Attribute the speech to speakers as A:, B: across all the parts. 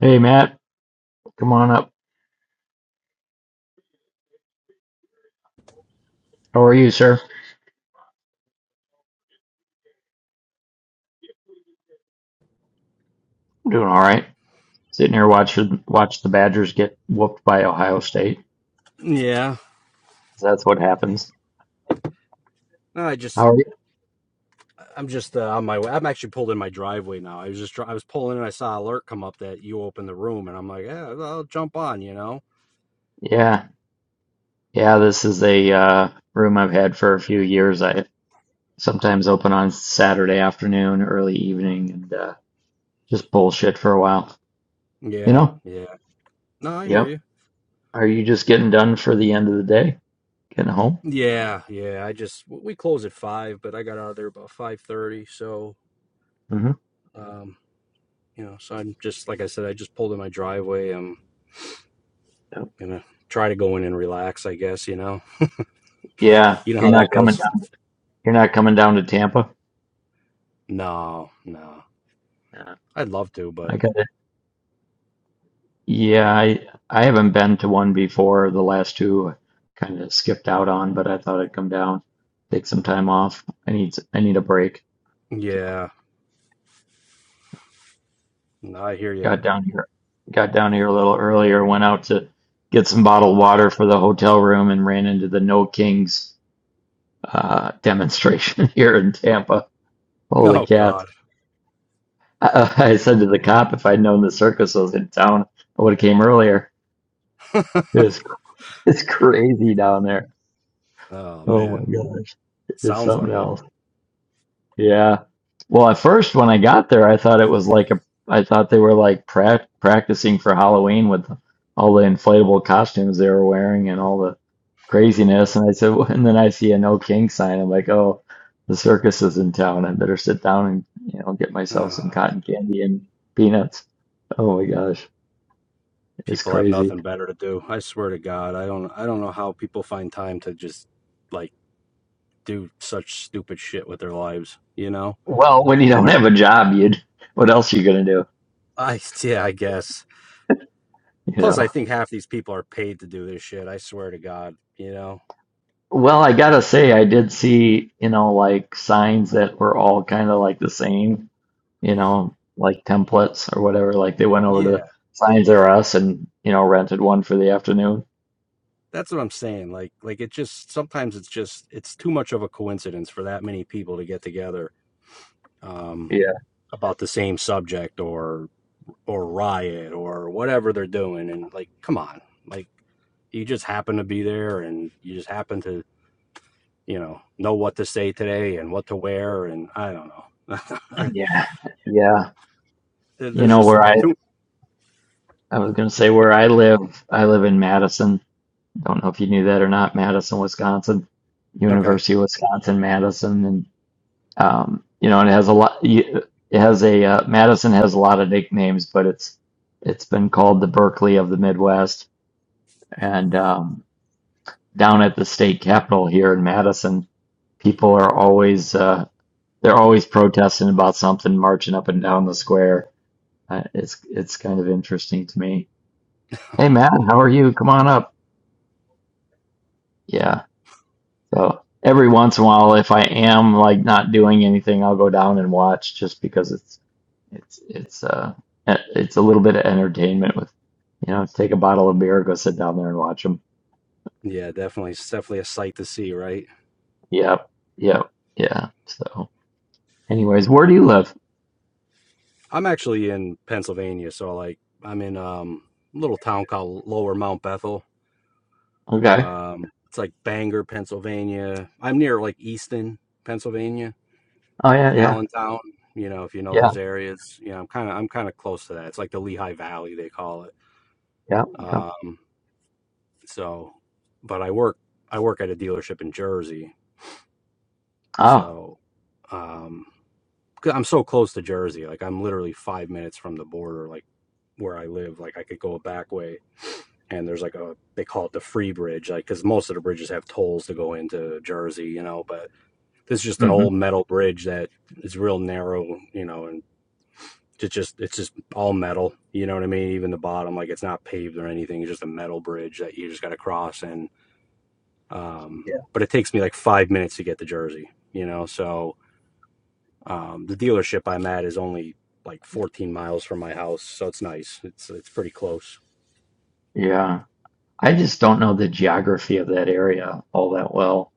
A: Hey Matt, come on up. How are you, sir? I'm doing all right. Sitting here watching watch the Badgers get whooped by Ohio State.
B: Yeah.
A: 'Cause That's what happens.
B: No, I just
A: How are you?
B: I'm just uh, on my way. I'm actually pulled in my driveway now. I was just I was pulling in. I saw an alert come up that you opened the room, and I'm like, yeah, well, I'll jump on. You know.
A: Yeah, yeah. This is a uh, room I've had for a few years. I sometimes open on Saturday afternoon, early evening, and uh, just bullshit for a while. You
B: Yeah.
A: know?
B: Yeah. No, I hear
A: Yep.
B: you.
A: Are you just getting done for the end of the day? Getting home?
B: Yeah. Yeah. I just we close at five, but I got out of there about five thirty. So,
A: Mm-hmm.
B: um, you know, so I'm just like I said, I just pulled in my driveway. I'm gonna try to go in and relax. I guess you know.
A: Yeah.
B: You know
A: You're
B: how that
A: not coming
B: goes.
A: down. You're not coming down to Tampa.
B: No. No.
A: Yeah.
B: I'd love to, but
A: I got Yeah, I I haven't been to one before. The last two I kind of skipped out on, but I thought I'd come down, take some time off. I need I need a break. So
B: yeah. No, I hear you.
A: got down here, got down here a little earlier, went out to get some bottled water for the hotel room and ran into the No Kings uh, demonstration here in Tampa. Holy
B: Oh
A: cats.
B: God.
A: I, uh, I said to the cop, if I'd known the circus was in town, I would have came earlier. It's, it's crazy down there.
B: Oh
A: Oh
B: man,
A: my gosh. It's
B: sounds
A: something
B: like it.
A: else. Yeah. Well, at first when I got there, I thought it was like a, I thought they were like prac practicing for Halloween with all the inflatable costumes they were wearing and all the craziness. And I said, and then I see a no king sign. I'm like, oh, the circus is in town. I better sit down and, you know, get myself
B: Ah,
A: some cotton candy and peanuts. Oh my gosh, it's
B: people have
A: crazy.
B: nothing better to do. I swear to God, I don't. I don't know how people find time to just like do such stupid shit with their lives. You know?
A: Well, when you don't have a job, you'd, what else you gonna do?
B: I yeah, I guess.
A: You
B: Plus,
A: know?
B: I think half these people are paid to do this shit. I swear to God. You know?
A: Well, I gotta say, I did see, you know, like signs that were all kind of like the same, you know, like templates or whatever. Like they went over
B: Yeah,
A: to Signs R Us and, you know, rented one for the afternoon.
B: that's what I'm saying. Like, like it just sometimes it's just it's too much of a coincidence for that many people to get together um,
A: Yeah.
B: about the same subject or or riot or whatever they're doing and like come on like you just happen to be there and you just happen to you know know what to say today and what to wear and i don't know
A: Yeah. Yeah. You
B: there's
A: know,
B: just
A: where I,
B: too
A: I was gonna say where I live, I live in Madison. Don't know if you knew that or not, Madison, Wisconsin,
B: okay
A: University of Wisconsin, Madison. and. Um, you know, and it has a lot. It has a uh, Madison has a lot of nicknames, but it's it's been called the Berkeley of the Midwest. And um, down at the state capitol here in Madison, people are always uh, they're always protesting about something, marching up and down the square. Uh, it's it's kind of interesting to me. Hey Matt, how are you? Come on up. Yeah. So every once in a while, if I am like not doing anything, I'll go down and watch just because it's it's it's uh e- it's a little bit of entertainment with you know take a bottle of beer, go sit down there and watch them.
B: yeah definitely it's definitely a sight to see right
A: Yep, yep, yeah. So, anyways, where do you live?
B: i'm actually in pennsylvania so like i'm in um a little town called lower mount bethel
A: Okay.
B: um it's like bangor pennsylvania i'm near like easton pennsylvania
A: Oh yeah, yeah,
B: Allentown, you know, if you know
A: yeah,
B: those areas, you know, I'm kind of I'm kind of close to that. It's like the Lehigh Valley they call it.
A: yeah, yeah.
B: Um, so, but I work I work at a dealership in Jersey,
A: Oh,
B: so um, 'cause I'm so close to Jersey. Like I'm literally five minutes from the border, like where I live. Like I could go a back way, and there's like a they call it the free bridge, like because most of the bridges have tolls to go into Jersey, you know. But this is just an
A: mm-hmm.
B: old metal bridge that is real narrow, you know, and It's just it's just all metal. You know what I mean? Even the bottom, like it's not paved or anything. It's just a metal bridge that you just got to cross. And um, but it takes me like five minutes to get to Jersey. You know, so um, the dealership I'm at is only like 14 miles from my house, so it's nice. It's it's pretty close.
A: Yeah. I just don't know the geography of that area all that well.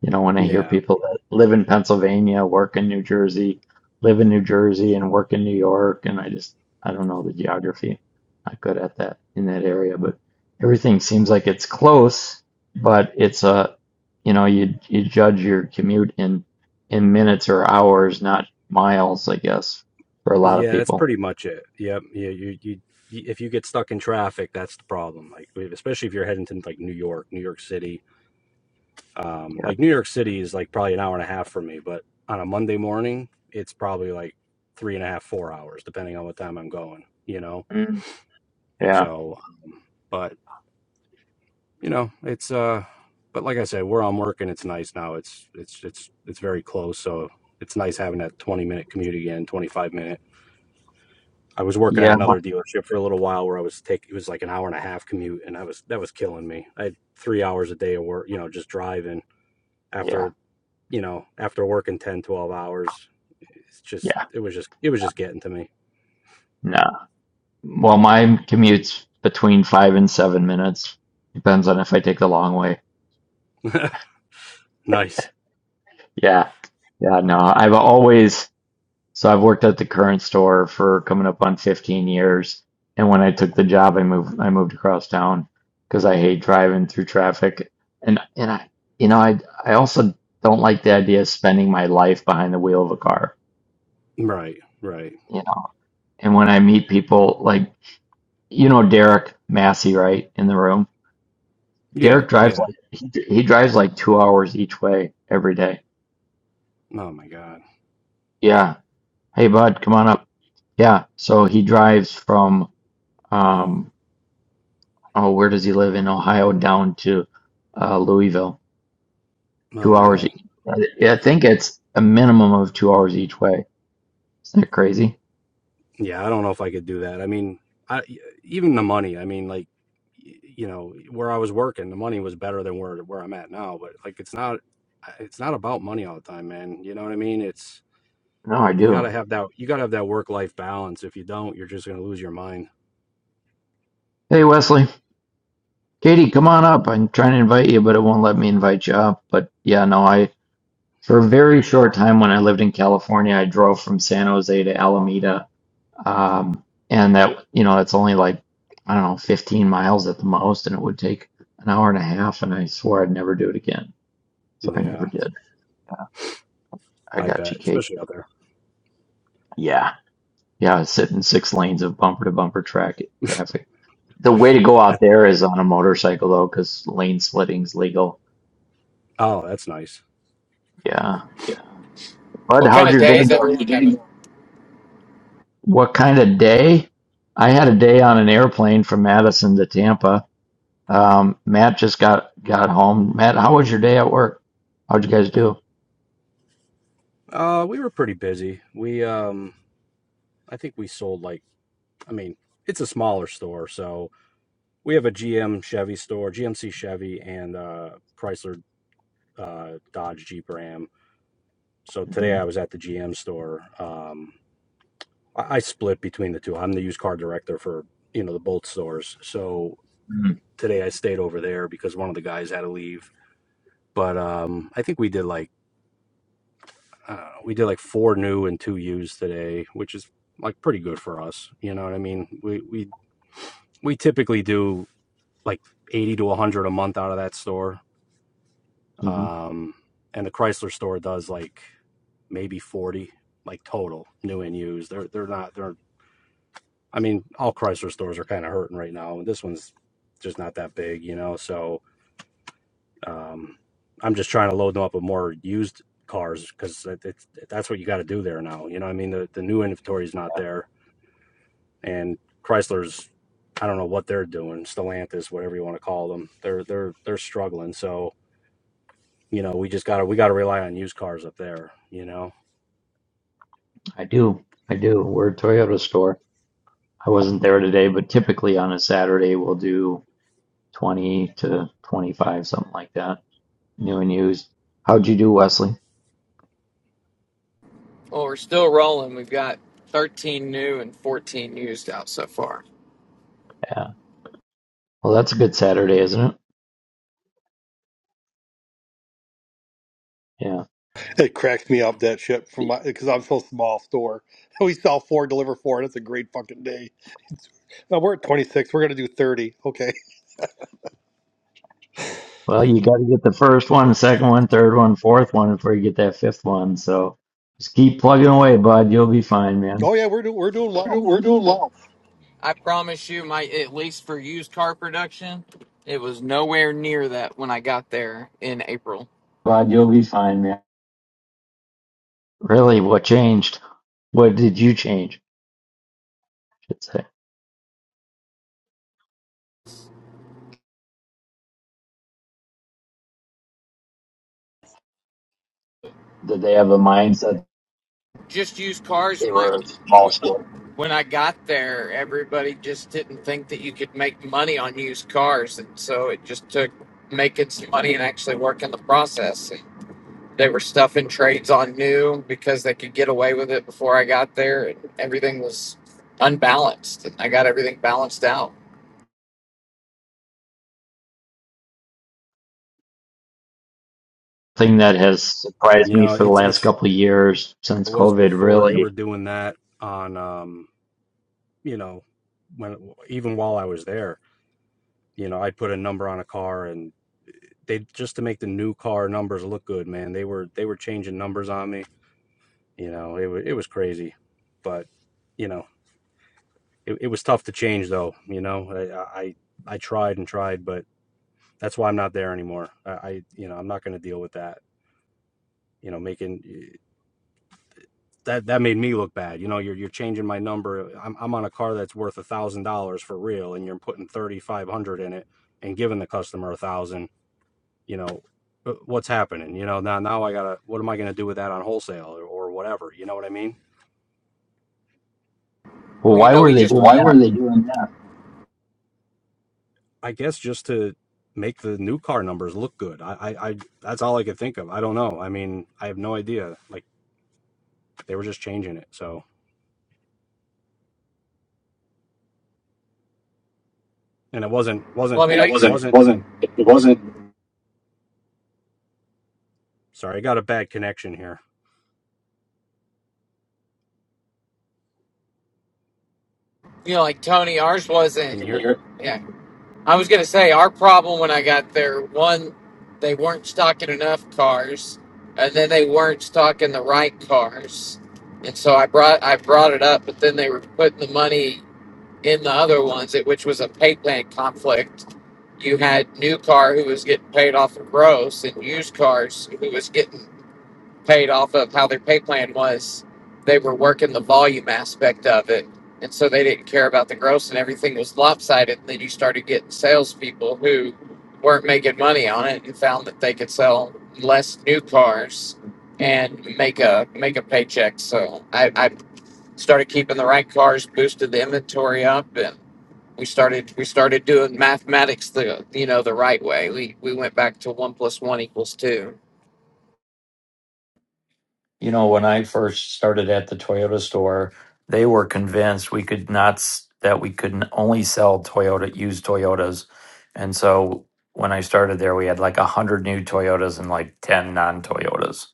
A: You know, when I hear
B: Yeah,
A: people that live in Pennsylvania, work in New Jersey, live in New Jersey and work in New York, and I just I don't know the geography. Not good at that in that area, but everything seems like it's close, but it's a you know, you you judge your commute in in minutes or hours, not miles, I guess, for a lot of
B: yeah, that's
A: people.
B: pretty much it. Yep. Yeah, you you you- if you get stuck in traffic, that's the problem. Like especially if you're heading to like New York, New York City, Um,
A: Yeah.
B: like New York City is like probably an hour and a half for me, but on a Monday morning, it's probably like three and a half, four hours, depending on what time I'm going, you know?
A: Mm. Yeah.
B: So, but you know, it's, uh, but like I said, where I'm working, it's nice now. It's, it's, it's, it's very close. So it's nice having that 20 minute commute again, 25 minute. I was working at
A: Yeah.
B: another dealership for a little while where I was take it was like an hour and a half commute and I was that was killing me. I had three hours a day of work, you know, just driving
A: Yeah.
B: after you know, after working 10, 12 hours, it's just,
A: Yeah.
B: it was just, it was just getting to me.
A: No. Well, my commute's between five and seven minutes. Depends on if I take the long way.
B: nice.
A: Yeah. Yeah, no, I've always, so I've worked at the current store for coming up on 15 years. And when I took the job, I moved, I moved across town because I hate driving through traffic. And, and I, you know, I, I also don't like the idea of spending my life behind the wheel of a car,
B: Right. Right.
A: you know. And when I meet people like, you know, Derek Massey, right, in the room.
B: Yeah.
A: Derek drives
B: Yeah.
A: like he, he drives like two hours each way every day.
B: Oh my God.
A: Yeah. Hey bud, come on up. Yeah. So he drives from um oh where does he live in Ohio down to uh Louisville.
B: Oh
A: Two hours.
B: man.
A: e- I I think it's a minimum of two hours each way. Isn't that crazy?
B: Yeah. I don't know if I could do that. I mean, I, e, even the money, I mean, like, y- you know, where I was working, the money was better than where, where I'm at now, but like, it's not, it's not about money all the time, man. You know what I mean? It's,
A: No, I
B: you gotta
A: do.
B: have that, you gotta have that work life balance. If you don't, you're just going to lose your mind.
A: Hey Wesley, Katie, come on up. I'm trying to invite you, but it won't let me invite you up. But yeah, no, I for a very short time when I lived in California, I drove from San Jose to Alameda Um, and that, you know, it's only like, I don't know, 15 miles at the most, and it would take an hour and a half. And I swore I'd never do it again. So I never
B: Yeah.
A: did. I
B: I
A: got
B: bet.
A: you, Kate.
B: Especially out there.
A: Yeah. Yeah. I sit in six lanes of bumper to bumper track traffic. The way to go out
B: That-
A: there is on a motorcycle, though, because lane splitting's legal.
B: Oh, that's nice.
A: Yeah.
C: Yeah.
A: Bud,
C: What kind
A: how'd
C: of
A: your
C: day
A: day
C: is we
A: go?
C: had?
A: What kind of day? I had a day on an airplane from Madison to Tampa. Um, Matt just got got home. Matt, how was your day at work? How'd you guys do?
B: Uh, we were pretty busy. We um, I think we sold like, I mean, it's a smaller store, so we have a GM Chevy store, GMC Chevy, and uh, Chrysler uh, Dodge Jeep Ram. So today
A: hmm
B: I was at the GM store. Um, I, I split between the two. I'm the used car director for you know the both stores. So today I stayed over there because one of the guys had to leave. But um, I think we did like. I don't know, we did like four new and two used today, which is like pretty good for us. You know what I mean? We we we typically do like 80 to 100 a month out of that store.
A: hmm
B: Um, and the Chrysler store does like maybe 40 like total new and used. They're they're not they're I mean all Chrysler stores are kind of hurting right now. and This one's just not that big, you know. So Um, I'm just trying to load them up with more used cars because it's, that's what you got to do there now. You know, what I mean, the, the new inventory is not there, and Chrysler's, I don't know what they're doing, Stellantis, whatever you want to call them, they're they're they're struggling. So you know, we just gotta we gotta rely on used cars up there. You know,
A: I do. I do. We're a Toyota store. I wasn't there today, but typically on a Saturday we'll do 20 to 25, something like that, new and used. How'd you do, Wesley?
C: Well, we're still rolling. We've got 13 new and 14 used out so far.
A: Yeah. Well, that's a good Saturday, isn't it? Yeah.
D: It cracked me up that shit from my because I'm so small store. We sell four, deliver four. That's a great fucking day. Now we're at 26. We're gonna do 30. Okay.
A: Well, you got to get the first one, second one, third one, fourth one before you get that fifth one. So just keep plugging away, bud. You'll be fine, man.
D: Oh yeah, we're doing we're doing well.
C: We're doing long. I promise you, my at least for used car production, it was nowhere near that when I got there in April. Rod, you'll be fine, man.
A: Really, what changed? What did you change? I should say.
C: Did they have a mindset? Just used cars They when I were a small store. when I got there, everybody just didn't think that you could make money on used cars, and so it just took making some money and actually working the process. They were stuffing trades on new because they could get away with it before I got there, and everything was unbalanced. And I got everything balanced out.
A: Thing that has surprised
B: you
A: me
B: know,
A: for the
B: it's
A: last
B: it's
A: couple of years since
B: it was
A: COVID,
B: before they were
A: really.
B: doing that on, um, you know, when even while I was there, you know, I'd put a number on a car and. they just to make the new car numbers look good, man. They were they were changing numbers on me. You know, it was it was crazy, but you know, it, it was tough to change though. You know, I, I I tried and tried, but that's why I'm not there anymore. I, I you know I'm not going to deal with that. You know, making that that made me look bad. You know, you're you're changing my number. I'm I'm on a car that's worth a thousand dollars for real, and you're putting thirty five hundred in it and giving the customer a thousand you know uh, what's happening you know now now i gotta what am i gonna do with that on wholesale or, or whatever you know what i mean
A: Well,
C: Well, you
A: why
C: know,
A: were
C: we
A: they
C: just
A: doing
C: Why we.
A: that?
C: were they doing that?
B: i guess just to make the new car numbers look good I, I i that's all i could think of i don't know i mean i have no idea like they were just changing it so and it wasn't
C: well,
B: wasn't
C: I mean, Yeah, I it
B: it
C: wasn't
B: wasn't
C: wasn't it wasn't.
B: sorry i got a bad connection here
C: you know, like Tony, ours wasn't.
B: can you
C: Can
B: hear
C: you hear it? Yeah, I was gonna say our problem when I got there. One, they weren't stocking enough cars, and then they weren't stocking the right cars, and so I brought I brought it up, but then they were putting the money. in the other ones, it, which was a pay plan conflict. You had new car who was getting paid off of gross, and used cars who was getting paid off of how their pay plan was. They were working the volume aspect of it, and so they didn't care about the gross, and everything was lopsided. And then you started getting salespeople who weren't making money on it, and found that they could sell less new cars and make a make a paycheck. So I, I started keeping the right cars, boosted the inventory up, and we started we started doing mathematics the you know the right way. We we went back to one plus one equals two.
A: You know, when I first started at the Toyota store, they were convinced we could not s- that we could n- only sell Toyota used Toyotas, and so when I started there, we had like a hundred new Toyotas and like ten non Toyotas.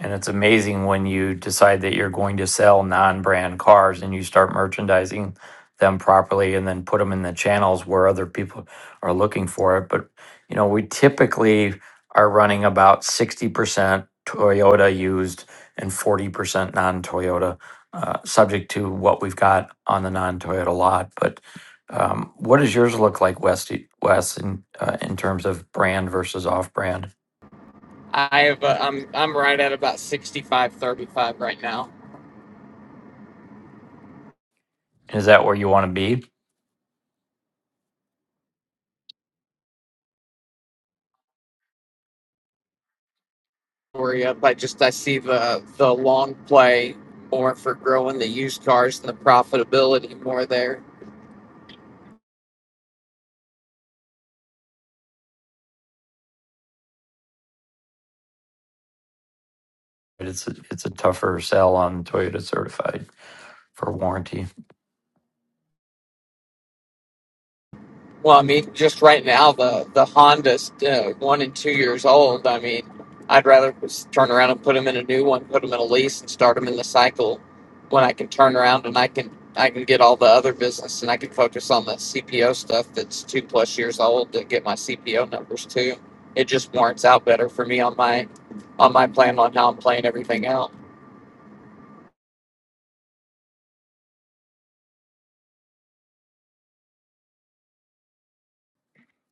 A: And it's amazing when you decide that you're going to sell non brand cars and you start merchandising them properly and then put them in the channels where other people are looking for it. But, you know, we typically are running about 60% Toyota used and 40% non-Toyota, uh, subject to what we've got on the non-Toyota lot. But um, what does yours look like, Wes, Wes in, uh, in terms of brand versus off-brand?
C: I have uh, I'm I'm right at about 65 35 right now.
A: Is that where you want to be?
C: Worry up. I just I see the the long play more for growing the used cars and the profitability more there.
A: It's a, it's a tougher sell on Toyota certified for warranty.
C: Well, I mean, just right now, the the Honda's uh, one and two years old. I mean, I'd rather just turn around and put them in a new one, put them in a lease, and start them in the cycle when I can turn around and I can I can get all the other business and I can focus on the CPO stuff that's two plus years old to get my CPO numbers too. It just warrants out better for me on my on my plan on how I'm playing everything out.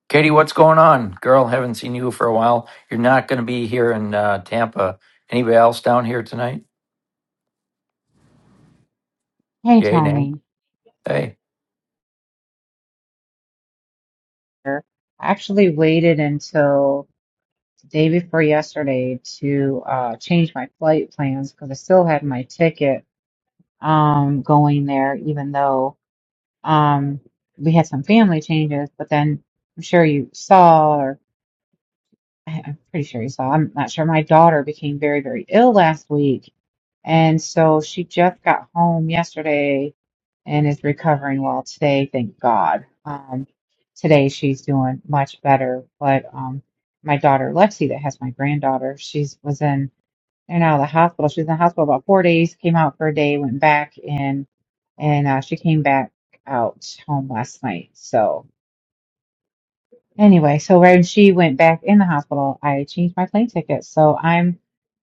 A: Katie, what's going on? Girl, haven't seen you for a while. You're not going to be here in uh, Tampa. Anybody else down here tonight?
E: Hey
A: Yay, nay?
E: Tony,
A: Hey,
E: I actually waited until the day before yesterday to uh, change my flight plans because I still had my ticket um, going there, even though um, we had some family changes. But then I'm sure you saw, or I- I'm pretty sure you saw, I'm not sure, my daughter became very, very ill last week. And so she just got home yesterday and is recovering well today, thank God. Um, today she's doing much better. But um, my daughter Lexi, that has my granddaughter, she's was in and out of the hospital. She was in the hospital about four days, came out for a day, went back in, and uh, she came back out home last night. So anyway, so when she went back in the hospital, I changed my plane ticket. So I'm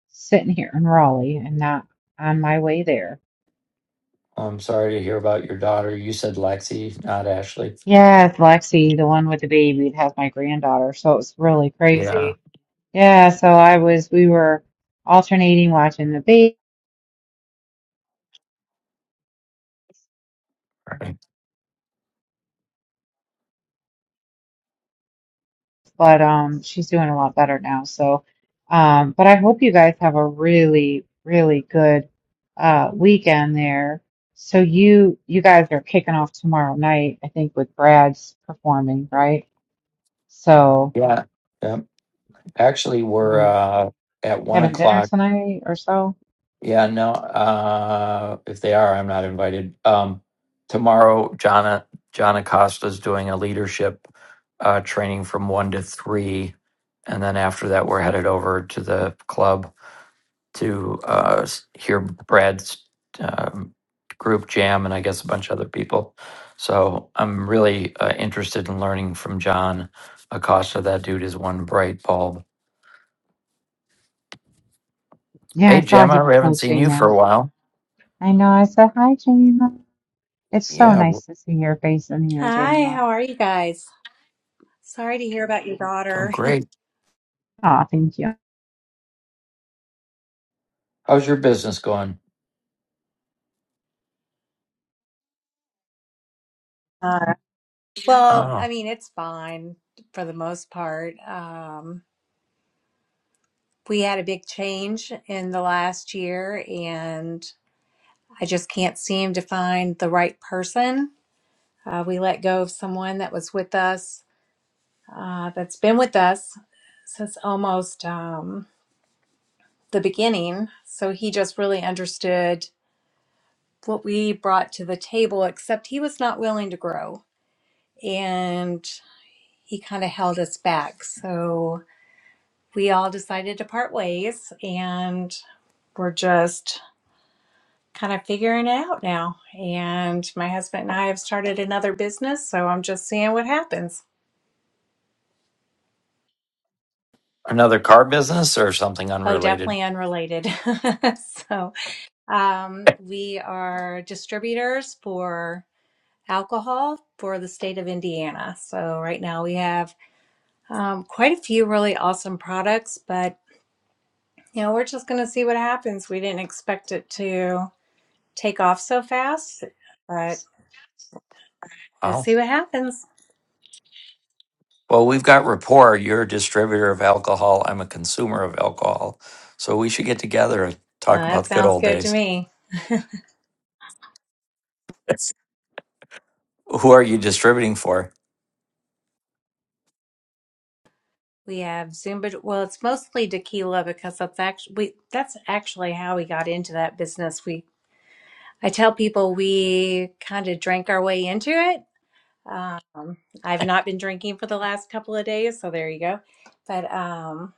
E: sitting here in Raleigh and not on my way there
A: well, I'm sorry to hear about your daughter. You said Lexi, not Ashley.
E: Yeah, it's Lexi, the one with the baby that has my granddaughter. So it was really
A: Yeah.
E: crazy. Yeah, so I was, we were alternating watching the baby, but um, she's doing a lot better now. So, um, but I hope you guys have a really, really good uh weekend there. So you, you guys are kicking off tomorrow night, I think, with Brad's performing, right? So,
A: Yeah. yeah. actually, we're
E: yeah.
A: uh, at one
E: having dinner
A: o'clock.
E: tonight or so.
A: Yeah, no, uh, if they are, I'm not invited. Um, tomorrow, John, John Acosta's doing a leadership uh, training from one to three. And then after that, we're headed over to the club to uh, s- hear Brad's um, group jam and I guess a bunch of other people. So I'm really uh, interested in learning from John Acosta. That dude is one bright bulb
E: Yeah,
A: Hey,
E: I thought he
A: Gemma, we
E: was
A: haven't seen
E: hosting
A: you for a
E: that.
A: while.
E: I know. I said hi, Jamie. It's so
A: Yeah, w-
E: nice to see your face in here,
F: Hi,
E: Jama.
F: how are you guys? Sorry to hear about your
A: doing
F: daughter.
A: great.
E: Aw, thank you.
A: How's your business going?
F: Hi. Well, I
A: Oh,
F: mean, it's fine for the most part. Um, we had a big change in the last year, and I just can't seem to find the right person. Uh, we let go of someone that was with us, uh, that's been with us since almost um, the beginning. So he just really understood what we brought to the table, except he was not willing to grow. And he kind of held us back. So we all decided to part ways and we're just kind of figuring it out now. And my husband and I have started another business, so I'm just seeing what happens.
A: another car business or something
F: Oh,
A: unrelated?
F: definitely unrelated. so um, we are distributors for alcohol for the state of Indiana. So right now we have um, quite a few really awesome products, but you know, we're just going to see what happens. We didn't expect it to. take off so fast, but we'll
A: Wow.
F: see what happens.
A: Well, we've got rapport. You're a distributor of alcohol. I'm a consumer of alcohol. So we should get together and
F: Uh,
A: talk about
F: that
A: the good
F: sounds
A: old
F: good to
A: days.
F: me.
A: Who are you distributing for?
F: We have Zumba. Well, it's mostly tequila because that's actually we, that's actually how we got into that business. We I tell people we kind of drank our way into it. Um, I've not been drinking for the last couple of days, so there you go. But um,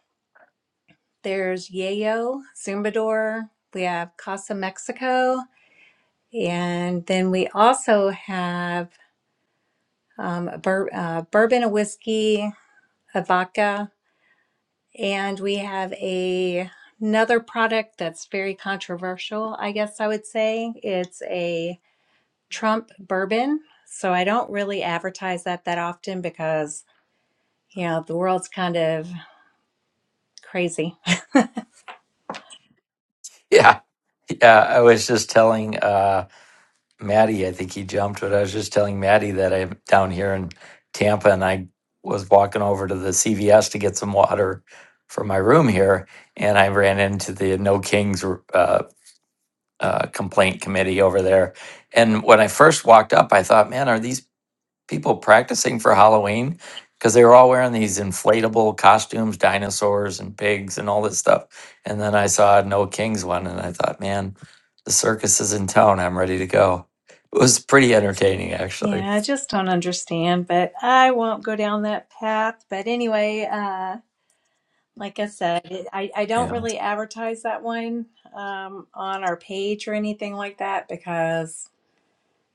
F: there's Yayo, Zumbador. We have Casa Mexico, and then we also have. um, a bur- uh, bourbon, a whiskey, a vodka, and we have a another product that's very controversial. I guess I would say it's a Trump bourbon. So I don't really advertise that that often because you know the world's kind of crazy.
A: Yeah. Yeah. I was just telling. uh, Maddie, I think he jumped, but I was just telling Maddie that I'm down here in Tampa and I was walking over to the CVS to get some water for my room here. And I ran into the No Kings uh, uh, complaint committee over there. And when I first walked up, I thought, man, are these people practicing for Halloween because they were all wearing these inflatable costumes, dinosaurs and pigs and all this stuff. And then I saw an Old Kings one and I thought, man, the circus is in town. I'm ready to go. It was pretty entertaining, actually.
F: Yeah, I just don't understand, but I won't go down that path. But anyway, uh, Like I said, it- I, I don't
A: Yeah.
F: really advertise that one um, on our page or anything like that because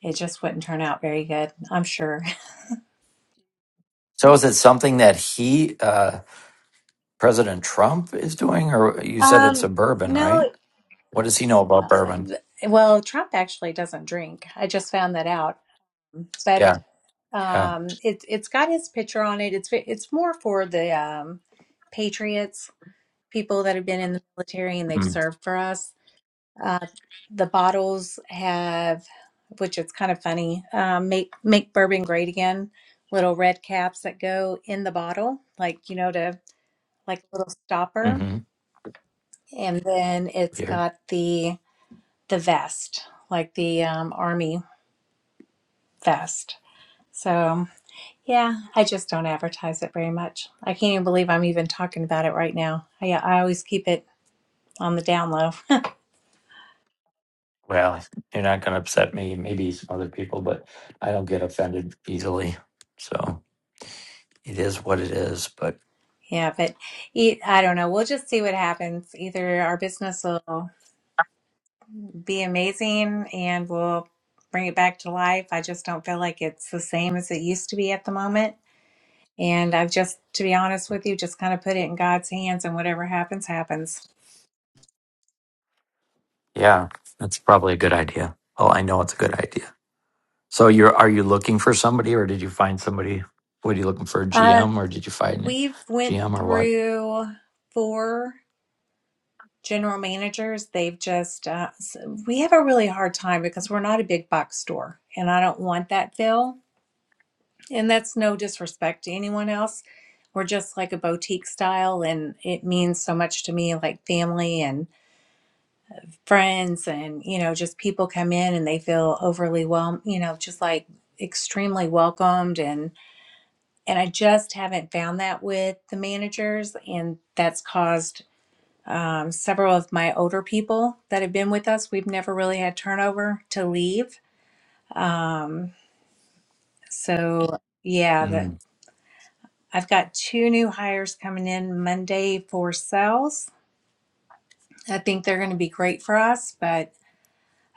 F: it just wouldn't turn out very good, I'm sure.
A: So is it something that he, uh, President Trump, is doing? Or you said it's a
F: Um,
A: bourbon, right?
F: no,
A: What does he know about
F: uh,
A: bourbon?
F: th- well, Trump actually doesn't drink. I just found that out. But
A: Yeah. Yeah.
F: um, it, it's got his picture on it. It's it's more for the um, patriots, people that have been in the military and they've served for us. Uh, the bottles have, which it's kind of funny, um, make make bourbon great again. Little red caps that go in the bottle, like you know, to like a little stopper,
A: Mm-hmm.
F: and then it's got the the vest, like the um, army vest. So yeah, I just don't advertise it very much. I can't even believe I'm even talking about it right now. I, I always keep it on the down low.
A: Well, you're not going to upset me, maybe some other people, but I don't get offended easily. So it is what it is. But
F: Yeah, but e- I don't know. We'll just see what happens. Either our business will. be amazing and we'll bring it back to life. I just don't feel like it's the same as it used to be at the moment. And I've just, to be honest with you, just kind of put it in God's hands and whatever happens, happens.
A: yeah, that's probably a good idea. Well, I know it's a good idea. So you're are you looking for somebody or did you find somebody? What are you looking for? A
F: Uh,
A: GM or did you find a
F: we've went
A: GM or what?
F: through four general managers. They've just, uh, s- we have a really hard time because we're not a big box store and I don't want that, Phil. And that's no disrespect to anyone else. We're just like a boutique style, and it means so much to me like family and friends, and you know, just people come in and they feel overly well, you know, just like extremely welcomed and and I just haven't found that with the managers and that's caused um, several of my older people that have been with us we've never really had turnover to leave um, so yeah that
A: mm
F: I've got two new hires coming in Monday for sales. I think they're going to be great for us, but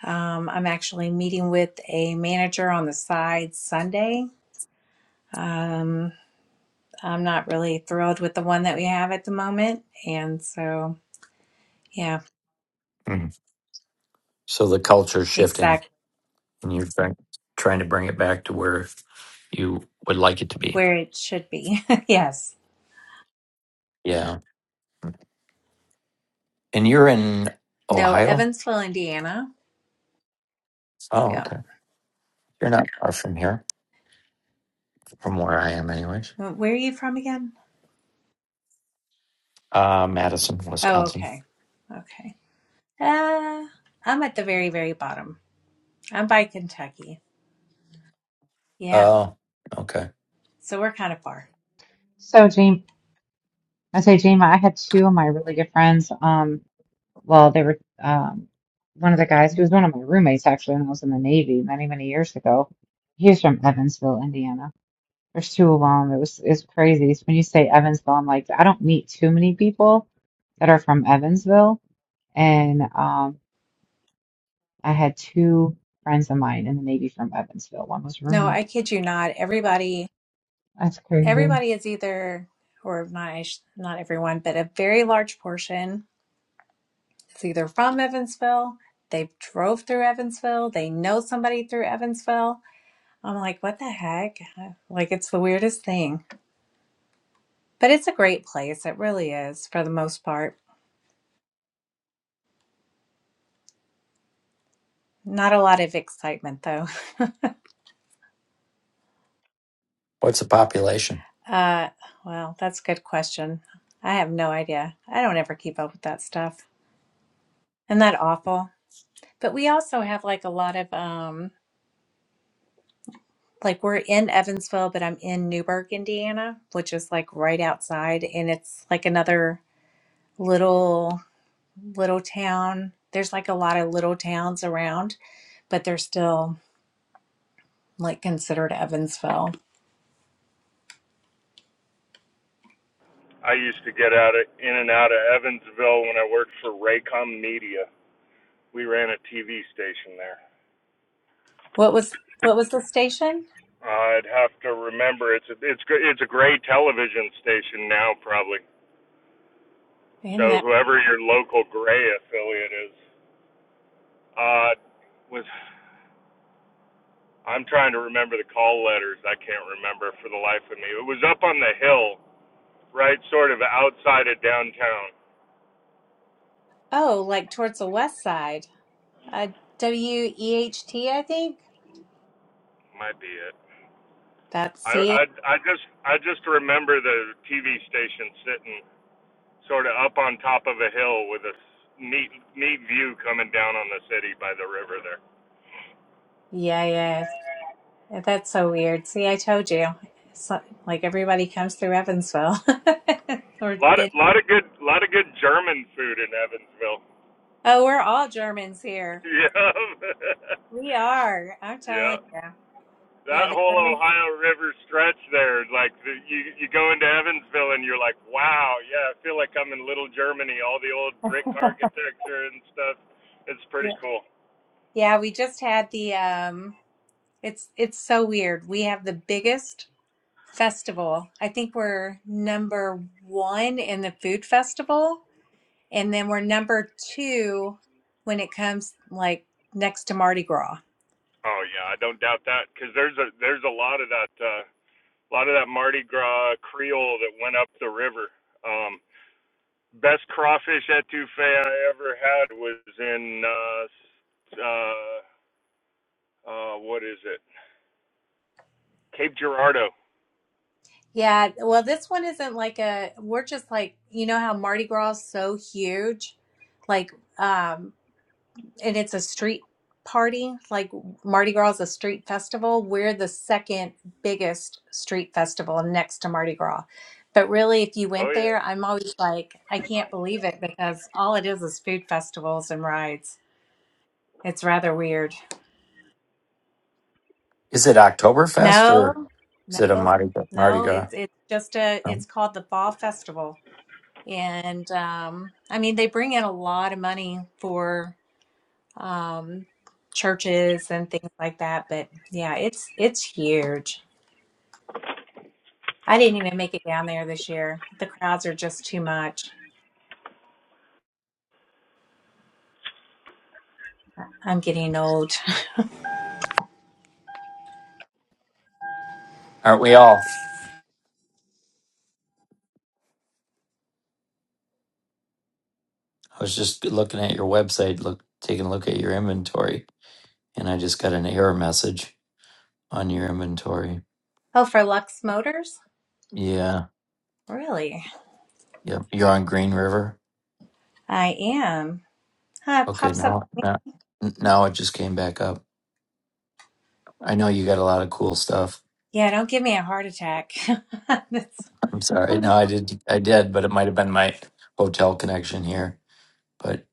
F: um, I'm actually meeting with a manager on the side Sunday. Um, I'm not really thrilled with the one that we have at the moment. And so, yeah,
A: mm. So the culture is shifting
F: exactly
A: and you're trying, trying to bring it back to where you would like it to be.
F: where it should be. yes.
A: Yeah. And you're in
F: No,
A: Ohio?
F: Evansville, Indiana.
A: Oh,
F: Yeah.
A: okay. You're not far from here. from where I am, anyways.
F: Where are you from again?
A: Uh, Madison,
F: Oh,
A: Wisconsin.
F: okay. Okay. Uh, I'm at the very, very bottom. I'm by Kentucky. Yeah.
A: Oh, okay.
F: So we're kind of far.
E: So, Jame, I say, Jama, I had two of my really good friends. Um, well, they were, um, one of the guys, he was one of my roommates actually when I was in the Navy many, many years ago. He was from Evansville, Indiana. There's two of them. It was, it's crazy. So When you say Evansville, I'm like, I don't meet too many people that are from Evansville. And, um, I had two friends of mine in the Navy from Evansville. One was a
F: No,
E: roommate.
F: I kid you not. Everybody,
E: That's crazy.
F: everybody is either, or not, I sh- not everyone, but a very large portion is either from Evansville. They drove through Evansville. They know somebody through Evansville. I'm like, what the heck? Like, it's the weirdest thing. But it's a great place. It really is for the most part. Not a lot of excitement though.
A: What's the population?
F: Uh, well, that's a good question. I have no idea. I don't ever keep up with that stuff. Isn't that awful? But we also have like a lot of um like we're in Evansville, but I'm in Newburgh, Indiana, which is like right outside and it's like another little little town. There's like a lot of little towns around, but they're still like considered Evansville.
G: I used to get out of in and out of Evansville when I worked for Raycom Media. We ran a TV station there.
F: What was what was the station?
G: Uh, I'd have to remember it's a, it's it's a gray television station now probably.
F: In
G: So
F: that
G: whoever your local gray affiliate is, uh, was I'm trying to remember the call letters. I can't remember for the life of me. It was up on the hill, right, sort of outside of downtown.
F: oh, like towards the west side. Uh W E H T I think.
G: Might be it.
F: That's
G: I
F: it.
G: I I just I just remember the TV station sitting sort of up on top of a hill with a neat neat view coming down on the city by the river there.
F: Yeah, yeah. Yeah, That's so weird. See, I told you. It's li- like everybody comes through Evansville. or
G: A lot of
F: been,
G: lot of good lot of good German food in Evansville.
F: oh, we're all Germans here.
G: yeah,
F: We are. I'm
G: yeah.
F: telling you. Yeah,
G: That
F: the
G: whole
F: Germans.
G: Ohio River stretch there, like the, you you go into Evansville and you're like, wow, yeah, I feel like I'm in Little Germany. All the old brick architecture and stuff. It's
F: yeah.
G: pretty cool.
F: yeah, we just had the um it's it's so weird. We have the biggest festival. I think we're number 1 in the food festival and then we're number 2 when it comes like next to Mardi Gras.
G: Oh yeah, I don't doubt that because there's a there's a lot of that. uh, a lot of that Mardi Gras Creole that went up the river. Um, best crawfish etouffee I ever had was in uh, uh, uh, what is it? Cape Girardeau.
F: Yeah, well, this one isn't like a, we're just like, you know how Mardi Gras is so huge? Like, um, and it's a street party like mardi gras is a street festival we're the second biggest street festival next to mardi gras but really if you went
G: Oh yeah.
F: there i'm always like i can't believe it because all it is is food festivals and rides it's rather weird
A: Is it Oktoberfest or
F: no
A: is it a
F: no
A: Mardi, Gras? Mardi
F: no
A: Gras?
F: it's it's just a
A: Oh,
F: it's called the fall festival and um i mean they bring in a lot of money for um, churches and things like that. But yeah, it's it's huge. I didn't even make it down there this year. The crowds are just too much. I'm getting old.
A: Aren't we all? I was just looking at your website, look, taking a look at your inventory, and I just got an error message on your inventory.
F: Oh, for Lux Motors?
A: Yeah,
F: Really?
A: yep. You're on Green River.
F: I am. Huh, it
A: Okay,
F: pops up.
A: now, now, now it just came back up. I know you got a lot of cool stuff.
F: Yeah, don't give me a heart attack. That's-
A: I'm sorry. No, I did. I did, but it might have been my hotel connection here. but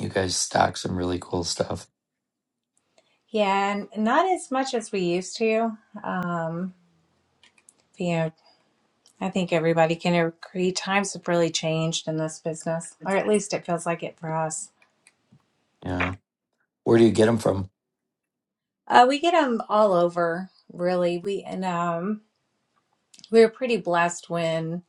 A: you guys stock some really cool stuff.
F: yeah, and not as much as we used to. Um, you know, I think everybody can agree times have really changed in this business, or at least it feels like it for us.
A: Yeah. Where do you get them from?
F: Uh, we get them all over, really. We and um, we were pretty blessed when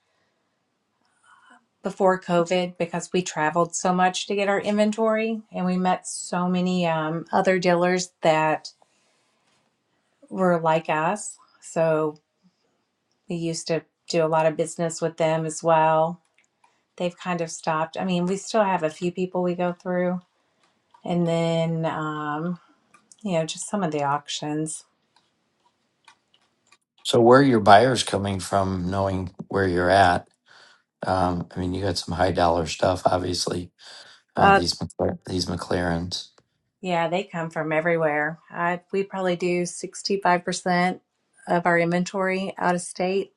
F: before COVID because we traveled so much to get our inventory, and we met so many um, other dealers that were like us. So we used to do a lot of business with them as well. They've kind of stopped. I mean, we still have a few people we go through, and then um, you know, just some of the auctions.
A: So where are your buyers coming from knowing where you're at? Um, I mean, you got some high dollar stuff, obviously, uh,
F: Uh,
A: these, McLar- these McLarens.
F: Yeah, they come from everywhere. I, we probably do 65% of our inventory out of state,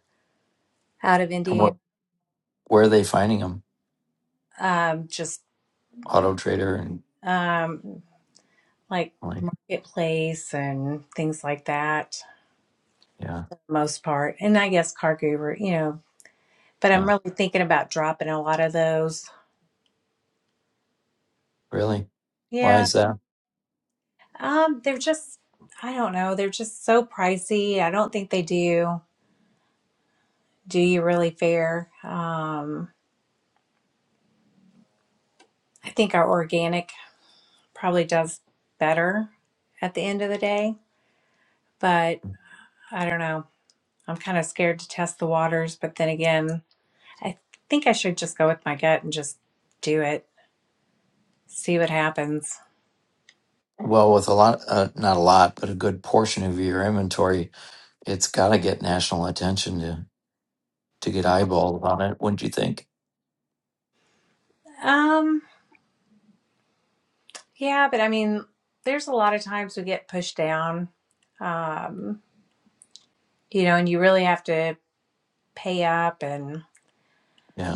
F: out of
A: And
F: Indiana,
A: what, where are they finding them?
F: um, just
A: Auto Trader and
F: um, like
A: like,
F: marketplace and things like that,
A: yeah,
F: for the most part. And I guess Car Guru, you know, but I'm
A: yeah.
F: really thinking about dropping a lot of those.
A: Really? Why
F: Yeah,
A: is that?
F: um, they're just, I don't know, they're just so pricey. I don't think they do do you really fair. Um, I think our organic probably does better at the end of the day. But I don't know. I'm kind of scared to test the waters. But then again, I think I should just go with my gut and just do it, see what happens.
A: Well, with a lot, uh, not a lot, but a good portion of your inventory, it's got to get national attention to, to get eyeballed on it, wouldn't you think?
F: Um, yeah, but I mean, there's a lot of times we get pushed down, um, you know, and you really have to pay up and,
A: Yeah.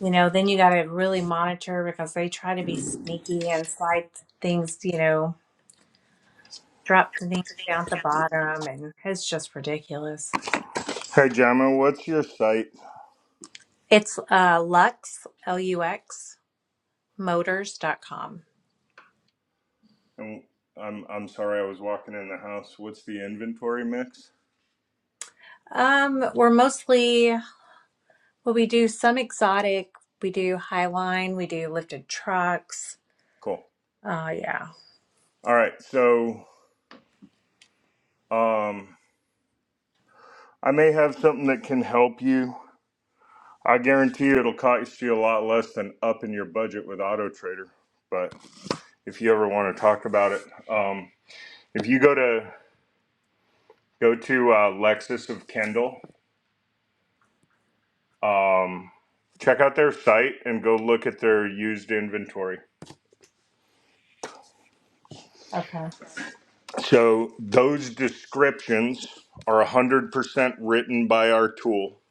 F: you know, then you got to really monitor because they try to be sneaky and slide things, you know, drop the name down at the bottom and it's just ridiculous.
G: Hey, Jama, what's your site?
F: It's uh, Lux, L U X, motors.com.
G: And I'm I'm sorry, I was walking in the house. What's the inventory mix?
F: Um, we're mostly, well, we do some exotic, we do highline, we do lifted trucks.
G: Cool.
F: Oh, yeah.
G: All right, so um, I may have something that can help you. I guarantee you it'll cost you a lot less than upping your budget with Auto Trader. but. if you ever want to talk about it. Um, if you go to go to uh, Lexus of Kendall, um, check out their site and go look at their used inventory.
F: Okay.
G: So those descriptions are 100% written by our tool,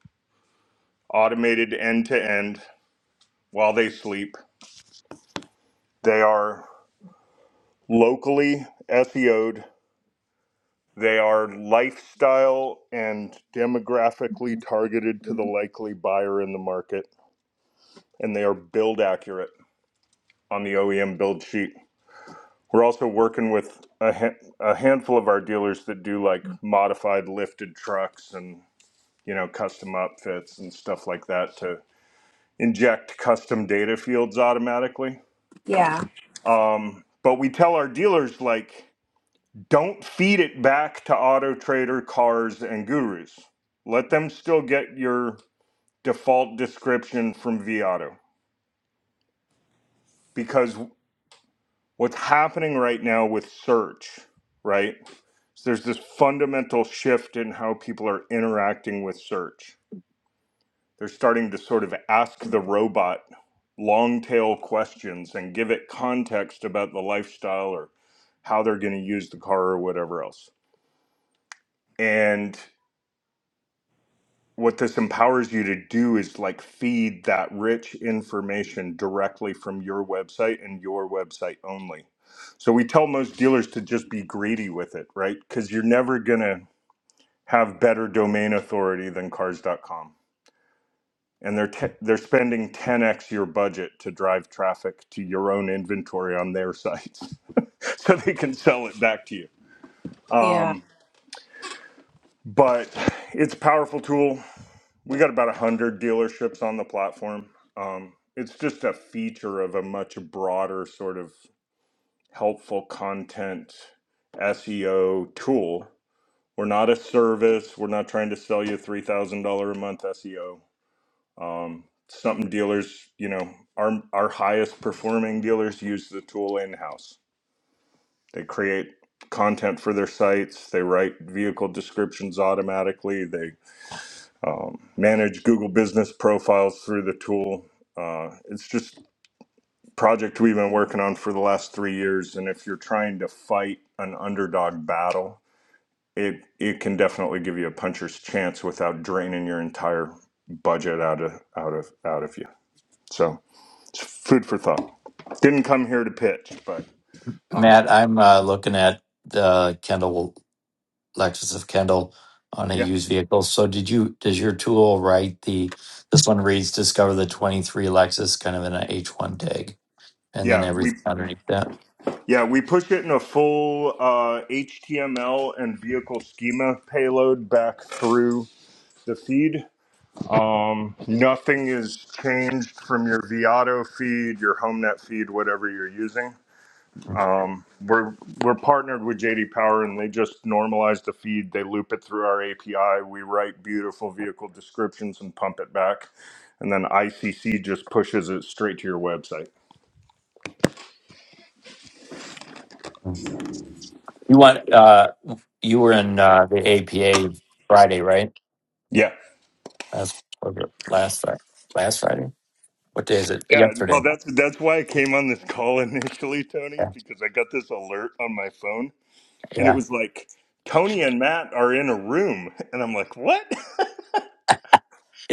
G: automated end to end while they sleep. They are locally SEO'd. They are lifestyle and demographically targeted to the likely buyer in the market, and they are build accurate. on the OEM build sheet. We're also working with a, ha- a handful of our dealers that do like modified lifted trucks and you know custom upfits and stuff like that to inject custom data fields automatically.
F: Yeah.
G: Um, but we tell our dealers like don't feed it back to Auto Trader, Cars, and Gurus. Let them still get your default description from V because what's happening right now with search, right? So there's this fundamental shift in how people are interacting with search. They're starting to sort of ask the robot long tail questions and give it context about the lifestyle or how they're going to use the car or whatever else. and. what this empowers you to do is like feed that rich information directly from your website and your website only. So we tell most dealers to just be greedy with it, right? Because you're never gonna have better domain authority than cars.com. And they're te- they're spending 10x your budget to drive traffic to your own inventory on their sites, so they can sell it back to you.
F: Yeah.
G: Um, but it's a powerful tool. We got about 100 dealerships on the platform. Um, it's just a feature of a much broader sort of helpful content SEO tool. We're not a service. We're not trying to sell you $3,000 a month SEO. Um, something dealers, you know, our, our highest performing dealers use the tool in house. They create content for their sites, they write vehicle descriptions automatically, they um, manage Google Business profiles through the tool. Uh, it's just project we've been working on for the last three years, and if you're trying to fight an underdog battle, it it can definitely give you a puncher's chance without draining your entire budget out of out of out of you. So it's food for thought. Didn't come here to pitch, but uh,
A: Matt, I'm uh, looking at the Kendall Lexus of Kendall on a
G: yeah,
A: used vehicle. So did you does your tool write the this one reads discover the 23 Lexus kind of in an h H1 tag and then
G: yeah,
A: everything
G: we
A: underneath that?
G: yeah we pushed it in a full uh, HTML and vehicle schema payload back through. the feed. Um, nothing is changed from your Viato feed, your HomeNet feed, whatever you're using. Um, we're we're partnered with JD Power, and they just normalize the feed. They loop it through our API. We write beautiful vehicle descriptions and pump it back, and then ICC just pushes it straight to your website.
A: Hmm. You want uh you were in uh the APA Friday, right?
G: Yeah.
A: That's or the last Friday. Last Friday? What day is it?
G: Yeah, well,
A: Yesterday.
G: that's that's why I came on this call initially, Tony,
A: Yeah.
G: because I got this alert on my phone and it
A: Yeah.
G: was like Tony and Matt are in a room, and I'm like, what?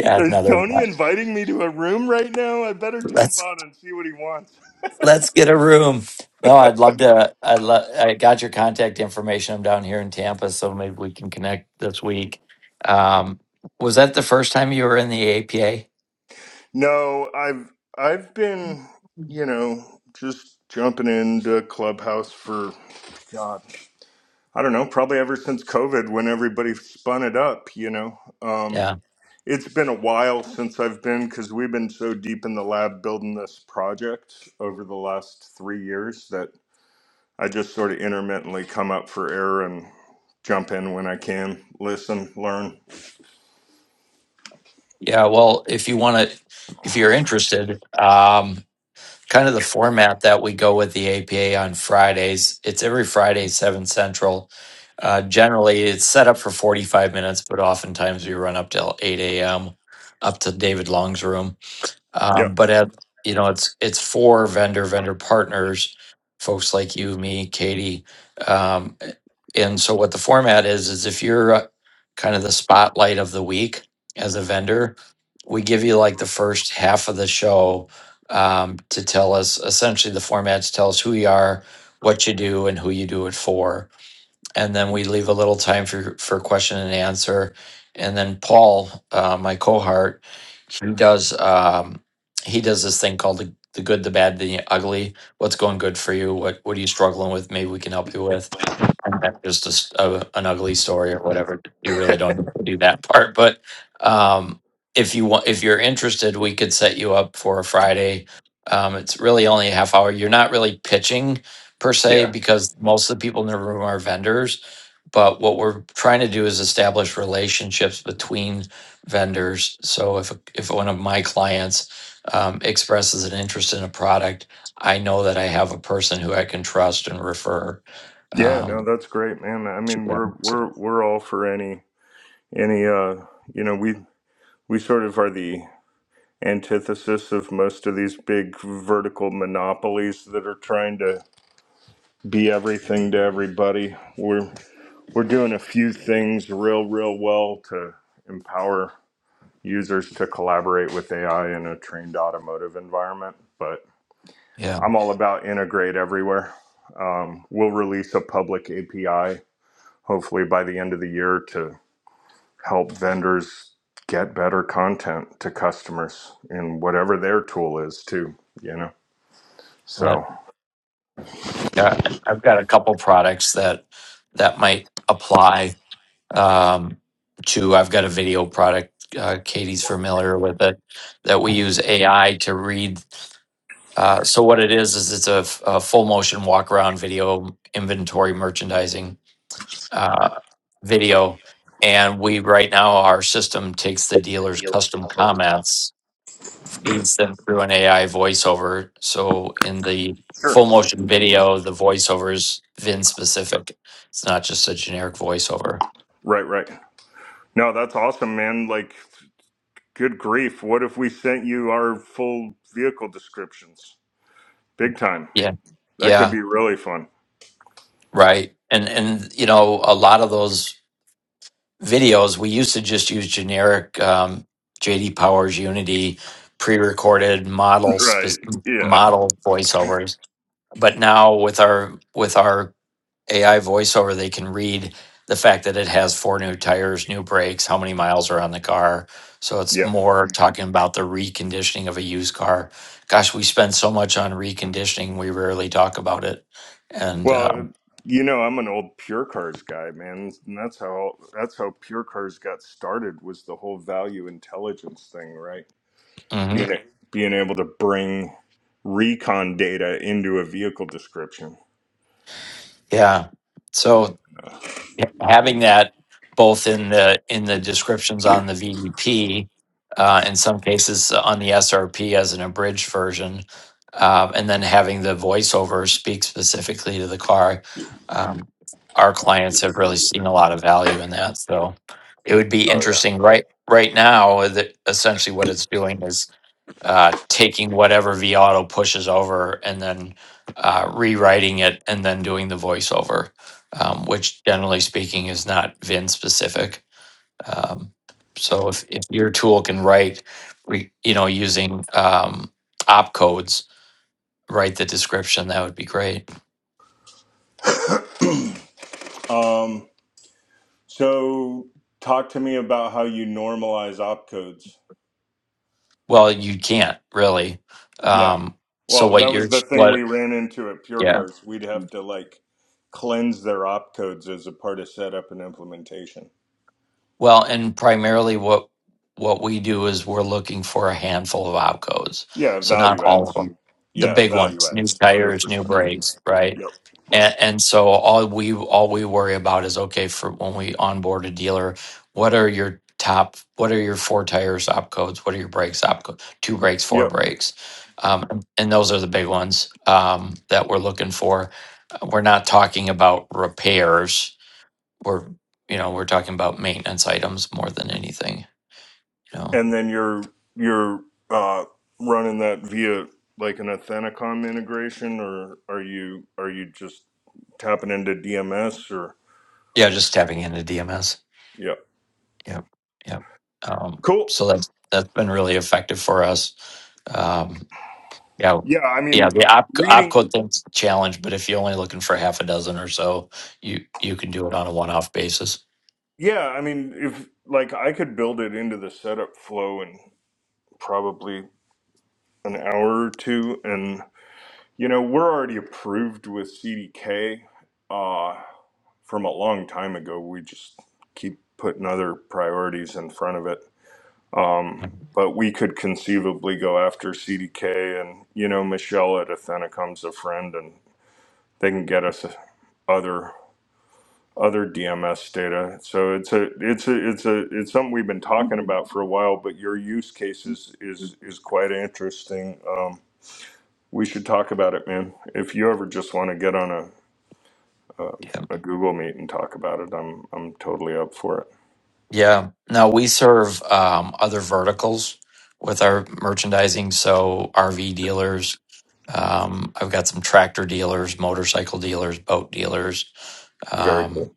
G: Is
A: another
G: Tony inviting me to a room right now? I better jump
A: let's
G: on and see what he wants.
A: let's get a room. No, I'd love to I love I got your contact information. I'm down here in Tampa, so maybe we can connect this week. Um was that the first time you were in the APA?
G: No, I've I've been, you know, just jumping into Clubhouse for God, I don't know, probably ever since COVID when everybody spun it up, you know. Um,
A: Yeah.
G: it's been a while since I've been because we've been so deep in the lab building this project over the last three years that I just sort of intermittently come up for air and jump in when I can, listen, learn.
A: Yeah, well, if you want to if you're interested, um kind of the format that we go with the APA on Fridays. It's every Friday, 7 Central. Uh, generally, it's set up for 45 minutes, but oftentimes we run up till 8 a.m., up to David Long's room. Uh,
G: Yep.
A: but at you know, it's it's for vendor vendor partners, folks like you, me, Katie. Um, and so what the format is is if you're uh, kind of the spotlight of the week as a vendor, we give you like the first half of the show um, to tell us essentially the format to tell us who you are, what you do, and who you do it for. And then we leave a little time for for question and answer. And then Paul, uh, my cohort, he does um he does this thing called the, the good, the bad, the ugly. What's going good for you? What what are you struggling with? Maybe we can help you with. And then just a s a- an ugly story or whatever. You really don't need to do that part, but um if you want if you're interested, we could set you up for a Friday. Um it's really only a half hour. You're not really pitching per se
G: Yeah.
A: because most of the people in the room are vendors but what we're trying to do is establish relationships between vendors so if if one of my clients um, expresses an interest in a product i know that i have a person who i can trust and refer
G: Yeah, no,
A: um,
G: that's great, man. I
A: to
G: mean, we're
A: them so
G: we're we're all for any any uh, you know, we we sort of are the antithesis of most of these big vertical monopolies that are trying to be everything to everybody. We're we're doing a few things real real well to empower users to collaborate with AI in a trained automotive environment, but
A: yeah
G: I'm all about integrate everywhere. Um, we'll release a public API hopefully by the end of the year to help vendors get better content to customers in whatever their tool is too. You know, so
A: but yeah i've got a couple products that that might apply um, to i've got a video product uh, katie's familiar with it that we use ai to read Uh, so what it is is it's a a full motion walk around video inventory merchandising uh, video, and we right now our system takes the dealer's custom comments, feeds them through an AI voiceover. So in the
G: sure,
A: full motion video, the voiceover is VIN specific. It's not just a generic voiceover.
G: right, right. No, that's awesome, man. Like, good grief, what if we sent you our full vehicle descriptions? Big time.
A: Yeah,
G: That could
A: yeah,
G: be really fun,
A: right. And and you know a lot of those videos, we used to just use generic um, JD Powers Unity pre-recorded model
G: right?
A: spe-
G: Yeah,
A: model voiceovers. But now with our with our AI voiceover, they can read the fact that it has four new tires, new brakes, how many miles are on the car. So it's
G: yeah.
A: more talking about the reconditioning of a used car. Gosh, we spend so much on reconditioning, we rarely talk about it. And
G: Well,
A: um,
G: you know, I'm an old pure cars guy, man, and that's how that's how pure cars got started was the whole value intelligence thing, right?
A: mhm,
G: Being a- being able to bring recon data into a vehicle description.
A: yeah, so having that both in the in the descriptions on the VDP, uh, in some cases on the SRP as an abridged version, um, and then having the voiceover speak specifically to the car. Um, our clients have really seen a lot of value in that, so it would be
G: Oh
A: interesting. Right, right now, that essentially what it's doing is uh, taking whatever V Auto pushes over and then uh, rewriting it and then doing the voiceover, um, which generally speaking is not Vin specific. Um, so if, if your tool can write, re, you know, using um, opcodes, write the description, that would be great.
G: yeah. Um, so talk to me about how you normalize opcodes.
A: Well, you can't really.
G: Yeah.
A: Um, so
G: Well,
A: what
G: that was
A: you're
G: the thing we
A: what
G: ran into at Pure
A: yeah
G: Cars. We'd have to like cleanse their opcodes as a part of setup and implementation.
A: Well, and primarily what what we do is we're looking for a handful of outgoes.
G: Yeah,
A: So not
G: value
A: all of
G: adds.
A: them. The
G: Yeah,
A: big
G: value
A: ones, new
G: adds. Hundred
A: tires, new
G: percent.
A: brakes, right?
G: Yep.
A: And, and so all we all we worry about is okay for when we onboard a dealer, what are your top, what are your four tires op codes? What are your brakes op codes? Two brakes, four
G: Yep.
A: brakes, um, and those are the big ones um, that we're looking for. We're not talking about repairs we're you know we're talking about maintenance items more than anything you know
G: And then you're you're uh, running that via like an Athenacom integration, or are you are you just tapping into DMS or
A: yeah just tapping into dms
G: yeah.
A: yep yep um,
G: Cool.
A: so that's that's been really effective for us Um, yeah.
G: Yeah, I
A: Yeah,
G: mean
A: the op
G: reading
A: opcode thing's a challenge, but if you're only looking for half a dozen or so, you you can do it on a one-off basis.
G: yeah, I mean if like I could build it into the setup flow in probably an hour or two and You know, we're already approved with CDK uh, from a long time ago. We just keep putting other priorities in front of it. Um,
A: Mm,
G: but we could conceivably go after CDK, and you know, Michelle at Athenacom's a friend, and they can get us other other DMS data. So it's a it's a it's a it's something we've been talking about for a while. But your use case is is is quite interesting. Um, we should talk about it, man. If you ever just want to get on a um,
A: Yeah.
G: a Google Meet and talk about it. I'm I'm totally up for it.
A: Yeah. No, we serve um, other verticals with our merchandising. So RV dealers. Um, I've got some tractor dealers, motorcycle dealers, boat dealers
G: Very
A: um,
G: cool.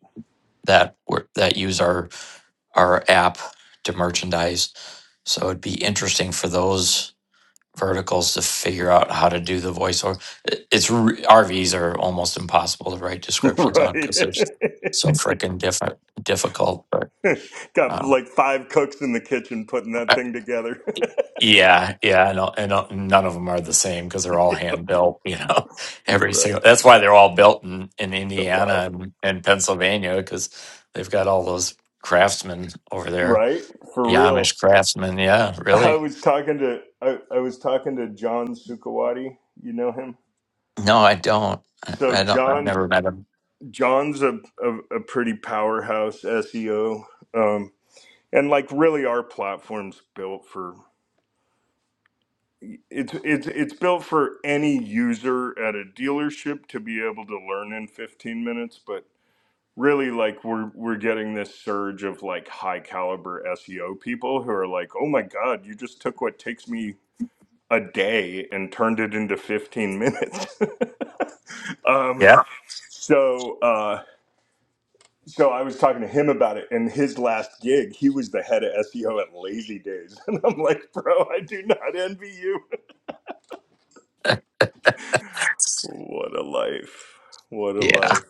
A: that were, that use our our app to merchandise. So it'd be interesting for those verticals to figure out how to do the voiceover. It- It's re- RVs are almost impossible to write descriptions on
G: right.
A: because they're so freaking different difficult. But
G: Got like
A: um,
G: five cooks in the kitchen putting that thing together.
A: Yeah, yeah, and, all- and all- none of them are the same because they're all hand built. You know, every
G: right.
A: single. That's why they're all built in in
G: So
A: Indiana
G: wow.
A: and, and Pennsylvania because they've got all those craftsmen over there,
G: Right? For
A: the
G: real.
A: Amish craftsmen. Yeah,
G: I
A: really.
G: was talking to I, I was talking to John Sukawati. You know him?
A: No, I don't. I,
G: So
A: I don't. I've
G: John
A: never met him.
G: John's a, a, a pretty powerhouse SEO. Um, and like really our platform's built for it's it's it's built for any user at a dealership to be able to learn in 15 minutes but really like we're we're getting this surge of like high caliber SEO people who are like oh my god you just took what takes me a day and turned it into 15 minutes um
A: Yeah,
G: so uh so I was talking to him about it and his last gig he was the head of SEO at Lazy Days and I'm like bro I do not envy you What a life. What a
A: yeah,
G: life.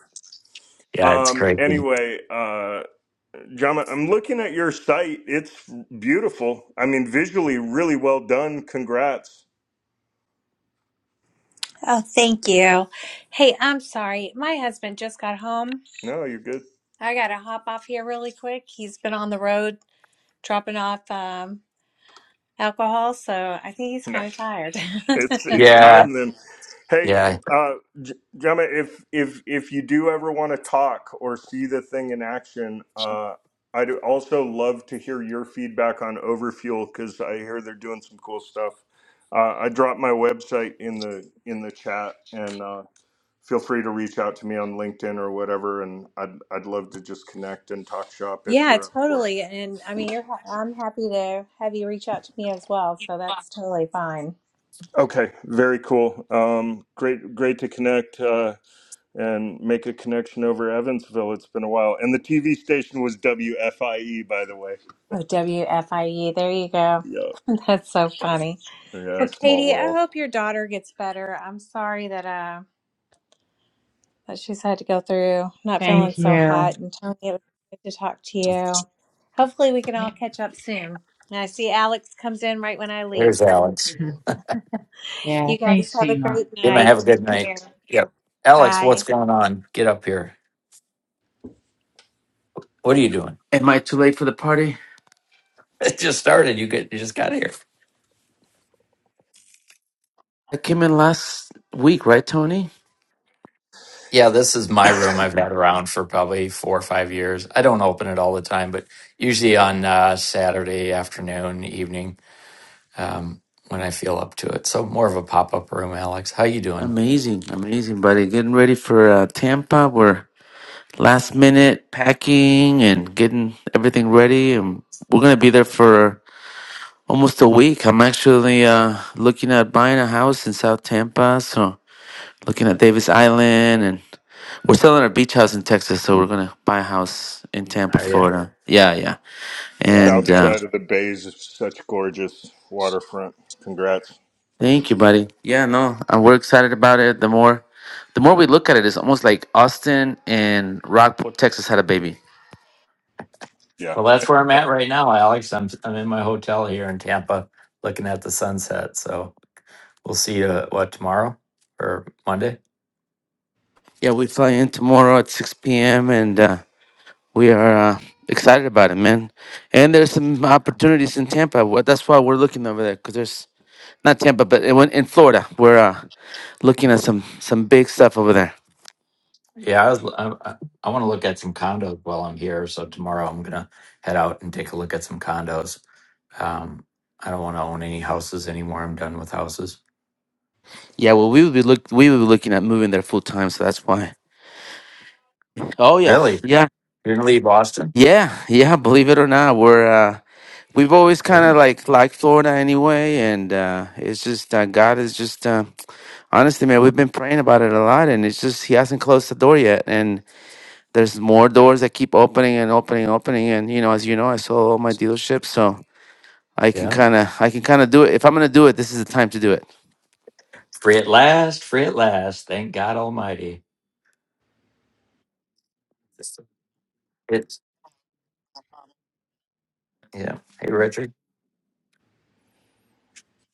A: yeah. It's
G: Um
A: crazy.
G: anyway, uh Jama, I'm looking at your site. It's beautiful. I mean visually really well done. Congrats.
F: Oh, thank you. Hey, I'm sorry. My husband just got home.
G: No, you're good.
F: I got to hop off here really quick. He's been on the road dropping off um, alcohol, so I think he's kind
G: Nice.
F: of tired.
G: It's it's
A: Yeah,
G: time then. Hey,
A: yeah.
G: uh, J- Gemma, if if if you do ever want to talk or see the thing in action, uh, I'd also love to hear your feedback on Overfuel because I hear they're doing some cool stuff. Uh, I dropped my website in the in the chat, and uh, feel free to reach out to me on LinkedIn or whatever. And I'd I'd love to just connect and talk shop if
F: Yeah,
G: you're up for it.
F: totally. And I mean, you're ha I'm happy to have you reach out to me as well, so that's totally fine.
G: Okay, very cool. Um, great great to connect. Uh, and make a connection over Evansville. It's been a while. And the TV station was WFIE, by the way.
F: Oh, WFIE, there you go.
G: Yeah.
F: That's so funny.
G: Yeah,
F: Well,
G: small
F: Katie, I
G: world.
F: hope your daughter gets better. I'm sorry that uh that she's had to go through not feeling
E: Thank
F: so hot.
E: you.
F: And Tony, it was good to talk to you. Hopefully, we can
E: Yeah.
F: all catch up soon. And I see Alex comes in right when I leave.
A: There's Alex.
E: Mhm. Yeah.
F: You guys
E: Thanks,
F: have a
E: Shima.
F: great
A: Jim,
F: night.
A: have a good
F: Take
A: night.
F: care.
A: Yep. Alex, what's
F: Bye.
A: going on? Get up here. What are you doing?
H: Am I too late for the party?
A: It just started. You get. You just got here.
H: I came in last week, right, Tony?
A: Yeah, this is my room. I've had around for probably four or five years. I don't open it all the time, but usually on uh, Saturday afternoon, evening, um, when I feel up to it. So more of a pop up room. Alex, how you doing?
H: Amazing, amazing, buddy. Getting ready for uh, Tampa. We're last minute packing and getting everything ready, and we're gonna be there for almost a week. I'm actually uh, looking at buying a house in South Tampa, so looking at Davis Island, and we're selling our beach house in Texas, so we're gonna buy a house in Tampa,
A: How are you?
H: Florida. Yeah, yeah,
A: Yeah.
H: and
G: South
H: uh,
G: side of the bays is such gorgeous waterfront. Congrats.
H: Thank you, buddy. Yeah, no, uh, we're excited about it. The more, the more we look at it, it's almost like Austin and Rockport, Texas, had a baby.
G: Yeah.
A: Well, that's where I'm at right now, Alex. I'm I'm in my hotel here in Tampa, looking at the sunset. So we'll see you uh, what tomorrow or Monday.
H: Yeah, we fly in tomorrow at six p.m. and uh, we are uh, excited about it, man. And there's some opportunities in Tampa. Wha- That's why we're looking over there because there's not Tampa, but it went in Florida. We're uh, looking at some some big stuff over there.
A: Yeah, I was. I, I want to look at some condos while I'm here. So tomorrow I'm gonna head out and take a look at some condos. Um, I don't want to own any houses anymore. I'm done with houses.
H: Yeah, well, we would be look we would be looking at moving there full time, so that's why. Oh yeah,
A: Really?
H: yeah,
A: You're gonna leave Boston?
H: yeah, yeah. Believe it or not, we're. Uh, we've always kind of
A: Really?
H: like liked Florida anyway, and uh, it's just uh, God is just uh, honestly, man. We've been praying about it a lot, and it's just He hasn't closed the door yet, and there's more doors that keep opening and opening and opening. And you know, as you know, I sold all my dealerships, so I can
A: Yeah.
H: kind of I can kind of do it. If I'm gonna do it, this is the time to do it.
A: Free at last. Free at last. Thank God Almighty. It's yeah. Hey, Richard.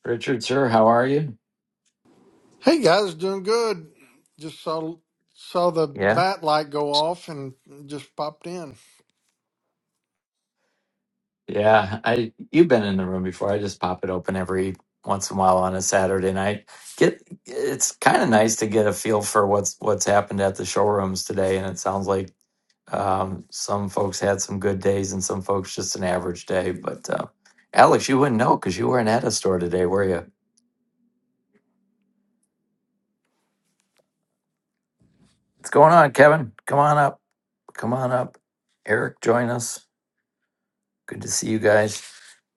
A: Richard, sir, how are you?
I: Hey guys, doing good. Just saw saw the
A: Yeah.
I: bat light go off and just popped in.
A: Yeah, I you've been in the room before. I just pop it open every once in a while on a Saturday night. Get it's kind of nice to get a feel for what's what's happened at the showrooms today, and it sounds like um, some folks had some good days and some folks just an average day. But uh, Alex, you wouldn't know because you weren't at a store today, were you? What's going on, Kevin? Come on up. Come on up. Eric, join us. Good to see you guys.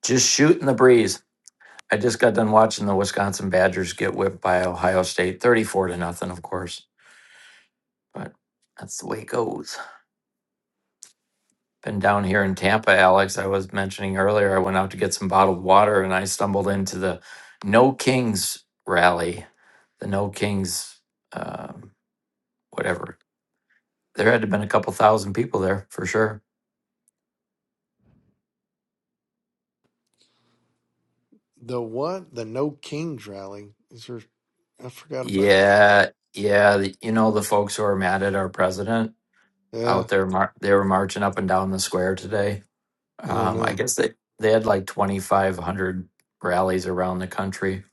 A: Just shooting the breeze. I just got done watching the Wisconsin Badgers get whipped by Ohio State, 34 to nothing, of course. But that's the way it goes. Been down here in Tampa, Alex. I was mentioning earlier, I went out to get some bottled water and I stumbled into the No Kings rally, the No Kings, um, whatever. There had to have been a couple thousand people there for sure.
I: The what? The No Kings rally. Is there? I forgot about that.
A: Yeah, yeah. the- You know, the folks who are mad at our president
I: Yeah,
A: out there, mar- they were marching up and down the square today
I: I don't
A: Um, I
I: know.
A: guess they they had like twenty five hundred rallies around the country.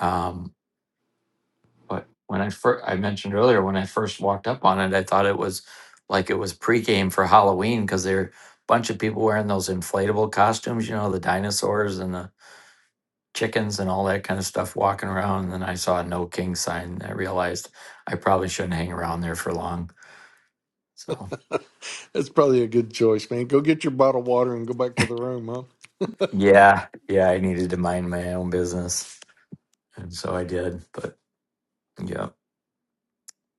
A: Um, but when I first I mentioned earlier when I first walked up on it, I thought it was like it was pregame for Halloween because there were a bunch of people wearing those inflatable costumes. You know, the dinosaurs and the chickens and all that kind of stuff walking around. And then I saw a no king sign. And I realized I probably shouldn't hang around there for long. So
I: That's probably a good choice, man. Go get your bottle of water and go back to the room, huh?
A: yeah, yeah, I needed to mind my own business, and so I did. But yeah.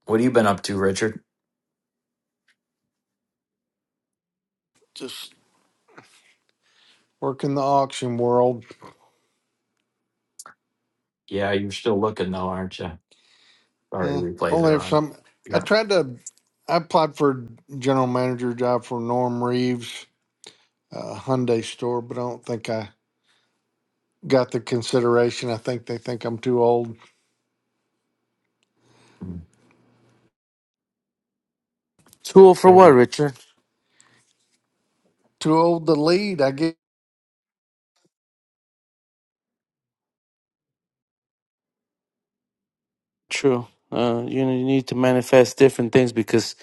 A: What have you been up to, Richard?
I: Just work in the auction world.
A: Yeah, you're still looking though, aren't you? Sorry,
I: Yeah.
A: replays
I: Only
A: are
I: if
A: on.
I: some. I
A: Yeah.
I: tried to. I applied for a general manager job for Norm Reeves uh, Hyundai store, but I don't think I got the consideration. I think they think I'm too old,
A: Mm.
H: Tool for
A: Yeah,
H: what,
A: you-
H: Richard?
I: too old to lead. I get.
H: True. Uh, you know, you need to manifest different things because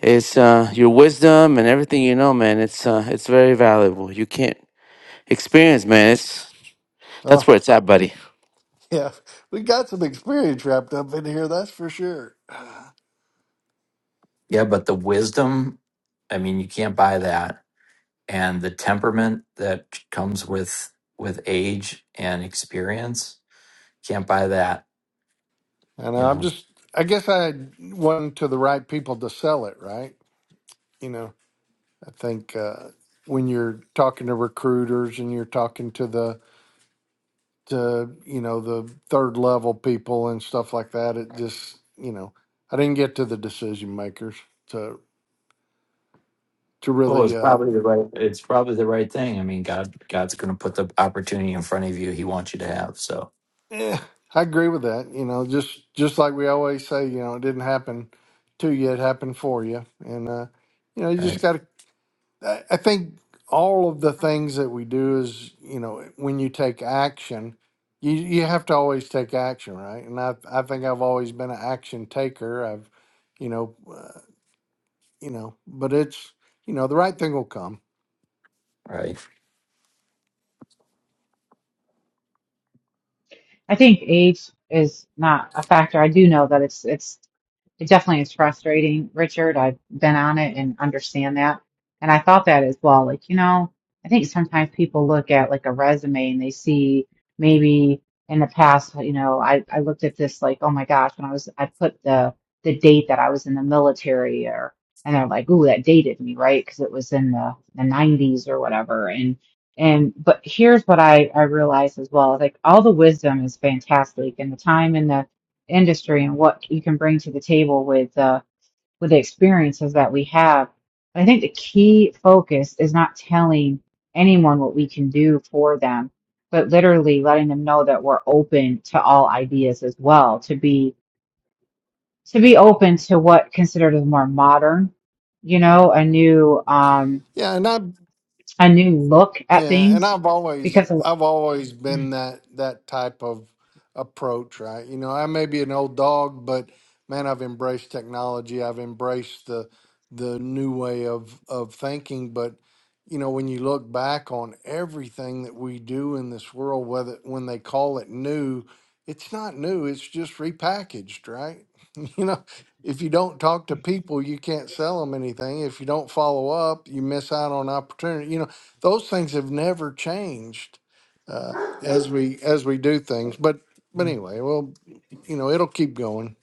H: it's uh, your wisdom and everything you know, man. It's uh, it's very valuable. You can't experience, man. It's That's
I: Oh
H: where it's at, buddy.
I: yeah, we got some experience wrapped up in here. That's for sure.
A: Yeah, but the wisdom, I mean, you can't buy that. And the temperament that comes with with age and experience, can't buy that.
I: And
A: you
I: I'm
A: know
I: just. I guess I had one to the right people to sell it. Right. You know. I think uh, when you're talking to recruiters and you're talking to the to you know the third level people and stuff like that, it just you know I didn't get to the decision makers to to
A: well
I: really.
A: it's
I: uh,
A: probably the right it's probably the right thing i mean god god's going to put the opportunity in front of you he wants you to have so
I: Yeah, I agree with that. You know, just just like we always say, you know, it didn't happen to you; it happened for you. And uh, you know, you just
A: right
I: got to. I I think all of the things that we do is, you know, when you take action, you you have to always take action, right? And I I think I've always been an action taker. I've, you know, uh, you know, but it's you know the right thing will come.
A: right
E: I think age is not a factor. I do know that it's it's it definitely is frustrating, Richard. I've been on it and understand that. And I thought that as well. Like, you know, I think sometimes people look at like a resume and they see maybe in the past, you know, I, I looked at this like, oh my gosh, when I was I put the the date that I was in the military or and they're like, ooh, that dated me, right? Because it was in the the 90s or whatever. And And but here's what I I realize as well, like all the wisdom is fantastic and the time in the industry and what you can bring to the table with uh with the experiences that we have. But I think the key focus is not telling anyone what we can do for them, but literally letting them know that we're open to all ideas as well, to be to be open to what considered as more modern, you know, a new um
I: Yeah, and I
E: a new look at
I: Yeah, and
E: things
I: I've always
E: because a
I: I've always been that that type of approach, right? You know, I may be an old dog, but man, I've embraced technology. I've embraced the the new way of of thinking, but you know, when you look back on everything that we do in this world, whether when they call it new, it's not new, it's just repackaged, right? You know, if you don't talk to people, you can't sell them anything. If you don't follow up, you miss out on opportunity. You know, those things have never changed uh, as we as we do things. But but anyway, well, you know, it'll keep going.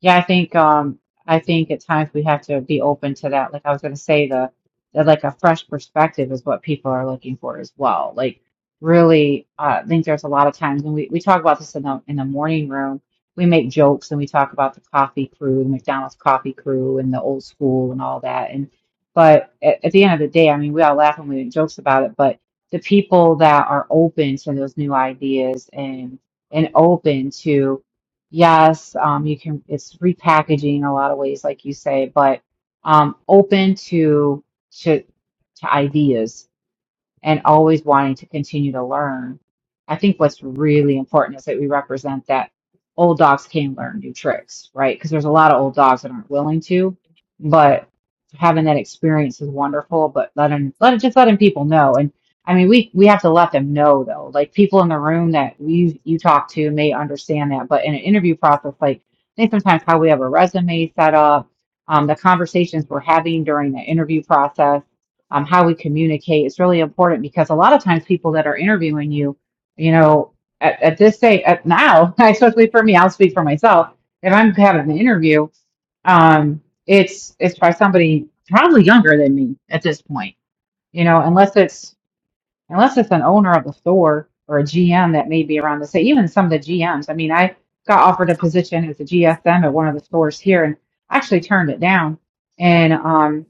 E: Yeah, I think um I think at times we have to be open to that. Like I was gonna say the, the like a fresh perspective is what people are looking for as well. Like really uh, I think there's a lot of times when we, we talk about this in the in the morning room, we make jokes and we talk about the coffee crew, the McDonald's coffee crew and the old school and all that. And but at, at the end of the day, I mean we all laugh and we make jokes about it, but the people that are open to those new ideas and and open to Yes, um, you can, it's repackaging in a lot of ways, like you say, but um, open to to to ideas and always wanting to continue to learn. I think what's really important is that we represent that old dogs can learn new tricks, right? Because there's a lot of old dogs that aren't willing to, but having that experience is wonderful. But letting let it just letting people know, and I mean we we have to let them know though, like people in the room that you you talk to may understand that, but in an interview process, like I think sometimes how we have a resume set up, um, the conversations we're having during the interview process um, how we communicate is really important because a lot of times people that are interviewing you, you know, at, at this stage, at now, especially for me, I'll speak for myself. If I'm having an interview, um, it's it's by somebody probably younger than me at this point, you know, unless it's unless it's an owner of the store or a GM that may be around the same. Even some of the GMs. I mean, I got offered a position as a GSM at one of the stores here, and actually turned it down. And um,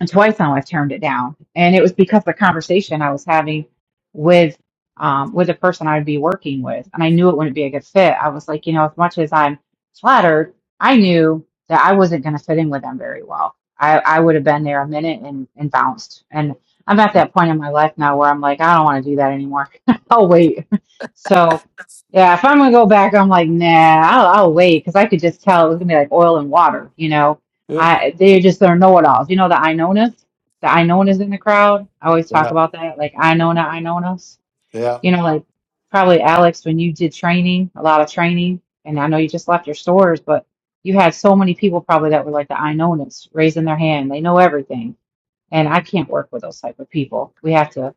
E: and twice now I've turned it down. And it was because of the conversation I was having with um with the person I would be working with. And I knew it wouldn't be a good fit. I was like, you know, as much as I'm flattered, I knew that I wasn't gonna fit in with them very well. I, I would have been there a minute and, and bounced. And I'm at that point in my life now where I'm like, I don't want to do that anymore. I'll wait. So yeah, if I'm gonna go back, I'm like, nah, I'll, I'll wait because I could just tell it was gonna be like oil and water, you know
I: Yeah,
E: I they just they're know-it-alls. You know the I knowness, the I knowness in the crowd. I always talk
I: yeah,
E: about that, like I know not I known us.
I: yeah,
E: You know, like probably Alex when you did training, a lot of training, and I know you just left your stores, but you had so many people probably that were like the I knowness, raising their hand. They know everything, and I can't work with those type of people. We have to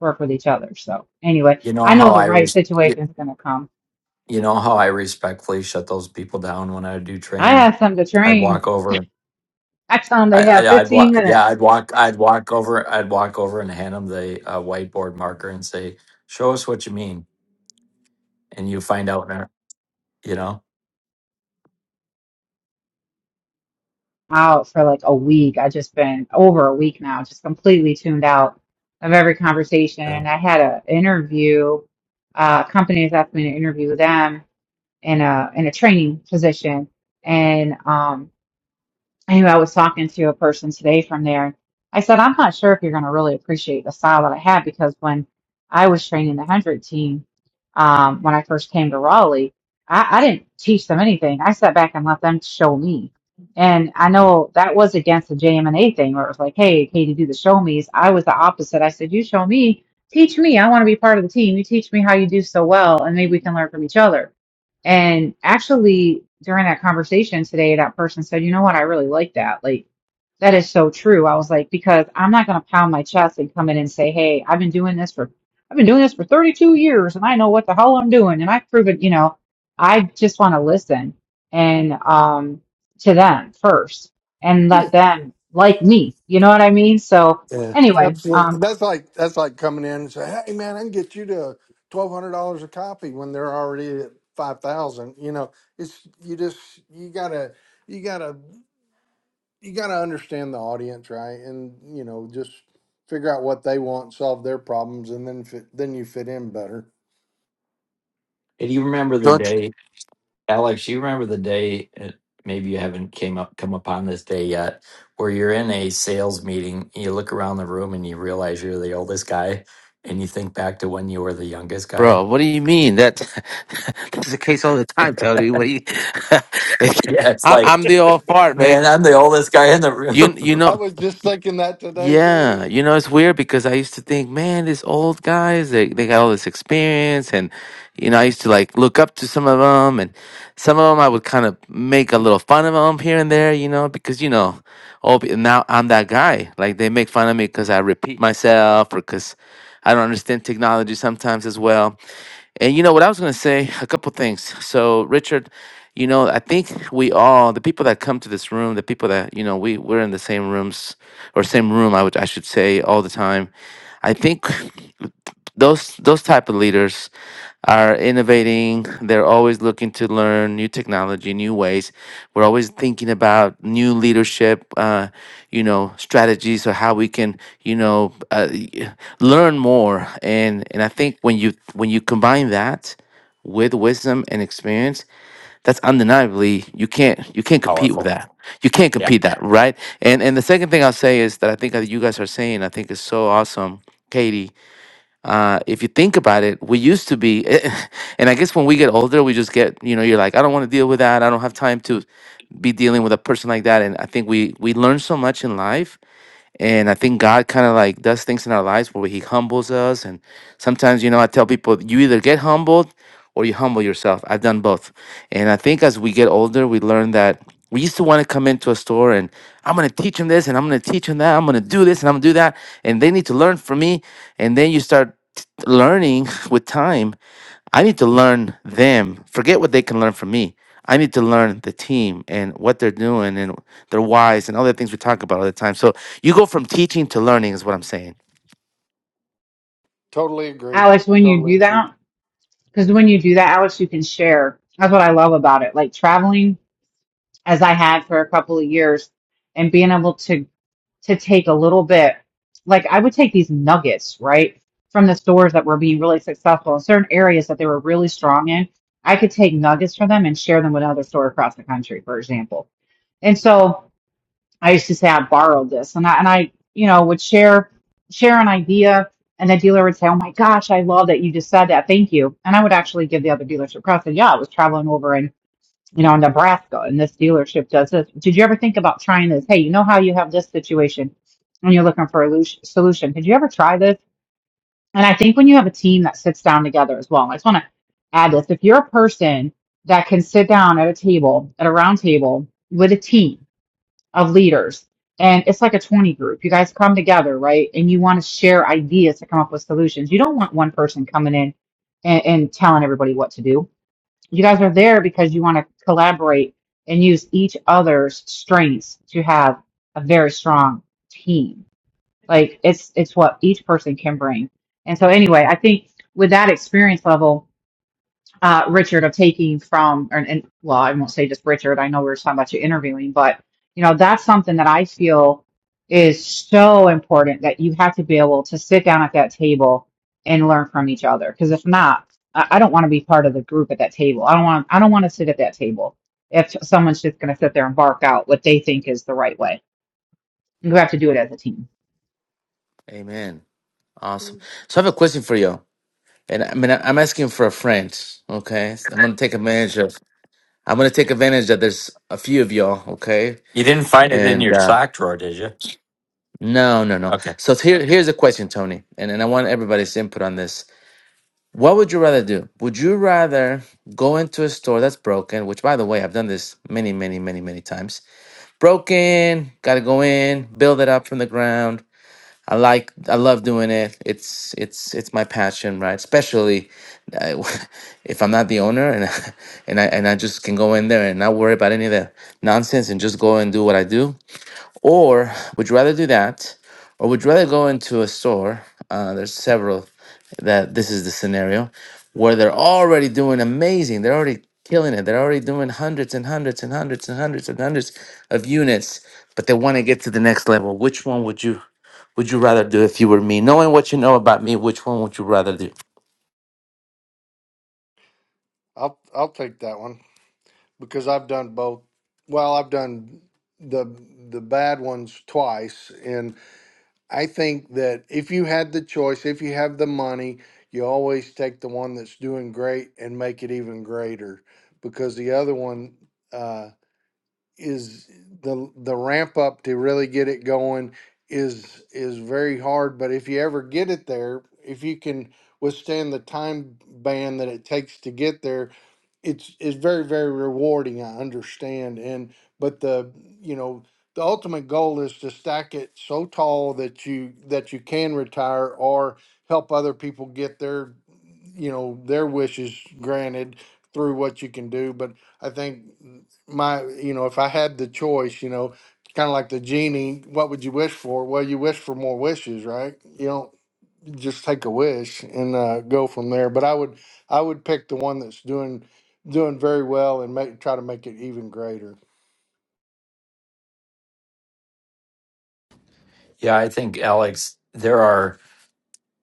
E: work with each other. So anyway,
A: you
E: I
A: know how
E: know the
A: i
E: right
A: res- you,
E: situation is gonna come.
A: you know how i respectfully shut those people down when i do
E: I
A: training
E: have some to
A: i'd
E: train.
A: walk over
E: I tell them
A: I,
E: they have
A: I, I'd
E: 15
A: walk, yeah,
E: minutes.
A: I'd walk, I'd walk over, I'd walk over and hand them the uh, whiteboard marker and say, "Show us what you mean," and you find out, in a- you know,
E: out for like a week. I just been over a week now, just completely tuned out of every
A: yeah,
E: conversation. I had an interview, uh, companies asked me to interview them in a in a training position, and um. I knew I was talking to a person today from there. I said, I'm not sure if you're going to really appreciate the style that I have because when I was training the 100 team, um, when I first came to Raleigh, I, I didn't teach them anything. I sat back and let them show me. And I know that was against the JMNA thing where it was like, hey, Katie, do the show me's. I was the opposite. I said, you show me, teach me. I want to be part of the team. You teach me how you do so well, and maybe we can learn from each other and actually, during that conversation today, that person said, you know what? I really like that. Like, that is so true. I was like, because I'm not going to pound my chest and come in and say, hey, I've been doing this for, I've been doing this for 32 years and I know what the hell I'm doing. And I've proven, you know, I just want to listen and, um, to them first and
I: yeah.
E: let them like me. You know what I mean? So
I: Yeah.
E: anyway,
I: Absolutely.
E: um,
I: That's like that's like coming in and say, "Hey, man, I can get you to twelve hundred dollars a copy when they're already at five thousand. You know, it's you just you gotta you gotta you gotta understand the audience, right? And you know, just figure out what they want, solve their problems, and then fit, then you fit in better.
A: And you remember the
H: Don't, you-
A: day, Alex? You remember the day? uh, Maybe you haven't came up come upon this day yet, where you're in a sales meeting. You look around the room and you realize you're the oldest guy, and you think back to when you were the youngest guy.
H: bro. What do you mean? That that's the case all the time, Tony. What do you?
A: Yeah, it's
H: I,
A: like,
H: I'm the all fart man.
A: man, I'm the oldest guy in the room.
H: You you
I: I
H: know
I: was just thinking that today too.
H: Yeah, you know, it's weird because I used to think, man, these old guys, they, they got all this experience. And, you know, I used to like look up to some of them. And some of them I would kind of make a little fun of them here and there, you know, because, you know, oh, now I'm that guy. Like they make fun of me because I repeat myself or because I don't understand technology sometimes as well. And you know what I was going to say? A couple things. So, Richard, you know, I think we all, the people that come to this room, the people that, you know, we, we're in the same rooms or same room, I, would, I should say, all the time. I think those those type of leaders are innovating they're always looking to learn new technology new ways we're always thinking about new leadership uh, you know strategies or how we can you know uh, y- learn more and and i think when you when you combine that with wisdom and experience that's undeniably you can't you can't compete with
A: Powerful.
H: that you can't
A: Yeah.
H: compete that right and and the second thing i'll say is that i think that you guys are saying i think is so awesome katie uh, if you think about it, we used to be, and I guess when we get older, we just get, you know, you're like, I don't want to deal with that. I don't have time to be dealing with a person like that. And I think we we learn so much in life and I think God kind of like does things in our lives where He humbles us. And sometimes, you know, I tell people, you either get humbled or you humble yourself. I've done both. And I think as we get older, we learn that we used to want to come into a store and I'm going to teach them this and I'm going to teach them that. I'm going to do this and I'm going to do that. And they need to learn from me. And then you start t- learning with time I need to learn them. Forget what they can learn from me. I need to learn the team and what they're doing and their whys and all the things we talk about all the time. So you go from teaching to learning, is what I'm saying.
I: Totally agree.
E: Alex, when you
I: Totally
E: do
I: agree.
E: that, because when you do that, Alex, you can share. That's what I love about it. Like traveling as I had for a couple of years and being able to to take a little bit like I would take these nuggets, right? From the stores that were being really successful in certain areas that they were really strong in. I could take nuggets from them and share them with another store across the country, for example. And so I used to say I borrowed this and I and I, you know, would share share an idea and the dealer would say, Oh my gosh, I love that you just said that. Thank you. And I would actually give the other dealership credit. Yeah, I was traveling over and you know, in Nebraska, and this dealership does this. Did you ever think about trying this? Hey, you know how you have this situation and you're looking for a lu- solution. Did you ever try this? And I think when you have a team that sits down together as well, I just want to add this. If you're a person that can sit down at a table, at a round table with a team of leaders, and it's like a 20 group, you guys come together, right? And you want to share ideas to come up with solutions. You don't want one person coming in and, and telling everybody what to do you guys are there because you want to collaborate and use each other's strengths to have a very strong team. Like it's it's what each person can bring. And so anyway, I think with that experience level, uh, Richard of taking from, and, and well, I won't say just Richard. I know we were talking about you interviewing, but you know, that's something that I feel is so important that you have to be able to sit down at that table and learn from each other. Because if not, I, I don't want to be part of the group at that table. I don't want, I don't want to sit at that table if someone's just going to sit there and bark out what they think is the right way. You have to do it as a team.
H: Amen. Awesome. So I have a question for you, and I mean I- I'm asking for a friend. Okay, So I'm gonna take advantage of. I'm gonna take advantage that there's a few of y'all. Okay,
A: You didn't find it in
H: and
A: your
H: uh,
A: sock drawer, did you?
H: no, no, no.
A: Okay.
H: So here, here's a question, Tony, and and I want everybody's input on this. What would you rather do? Would you rather go into a store that's broken, which by the way, I've done this many, many, many, many times. Broken, gotta go in, build it up from the ground I like I love doing it. It's it's it's my passion, right? Especially uh, if I'm not the owner and and I and I just can go in there and not worry about any of the nonsense and just go and do what I do. Or would you rather do that, or would you rather go into a store? Uh, there's several that this is the scenario where they're already doing amazing. They're already killing it. They're already doing hundreds and hundreds and hundreds and hundreds and hundreds of units, but they want to get to the next level. Which one would you? would you rather do if you were me? Knowing what you know about me, which one would you rather do?
I: I'll I'll take that one because I've done both. Well, I've done the the bad ones twice, and I think that if you had the choice, if you have the money, you always take the one that's doing great and make it even greater because the other one. uh, is the the ramp up to really get it going is is very hard but if you ever get it there if you can withstand the time ban that it takes to get there it's it's very very rewarding i understand and but the you know the ultimate goal is to stack it so tall that you that you can retire or help other people get their you know their wishes granted through what you can do but i think my you know if i had the choice you know kind of like the genie what would you wish for well you wish for more wishes right you don't just take a wish and uh, go from there but i would i would pick the one that's doing doing very well and make try to make it even greater
A: Yeah, I think Alex. There are.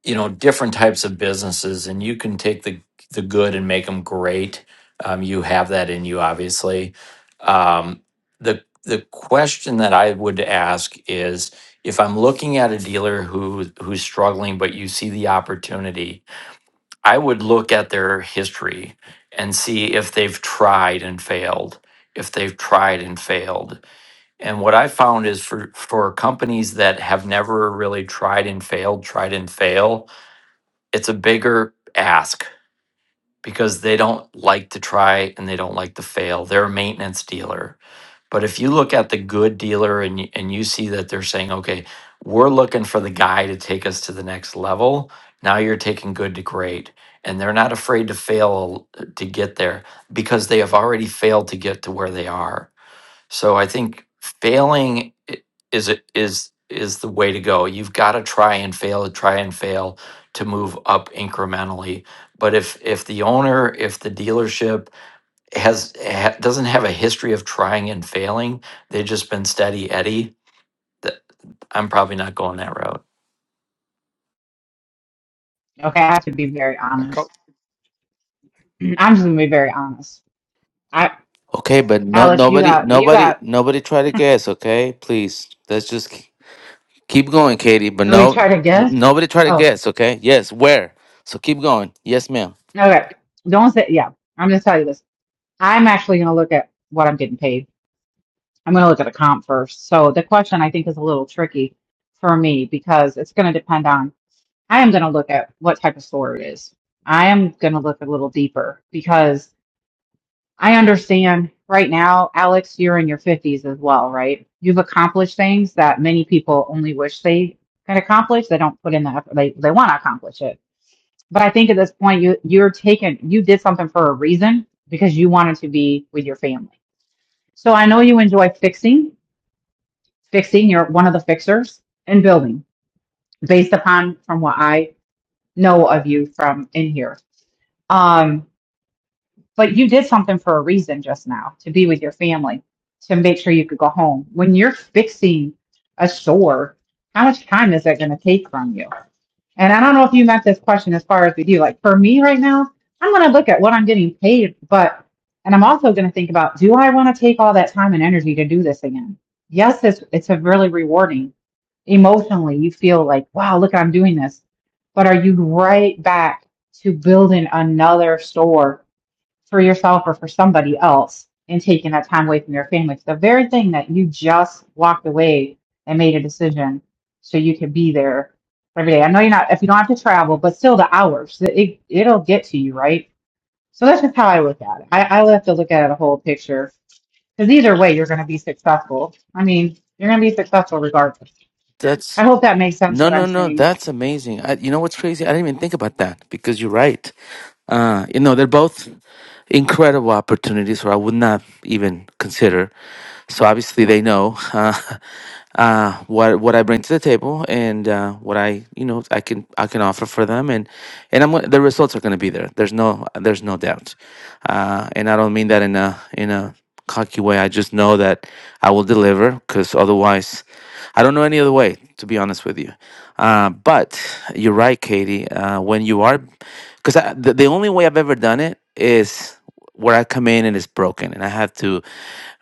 A: you know different types of businesses and you can take the the good and make them great um, you have that in you obviously um, the the question that i would ask is if i'm looking at a dealer who who's struggling but you see the opportunity i would look at their history and see if they've tried and failed if they've tried and failed and what i found is for for companies that have never really tried and failed tried and fail it's a bigger ask because they don't like to try and they don't like to fail. They're a maintenance dealer. But if you look at the good dealer and you, and you see that they're saying, okay, we're looking for the guy to take us to the next level. Now you're taking good to great. And they're not afraid to fail to get there because they have already failed to get to where they are. So I think failing i- is a- is is the way to go. You've got to try and fail, try and fail to move up incrementally. But if if the owner, if the dealership has ha, doesn't have a history of trying and failing, they've just been steady Eddie. That I'm probably not going that route.
E: Okay, I have to be very
I: I co-
E: honest. I'm just going to be very honest. I,
H: Okay, but no,
E: Alex, you
H: nobody,
E: got, you
H: nobody,
E: got
H: nobody try to guess. Okay, please, let's just k- keep going, Katie. But
E: Oh, you
H: no,
E: try to guess?
H: nobody try to
E: Oh,
H: guess. Okay, yes, where? So keep going. Yes, ma'am.
E: okay. Don't say, yeah. I'm going to tell you this. I'm actually going to look at what I'm getting paid. I'm going to look at a comp first. So the question I think is a little tricky for me because it's going to depend on, I am going to look at what type of store it is. I am going to look a little deeper because I understand right now, Alex, you're in your 50s as well, right? You've accomplished things that many people only wish they can accomplish. They don't put in the effort. They, they want to accomplish it But I think at this point, you you're taking you did something for a reason because you wanted to be with your family. So I know you enjoy fixing, fixing. You're one of the fixers and building, based upon from what I know of you from in here. Um, but you did something for a reason just now to be with your family to make sure you could go home. When you're fixing a store, how much time is that going to take from you? And I don't know if you meant this question as far as we do. Like for me right now, I'm going to look at what I'm getting paid, but, and I'm also going to think about, do I want to take all that time and energy to do this again? Yes, it's, it's a really rewarding. Emotionally, you feel like, wow, look, I'm doing this. But are you right back to building another store for yourself or for somebody else and taking that time away from your family. It's the very thing that you just walked away and made a decision so you can be there every day. I know you're not, if you don't have to travel, but still the hours, it, it'll get to you, right? So that's just how I look at it. I, I like to look at it a whole picture because either way, you're going to be successful. I mean, you're going to be successful regardless. I hope that makes sense
H: No,
E: what
H: no,
E: I'm
H: no.
E: saying.
H: That's amazing. I, you know what's crazy? I didn't even think about that because you're right. Uh, you know, they're both incredible opportunities where I would not even consider. So obviously, they know uh, uh, what what I bring to the table and uh, what I you know I can I can offer for them, and and I'm gonna- the results are going to be there. There's no there's no doubt, uh, and I don't mean that in a in a cocky way. I just know that I will deliver because otherwise. I don't know any other way, to be honest with you. Uh, but you're right, Katie. Uh, when you are, because the, the only way I've ever done it is where I come in and it's broken, and I have to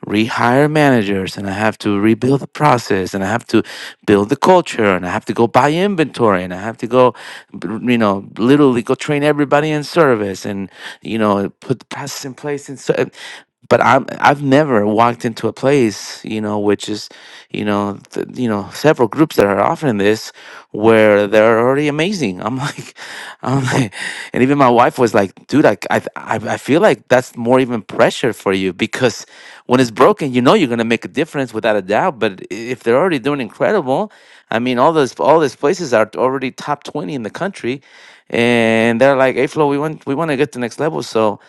H: rehire managers, and I have to rebuild the process, and I have to build the culture, and I have to go buy inventory, and I have to go, b- you know, literally go train everybody in service, and you know, put the process in place. And so, but I'm I've never walked into a place, you know, which is, you know, th- you know, several groups that are offering this where they're already amazing. I'm like, I'm like, and even my wife was like, dude, I I I I feel like that's more even pressure for you because when it's broken, you know, you're gonna make a difference without a doubt. But i- if they're already doing incredible, I mean, all those all these places are already top twenty in the country, and they're like, hey, Flo, we want we want to get to the next level, so.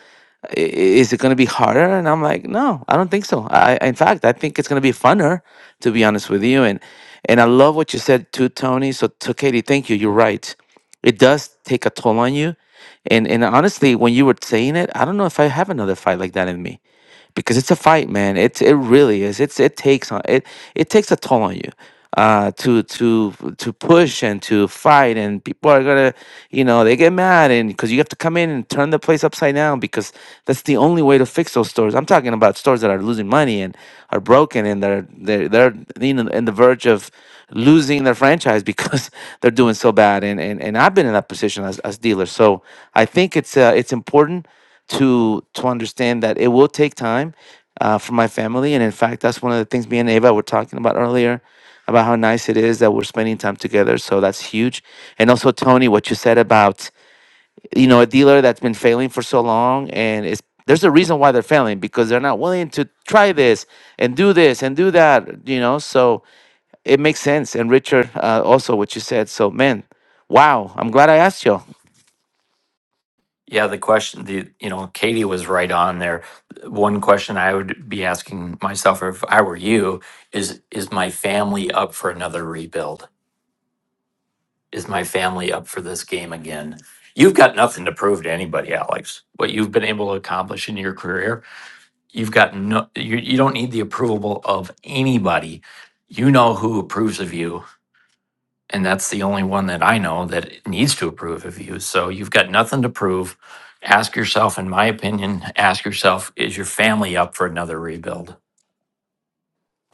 H: I- Is it going to be harder? And I'm like, no, I don't think so. I- in fact, I think it's going to be funner, to be honest with you. And and I love what you said too, Tony. So, to Katie, thank you. You're right. It does take a toll on you. And and honestly, when you were saying it, I don't know if I have another fight like that in me because it's a fight, man. It's it really is. It's it takes on it it takes a toll on you uh to to to push and to fight and people are gonna you know they get mad and because you have to come in and turn the place upside down because that's the only way to fix those stores i'm talking about stores that are losing money and are broken and they're they're they're you know in the verge of losing their franchise because they're doing so bad and and, and i've been in that position as, as dealer so i think it's uh, it's important to to understand that it will take time uh, for my family, and in fact, that's one of the things me and Ava were talking about earlier about how nice it is that we're spending time together. So that's huge. And also, Tony, what you said about you know a dealer that's been failing for so long, and it's there's a reason why they're failing because they're not willing to try this and do this and do that. You know, so it makes sense. And Richard, uh, also what you said. So man, wow, I'm glad I asked you.
A: Yeah, the question, the you know, Katie was right on there. One question I would be asking myself if I were you is is my family up for another rebuild? Is my family up for this game again? You've got nothing to prove to anybody, Alex. What you've been able to accomplish in your career, you've got no you, you don't need the approval of anybody. You know who approves of you and that's the only one that I know that it needs to approve of you. So you've got nothing to prove. Ask yourself, in my opinion, ask yourself, is your family up for another rebuild?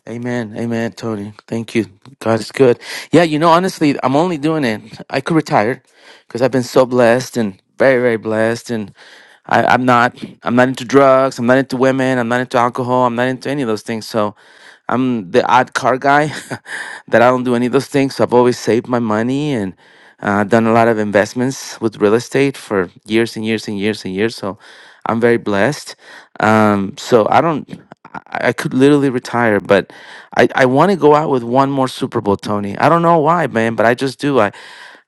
H: Amen. Amen, Tony. Thank you. God is good. Yeah, you know, honestly, I'm only doing it. I could retire because I've been so blessed and very, very blessed. And I, I'm not I'm not into drugs, I'm not into women, I'm not into alcohol, I'm not into any of those things. So I'm the odd car guy that I don't do any of those things. So I've always saved my money and uh, done a lot of investments with real estate for years and years and years and years. So I'm very blessed. Um, so I don't. I I could literally retire, but I, I want to go out with one more Super Bowl, Tony. I don't know why, man, but I just do. I,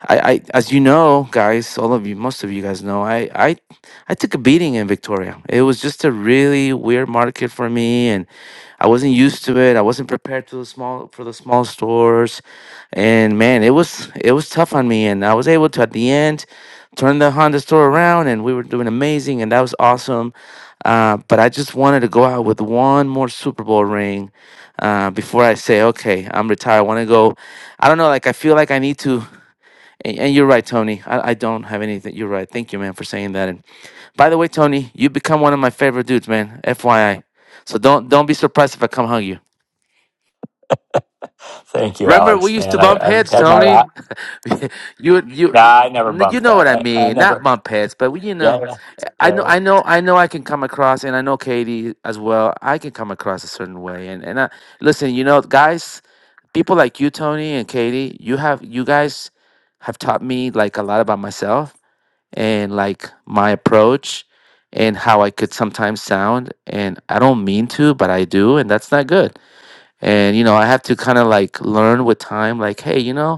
H: I, I as you know, guys, all of you, most of you guys know, I, I, I took a beating in Victoria. It was just a really weird market for me, and I wasn't used to it. I wasn't prepared to the small for the small stores, and man, it was it was tough on me. And I was able to at the end turned the Honda store around and we were doing amazing and that was awesome. Uh, but I just wanted to go out with one more Super Bowl ring uh, before I say, okay, I'm retired. I want to go. I don't know. Like, I feel like I need to. And, and you're right, Tony. I, I don't have anything. You're right. Thank you, man, for saying that. And by the way, Tony, you become one of my favorite dudes, man. FYI. So don't don't be surprised if I come hug you.
A: Thank you,
H: Remember, we
A: Alex.
H: used
A: Man,
H: to bump
A: I, I've
H: heads,
A: had my.
H: Tony. you you
A: Nah, I never
H: you
A: bumped
H: know
A: that.
H: what I
A: I, I
H: mean. Not
A: never.
H: bump heads, but we, you know.
A: Yeah,
H: I know,
A: yeah.
H: I know, I know. I can come across, and I know Katie as well. I can come across a certain way, and and I, listen, you know, guys, people like you, Tony and Katie, you have, you guys have taught me like a lot about myself and like my approach and how I could sometimes sound, and I don't mean to, but I do, and that's not good. And you know, I have to kind of like learn with time, like, hey, you know.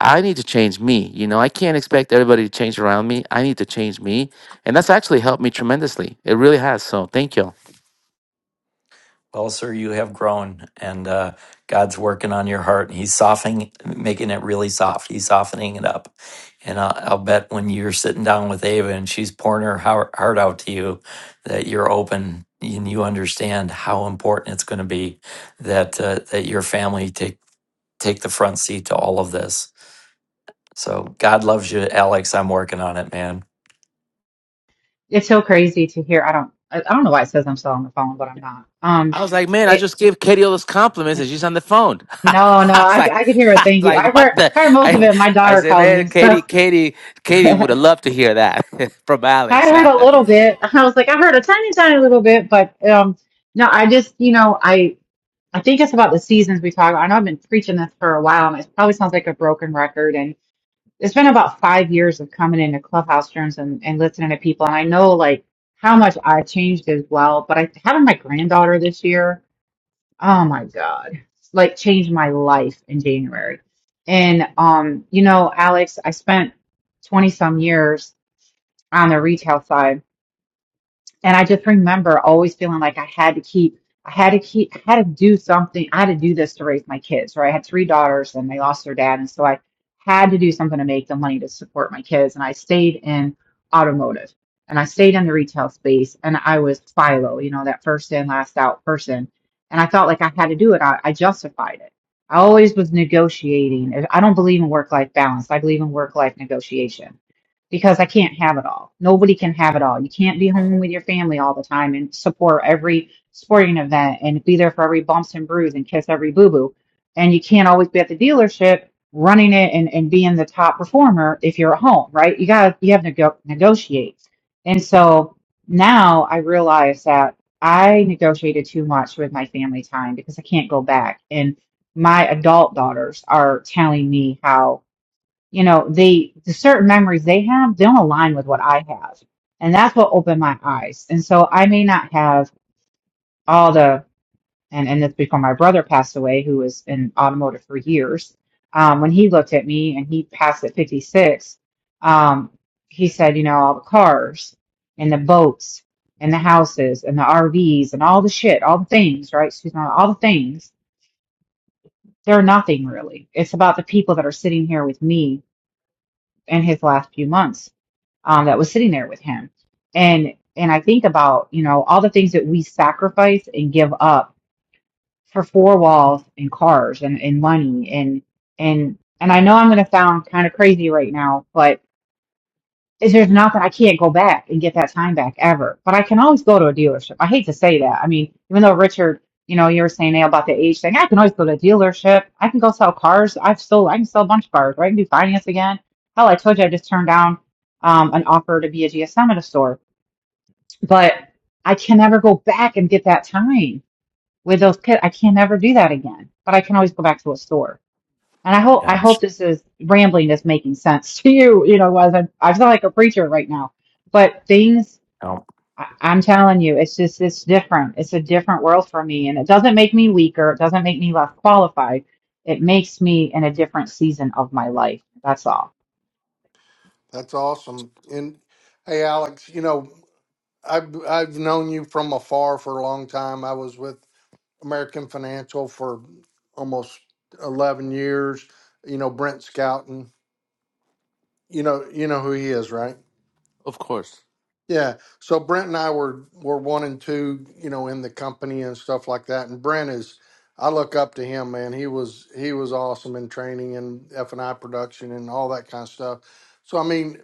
H: I need to change me. You know, I can't expect everybody to change around me. I need to change me. And that's actually helped me tremendously. It really has. So thank you.
A: Well, sir, you have grown, and uh, God's working on your heart, and He's softening, making it really soft. He's softening it up, and I'll, I'll bet when you're sitting down with Ava and she's pouring her hou- heart out to you, that you're open and you understand how important it's going to be that uh, that your family take take the front seat to all of this. So God loves you, Alex. I'm working on it, man.
E: It's so crazy to hear. I don't, I, I don't know why it says I'm still on the phone, but I'm not. Um,
H: I was like, man, I
E: it,
H: just gave Katie all those compliments and she's on the phone. I
E: No, no,
H: was
E: I,
H: like,
E: I can hear
H: I
E: it.
H: was
E: Thank you.
H: like,
E: I
H: what
E: heard
H: the?
E: heard most of
H: I,
E: it. My
H: I
E: daughter
H: said,
E: called
H: man,
E: me, so
H: Katie, Katie, Katie
E: I
H: would have loved to hear that from Alex.
E: heard a little bit. I was like, I heard a tiny, tiny little bit, but um, no, I just, you know, I I think it's about the seasons we talk about. I know I've been preaching this for a while, and it probably sounds like a broken record. And it's been about five years of coming into clubhouse rooms and and listening to people, and I know like how much I changed as well. But I having my granddaughter this year. Oh my God. Like changed my life in January. And um, you know, Alex, I spent 20 some years on the retail side and I just remember always feeling like I had to keep, I had to keep, I had to do something. I had to do this to raise my kids, right? I had three daughters and they lost their dad. And so I had to do something to make the money to support my kids. And I stayed in automotive and I stayed in the retail space and I was Philo, you know, that first in, last out person. And I felt like I had to do it. I, I justified it. I always was negotiating. I don't believe in work life balance. I believe in work life negotiation because I can't have it all. Nobody can have it all. You can't be home with your family all the time and support every sporting event and be there for every bumps and bruise and kiss every boo boo. And you can't always be at the dealership running it and, and being the top performer if you're at home, right? You gotta you have to go negotiate. And so now I realize that I negotiated too much with my family time because I can't go back. And my adult daughters are telling me how you know, they the certain memories they have don't align with what I have. And that's what opened my eyes. And so I may not have all the and, and it's before my brother passed away, who was in automotive for years. Um, when he looked at me and he passed at 56, um, he said, you know, all the cars and the boats and the houses and the RVs and all the shit, all the things, right? Excuse me, all the things, they're nothing really. It's about the people that are sitting here with me in his last few months um, that was sitting there with him. And and I think about you know all the things that we sacrifice and give up for four walls and cars and, and money and and and I know I'm going to sound kind of crazy right now, but is there's not that I can't go back and get that time back ever. But I can always go to a dealership. I hate to say that. I mean, even though Richard, you know, you were saying now about the age thing, I can always go to a dealership. I can go sell cars. I've sold, I can sell a bunch of cars, right? I can do finance again. Hell, I told you I just turned down um, an offer to be a GSM at a store, but I can never go back and get that time with those kids. I can never do that again, but I can always go back to a store. And I hope I hope
A: Yeah.
E: this is rambling is making sense to you. You know, as I'm, I sound like a preacher right now, but things I, I'm telling you, it's just it's different. It's a different world for me, and it doesn't make me weaker. It doesn't make me less qualified. It makes me in a different season of my life. That's all.
I: that's awesome and hey alex you know i've i've known you from afar for a long time i was with american financial for almost 11 years you know brent Scouten You know, you know who he is, right?
H: of course.
I: Yeah. So Brent and I were were one and two, you know, in the company and stuff like that. And Brent is, I look up to him, man. He was he was awesome in training and F and I production and all that kind of stuff. So I mean,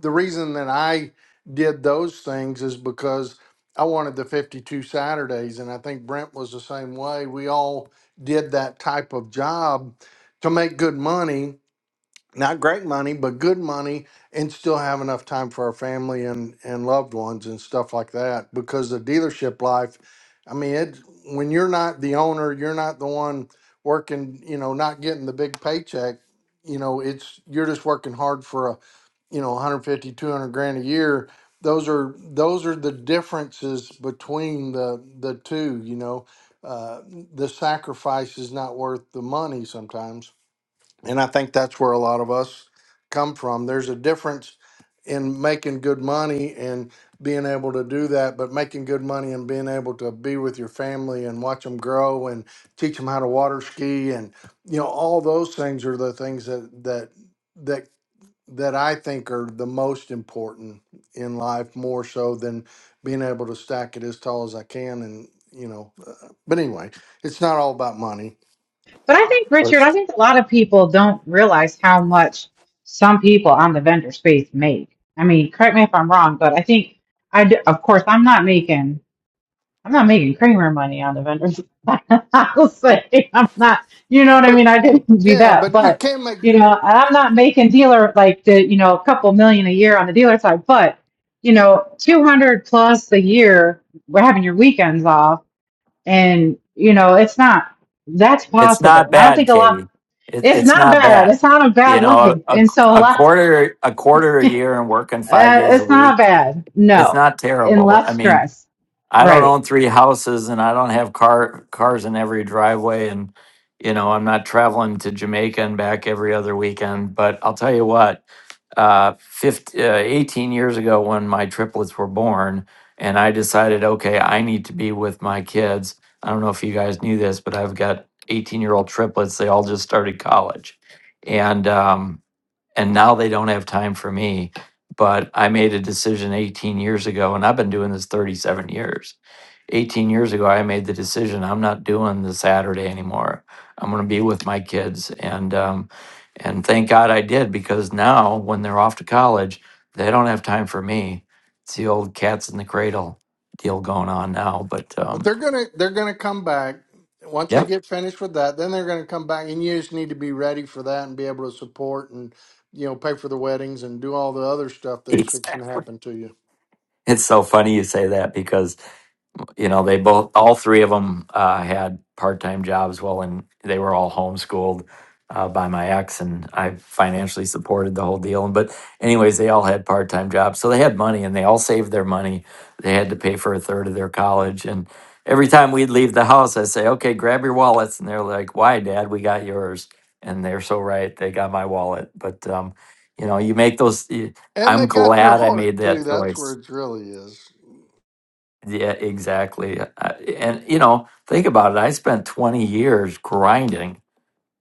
I: the reason that I did those things is because I wanted the 52 Saturdays, and I think Brent was the same way. We all did that type of job to make good money not great money, but good money, and still have enough time for our family and and loved ones and stuff like that. Because the dealership life, I mean, it when you're not the owner, you're not the one working, you know, not getting the big paycheck. You know, it's you're just working hard for a, you know, 150, 200 grand a year. Those are those are the differences between the the two. You know, uh, the sacrifice is not worth the money sometimes and I think that's where a lot of us come from. There's a difference in making good money and being able to do that, but making good money and being able to be with your family and watch them grow and teach them how to water ski and you know all those things are the things that that that that I think are the most important in life more so than being able to stack it as tall as I can and you know uh, but anyway, it's not all about money.
E: But I think, Richard, I think a lot of people don't realize how much some people on the vendor space make. I mean, correct me if I'm wrong, but I think I, d- of course, I'm not making, I'm not making Kramer money on the vendors. I'll say I'm not, you know what I
I: But
E: mean? I didn't do
I: yeah,
E: that,
I: but you
E: but
I: can make
E: you know, and I'm not making dealer like the, you know, a couple million a year on the dealer side, but you know, 200 plus a year, we're having your weekends off and you know, it's not, that's
A: It's
E: possible.
A: not
E: And I don't
A: bad,
E: think a lot
A: Katie. It,
E: it's
A: it's
E: not
A: not
E: bad.
A: bad.
E: It's not a
A: You
E: bad
A: know,
E: life.
A: a,
E: And so a
A: a
E: lot,
A: quarter a quarter a year and working five
E: uh,
A: days a
E: it's
A: week.
E: not bad.
A: It's
E: No.
A: not
E: And
A: terrible. I
E: less
A: mean,
E: stress.
A: I don't
E: Right.
A: own three houses and I don't have car cars in every driveway and you know, I'm not traveling to Jamaica and back every other weekend. But I'll tell you what, uh, 15, uh, 18 years ago when my triplets were born, and I decided, okay, I need to be with my kids. I don't know if you guys knew this, but I've got 18 year old triplets. They all just started college. And um, and now they don't have time for me. But I made a decision 18 years ago, and I've been doing this 37 years. 18 years ago, I made the decision I'm not doing the Saturday anymore. I'm going to be with my kids, and um, and thank God I did because now when they're off to college, they don't have time for me. It's the old cats in the cradle deal going on now. But
I: But
A: um,
I: they're gonna they're gonna come back once they
A: yep,
I: get finished with that. Then they're gonna come back, and you just need to be ready for that and be able to support and you know pay for the weddings and do all the other stuff that's fixing to
A: exactly.
I: happen to you.
A: It's so funny you say that because. you know, they both, all three of them uh, had part-time jobs. Well, and they were all homeschooled uh, by my ex, and I financially supported the whole deal. But anyways, they all had part-time jobs, so they had money, and they all saved their money. They had to pay for a third of their college, and every time we'd leave the house, I'd say, "Okay, grab your wallets," and they're like, "Why, Dad? We got yours." And they're so right; they got my wallet. But um, you know, you make those. y-
I: And they
A: I'm
I: got your
A: glad I made
I: heart
A: that
I: too. That's
A: choice.
I: where it really is.
A: Yeah, exactly. I, and you know, think about it. I spent 20 years grinding,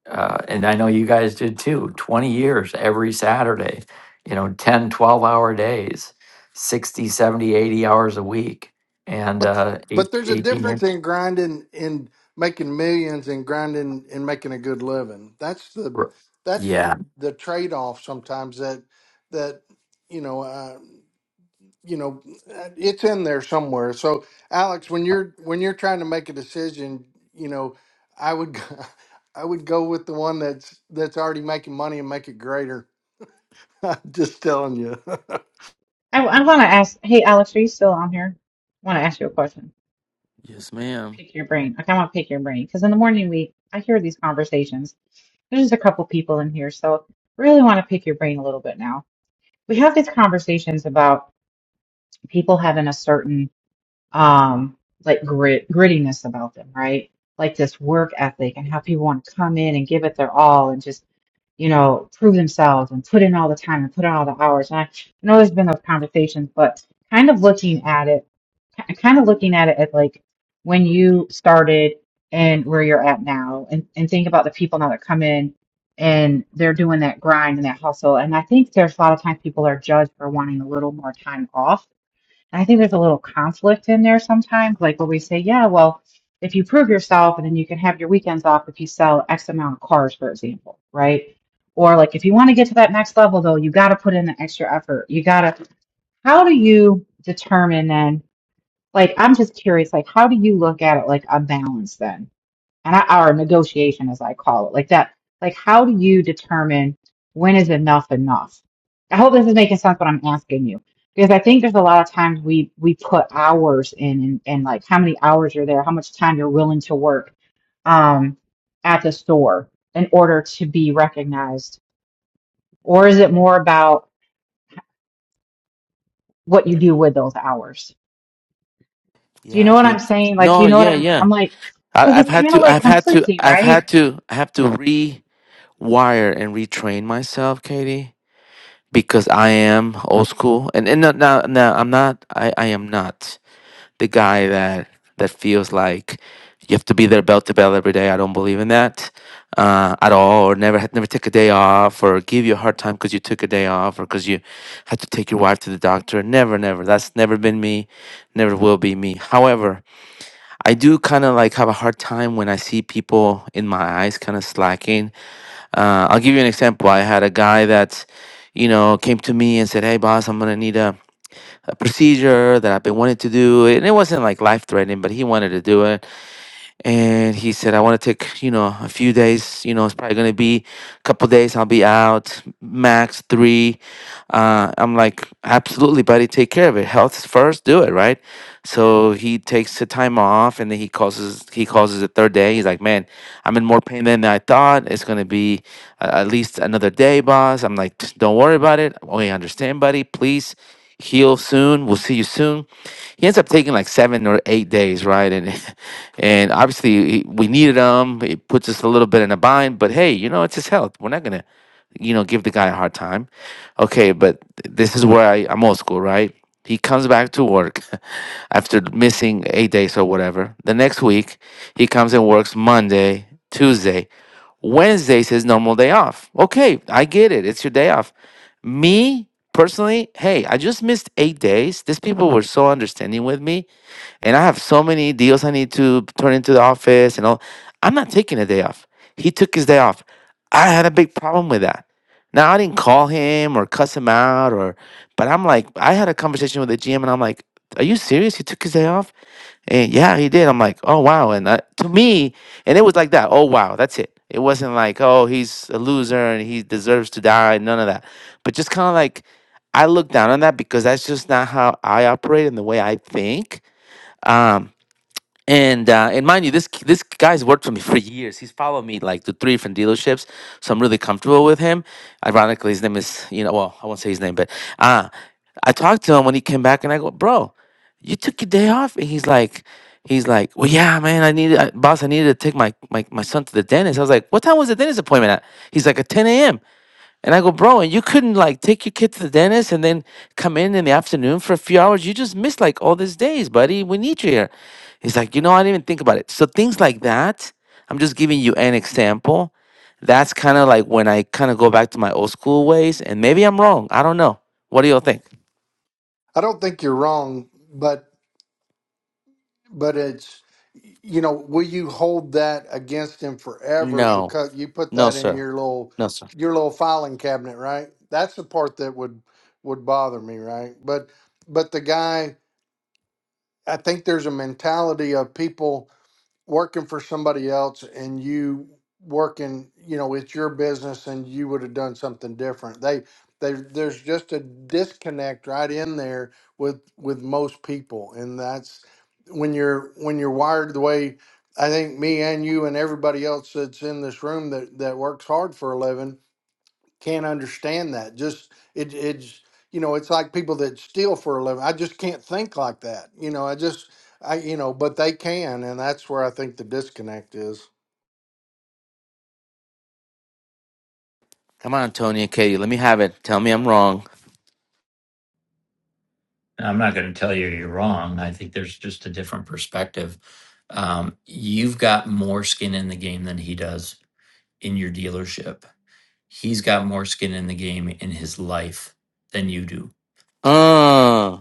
A: uh, and I know you guys did too. 20 years every Saturday, you know, ten, twelve hour days, 60, 70, 80 hours a week, and
I: But
A: uh,
I: but
A: eight,
I: there's a
A: 18
I: difference
A: years.
I: in grinding in making millions and grinding and making a good living. That's the
A: r-
I: that's
A: Yeah.
I: the trade off sometimes that that you know. Uh, you know it's in there somewhere so alex when you're when you're trying to make a decision you know i would g- i would go with the one that's that's already making money and make it greater I'm just telling you
E: I, I want to ask, hey, Alex, are you still on here? I want to ask you a question.
H: Yes, ma'am.
E: Pick your brain. Okay, I want to pick your brain because in the morning we, I hear these conversations. There's just a couple people in here. So really want to pick your brain a little bit now. We have these conversations about people having a certain um, like grit, grittiness about them, right? Like this work ethic and how people want to come in and give it their all and just, you know, prove themselves and put in all the time and put in all the hours. And I, I know there's been those conversations, but kind of looking at it, ki- kind of looking at it at like when you started and where you're at now and, and think about the people now that come in and they're doing that grind and that hustle. And I think there's a lot of times people are judged for wanting a little more time off and I think there's a little conflict in there sometimes, like where we say, yeah, well, if you prove yourself and then you can have your weekends off if you sell X amount of cars, for example, right? Or like if you want to get to that next level though, you got to put in the extra effort. You got to, how do you determine then? Like, I'm just curious, like, how do you look at it like a balance then? and I, or negotiation as I call it, like that, like how do you determine when is enough enough? I hope this is making sense what I'm asking you. Because I think there's a lot of times we we put hours in and, and like how many hours you're there, how much time you're willing to work um at the store in order to be recognized. Or is it more about what you do with those hours? Do you
H: Yeah, I
E: know what I'm
H: think.
E: saying? Like, do
H: No,
E: you know what
H: yeah,
E: I'm
H: yeah.
E: I'm like, because
H: I, I've
E: it's
H: had
E: kind of
H: to,
E: like
H: I've had to,
E: conflicting,
H: I've
E: right?
H: had to, I have to rewire and retrain myself, Katie because I am old school, and and no, no, no I'm not. I, I am not the guy that that feels like you have to be there bell to bell every day. I don't believe in that uh, at all, or never had never take a day off, or give you a hard time because you took a day off, or because you had to take your wife to the doctor. Never, never. That's never been me. Never will be me. However, I do kind of like have a hard time when I see people in my eyes kind of slacking uh, I'll give you an example. I had a guy that, you know, came to me and said, "Hey, boss, I'm gonna need a, a procedure that I've been wanting to do." And it wasn't like life threatening, but he wanted to do it. And he said, "I want to take, you know, a few days. You know, it's probably gonna be a couple days. I'll be out, max three. Uh, I'm like, absolutely, buddy, take care of it. Health first, do it, right? So he takes the time off and then he calls us, he calls us the third day. He's like, man, I'm in more pain than I thought. It's going to be uh, at least another day, boss. I'm like, "Just don't worry about it. We understand, buddy. Please heal soon. We'll see you soon he ends up taking like seven or eight days, right? And and obviously he- we needed him. It puts us a little bit in a bind, but hey, you know it's his health. We're not gonna, you know, give the guy a hard time. Okay, but this is where I, I'm old school, right? He comes back to work after missing eight days or whatever. The next week, he comes and works Monday, Tuesday. Wednesday's his normal day off. Okay, I get it. It's your day off. Me personally, hey, I just missed eight days. These people were so understanding with me and I have so many deals I need to turn into the office and all. I'm not taking a day off. He took his day off. I had a big problem with that. Now I didn't call him or cuss him out or, but I'm like, I had a conversation with the GM and I'm like, are you serious? He took his day off? And yeah, he did. I'm like, oh wow. And I, to me, and it was like that. Oh wow, that's it. It wasn't like, oh, he's a loser and he deserves to die. None of that. But just kind of like, I look down on that because that's just not how I operate and the way I think. Um, and uh, and mind you, this this guy's worked for me for years. He's followed me like to three different dealerships, so I'm really comfortable with him. Ironically, his name is you know well I won't say his name, but uh I talked to him when he came back, and I go, bro, you took your day off, and he's like. He's like, well, yeah, man, I needed, I, boss, I needed to take my, my, my son to the dentist. I was like, what time was the dentist appointment at? He's like, at 10 a.m. And I go, bro, and you couldn't like take your kid to the dentist and then come in in the afternoon for a few hours. You just missed like all these days, buddy. We need you here. He's like, you know, I didn't even think about it. So things like that, I'm just giving you an example. That's kind of like when I kind of go back to my old school ways. And maybe I'm wrong. I don't know. What do y'all think?
I: i don't think you're wrong but but it's you know will you hold that against him forever
H: No,
I: because you put
H: no,
I: that in
H: sir.
I: your little
H: No, sir.
I: your little filing cabinet right that's the part that would would bother me right but but the guy I think there's a mentality of people working for somebody else and you working, you know, it's your business and you would have done something different. They they there's just a disconnect right in there with with most people and that's when you're when you're wired the way I think me and you and everybody else that's in this room that that works hard for a living can't understand that. Just it, it's you know, it's like people that steal for a living. I just can't think like that. You know, I just I you know, but they can, and that's where I think the disconnect is.
H: Come on, Tony and Katie. Let me have it. Tell me I'm wrong.
A: I'm not going to tell you you're wrong. I think there's just a different perspective. Um, you've got more skin in the game than he does in your dealership. He's got more skin in the game in his life than you do.
H: Uh.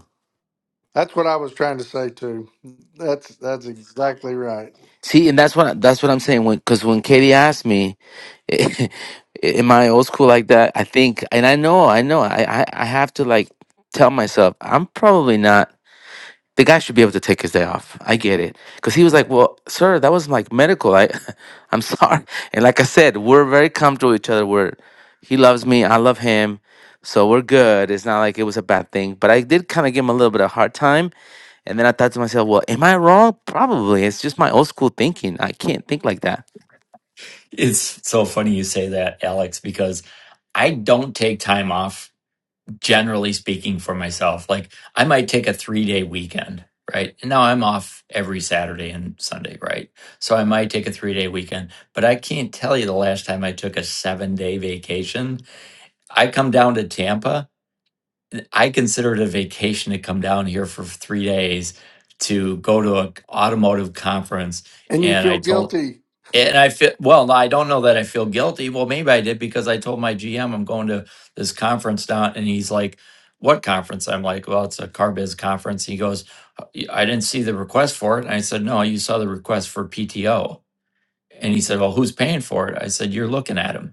I: That's what I was trying to say too. That's that's exactly right.
H: See, and that's what that's what I'm saying. When because when Katie asked me, am I old school like that? I think, and I know, I know, I I, I have to like tell myself I'm probably not the guy should be able to take his day off. I get it. Because he was like, well, sir, that was like medical. I, I'm sorry. And like I said, we're very comfortable with each other. We're, he loves me. I love him. So we're good. It's not like it was a bad thing. But I did kind of give him a little bit of hard time. And then I thought to myself, well, am I wrong? Probably. It's just my old school thinking. I can't think like that.
A: It's so funny you say that, Alex, because I don't take time off, generally speaking, for myself. Like I might take a three day weekend, right? And now I'm off every Saturday and Sunday, right? So I might take a three day weekend, but I can't tell you the last time I took a seven day vacation. I come down to Tampa I consider it a vacation to come down here for three days to go to an automotive conference.
I: And you
A: And
I: feel
A: I told,
I: guilty,
A: and I feel, well, I don't know that I feel guilty. Well, maybe I did because I told my GM I'm going to this conference down. And he's like, what conference? I'm like, well, it's a car biz conference. He goes, "Uh, y- I didn't see the request for it. And I said, no, you saw the request for PTO. And he said, well, who's paying for it? I said, you're looking at him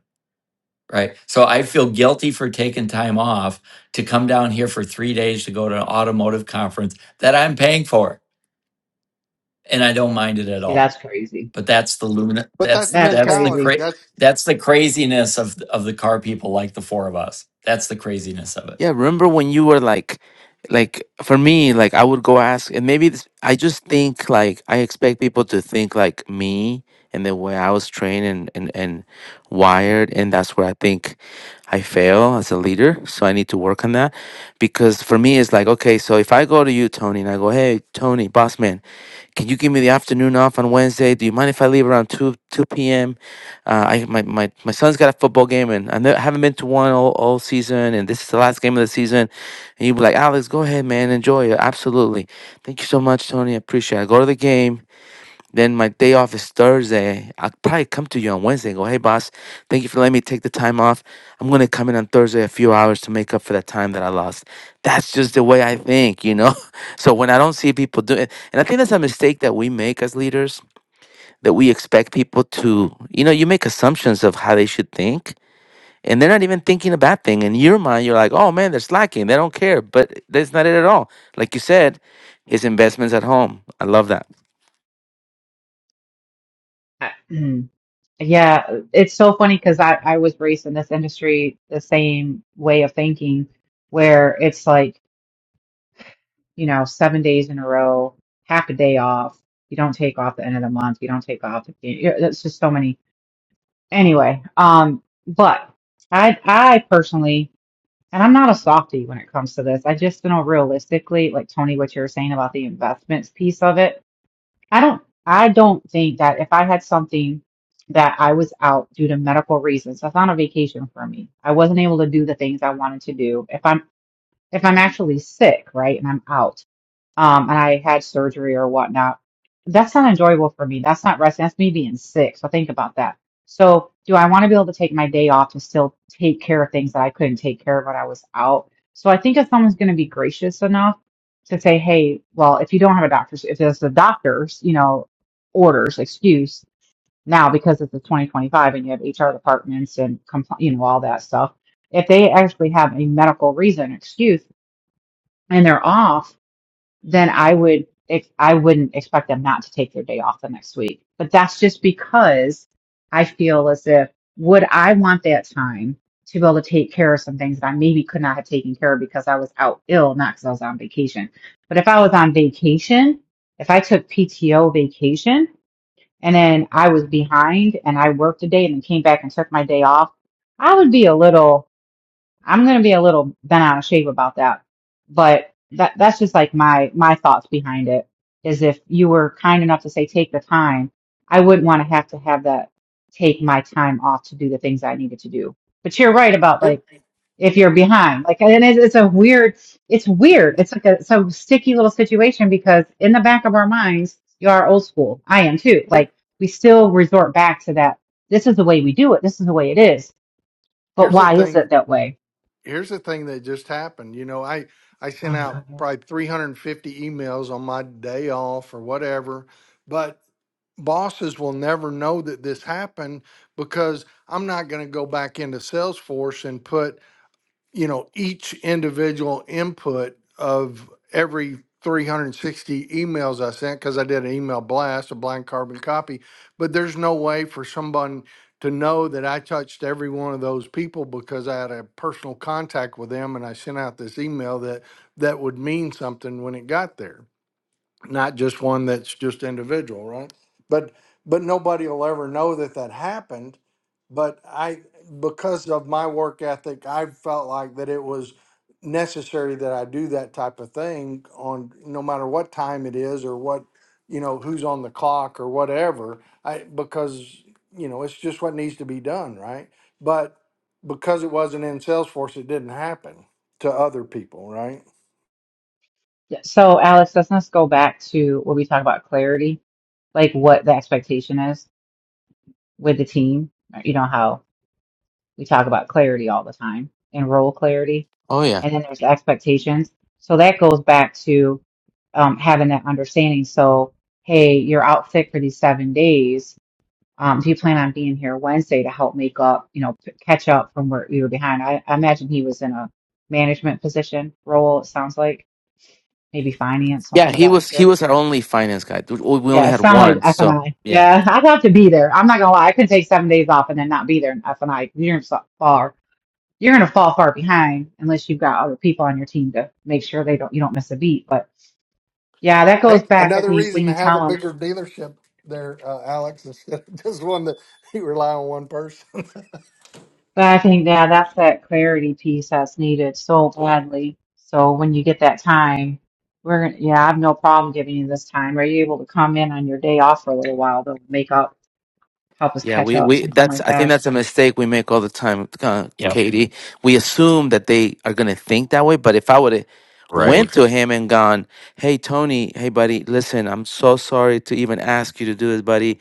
A: right? So I feel guilty for taking time off to come down here for three days to go to an automotive conference that I'm paying for, and I don't mind it at
E: See,
A: all.
E: that's crazy.
A: But that's the luna.
I: but that's
A: That's
I: the
E: That's
A: that's the
I: mentality.
E: crazy.
A: cra-
I: That's
A: that's the craziness of of the car people like the four of us. That's the craziness of it.
H: Yeah, remember when you were like, like for me, like I would go ask, and maybe this, I just think like I expect people to think like me and the way I was trained and and and wired, and that's where I think I fail as a leader. So I need to work on that because for me, it's like okay, so if I go to you, Tony, and I go, hey, Tony, boss man. Can you give me the afternoon off on Wednesday? Do you mind if I leave around two two p.m.? Uh, I my, my my son's got a football game and I ne- haven't been to one all, all season, and this is the last game of the season. And you'd be like, Alex, go ahead, man, enjoy it. Absolutely. Thank you so much, Tony. I appreciate. it. I go to the game. Then my day off is Thursday. I'll probably come to you on Wednesday and go, hey, boss, thank you for letting me take the time off. I'm going to come in on Thursday a few hours to make up for that time that I lost. That's just the way I think, you know? So when I don't see people do it, and I think that's a mistake that we make as leaders, that we expect people to, you know, you make assumptions of how they should think. And they're not even thinking a bad thing. In your mind, you're like, oh man, they're slacking. They don't care. But that's not it at all. Like you said, his investments at home. I love that.
E: Yeah, it's so funny because I, I was raised in this industry the same way of thinking, where it's like, you know, seven days in a row, half a day off. You don't take off the end of the month. You don't take off. you know, That's just so many. Anyway, um, but I I personally, and I'm not a softie when it comes to this. I just know realistically, like Tony, what you were saying about the investments piece of it. I don't I don't think that if I had something that I was out due to medical reasons, that's not a vacation for me. I wasn't able to do the things I wanted to do. If I'm if I'm actually sick, right, and I'm out, um, and I had surgery or whatnot. That's not enjoyable for me. That's not resting. That's me being sick. So think about that. So do I want to be able to take my day off to still take care of things that I couldn't take care of when I was out? So I think if someone's going to be gracious enough to say, hey, well, if you don't have a doctor's, if there's the doctor's, you know, orders, excuse now because it's the 2025 and you have HR departments and compl- you know all that stuff. If they actually have a medical reason, excuse, and they're off then I would ex- I wouldn't expect them not to take their day off the next week. But that's just because I feel as if would I want that time to be able to take care of some things that I maybe could not have taken care of because I was out ill, not because I was on vacation. But if I was on vacation, if I took PTO vacation and then I was behind and I worked a day and then came back and took my day off, I would be a little I'm gonna be a little bent out of shape about that, but that that's just like my my thoughts behind it. Is if you were kind enough to say take the time, I wouldn't want to have to have that take my time off to do the things I needed to do. But you're right about
I: here,
E: like if you're behind, like and it's, it's a weird, it's
I: here,
E: weird. It's like a some sticky little situation because in the back of our minds, you are old school. I am too.
I: here-
E: Like we still resort back to that. This is the way we do it. This is the way it is. But
I: here's the
E: why is
I: thing.
E: it that way?
I: Here's the thing that just happened. You know, I I sent
E: Oh my
I: out
E: God.
I: probably 350 emails on my day off or whatever, but. bosses will never know that this happened because I'm not going to go back into Salesforce and put, you know, each individual input of every 360 emails I sent because I did an email blast, a blind carbon copy. But there's no way for someone to know that I touched every one of those people because I had a personal contact with them and I sent out this email that that would mean something when it got there not just one that's just individual, right? But but nobody will ever know that that happened. But I, because of my work ethic, I felt like that it was necessary that I do that type of thing on no matter what time it is or what you know who's on the clock or whatever. I because you know it's just what needs to be done, right? But because it wasn't in Salesforce, it didn't happen to other people, right?
E: So, Alex, let's let's go back to what we talked about clarity, like what the expectation is with the team. You know how we talk about clarity all the time and role clarity,
H: Oh yeah.
E: and then there's expectations. So that goes back to um, having that understanding. So, hey, you're out sick for these seven days. Um, do you plan on being here Wednesday to help make up, you know, p- catch up from where we were behind? I, I imagine he was in a management position role, it sounds like, maybe finance,
H: Yeah,
E: something of
H: he
E: that
H: was he
E: nature.
H: was our only finance guy. We we only
E: Yeah, it
H: had
E: sound like
H: one,
E: F and
H: so
E: I.
H: yeah,
E: Yeah, I'd have to be there. I'm not gonna lie, I could take seven days off and then not be there in F and I. You're gonna so- far, you're gonna fall far behind unless you've got other people on your team to make sure they don't you don't miss a beat. But yeah, that goes
I: Hey,
E: back. I
I: another
E: think when
I: reason to
E: you
I: have a
E: tell them,
I: bigger dealership there, uh, Alex, instead of just one that you rely on one person.
E: but I think yeah, that's that clarity piece that's needed so badly. So when you get that time, we're gonna yeah, I have no problem giving you this time. Are you able to come in on your day off for a little while to make up, help us
H: yeah.
E: catch
H: We
E: up,
H: we
E: something
H: that's
E: like
H: I think
E: that?
H: that's a mistake we make all the time, uh,
A: Yep.
H: Katie. We assume that they are gonna think that way, but if I would have went
A: Right.
H: to him and gone, "Hey Tony, hey buddy, listen, I'm so sorry to even ask you to do this, buddy,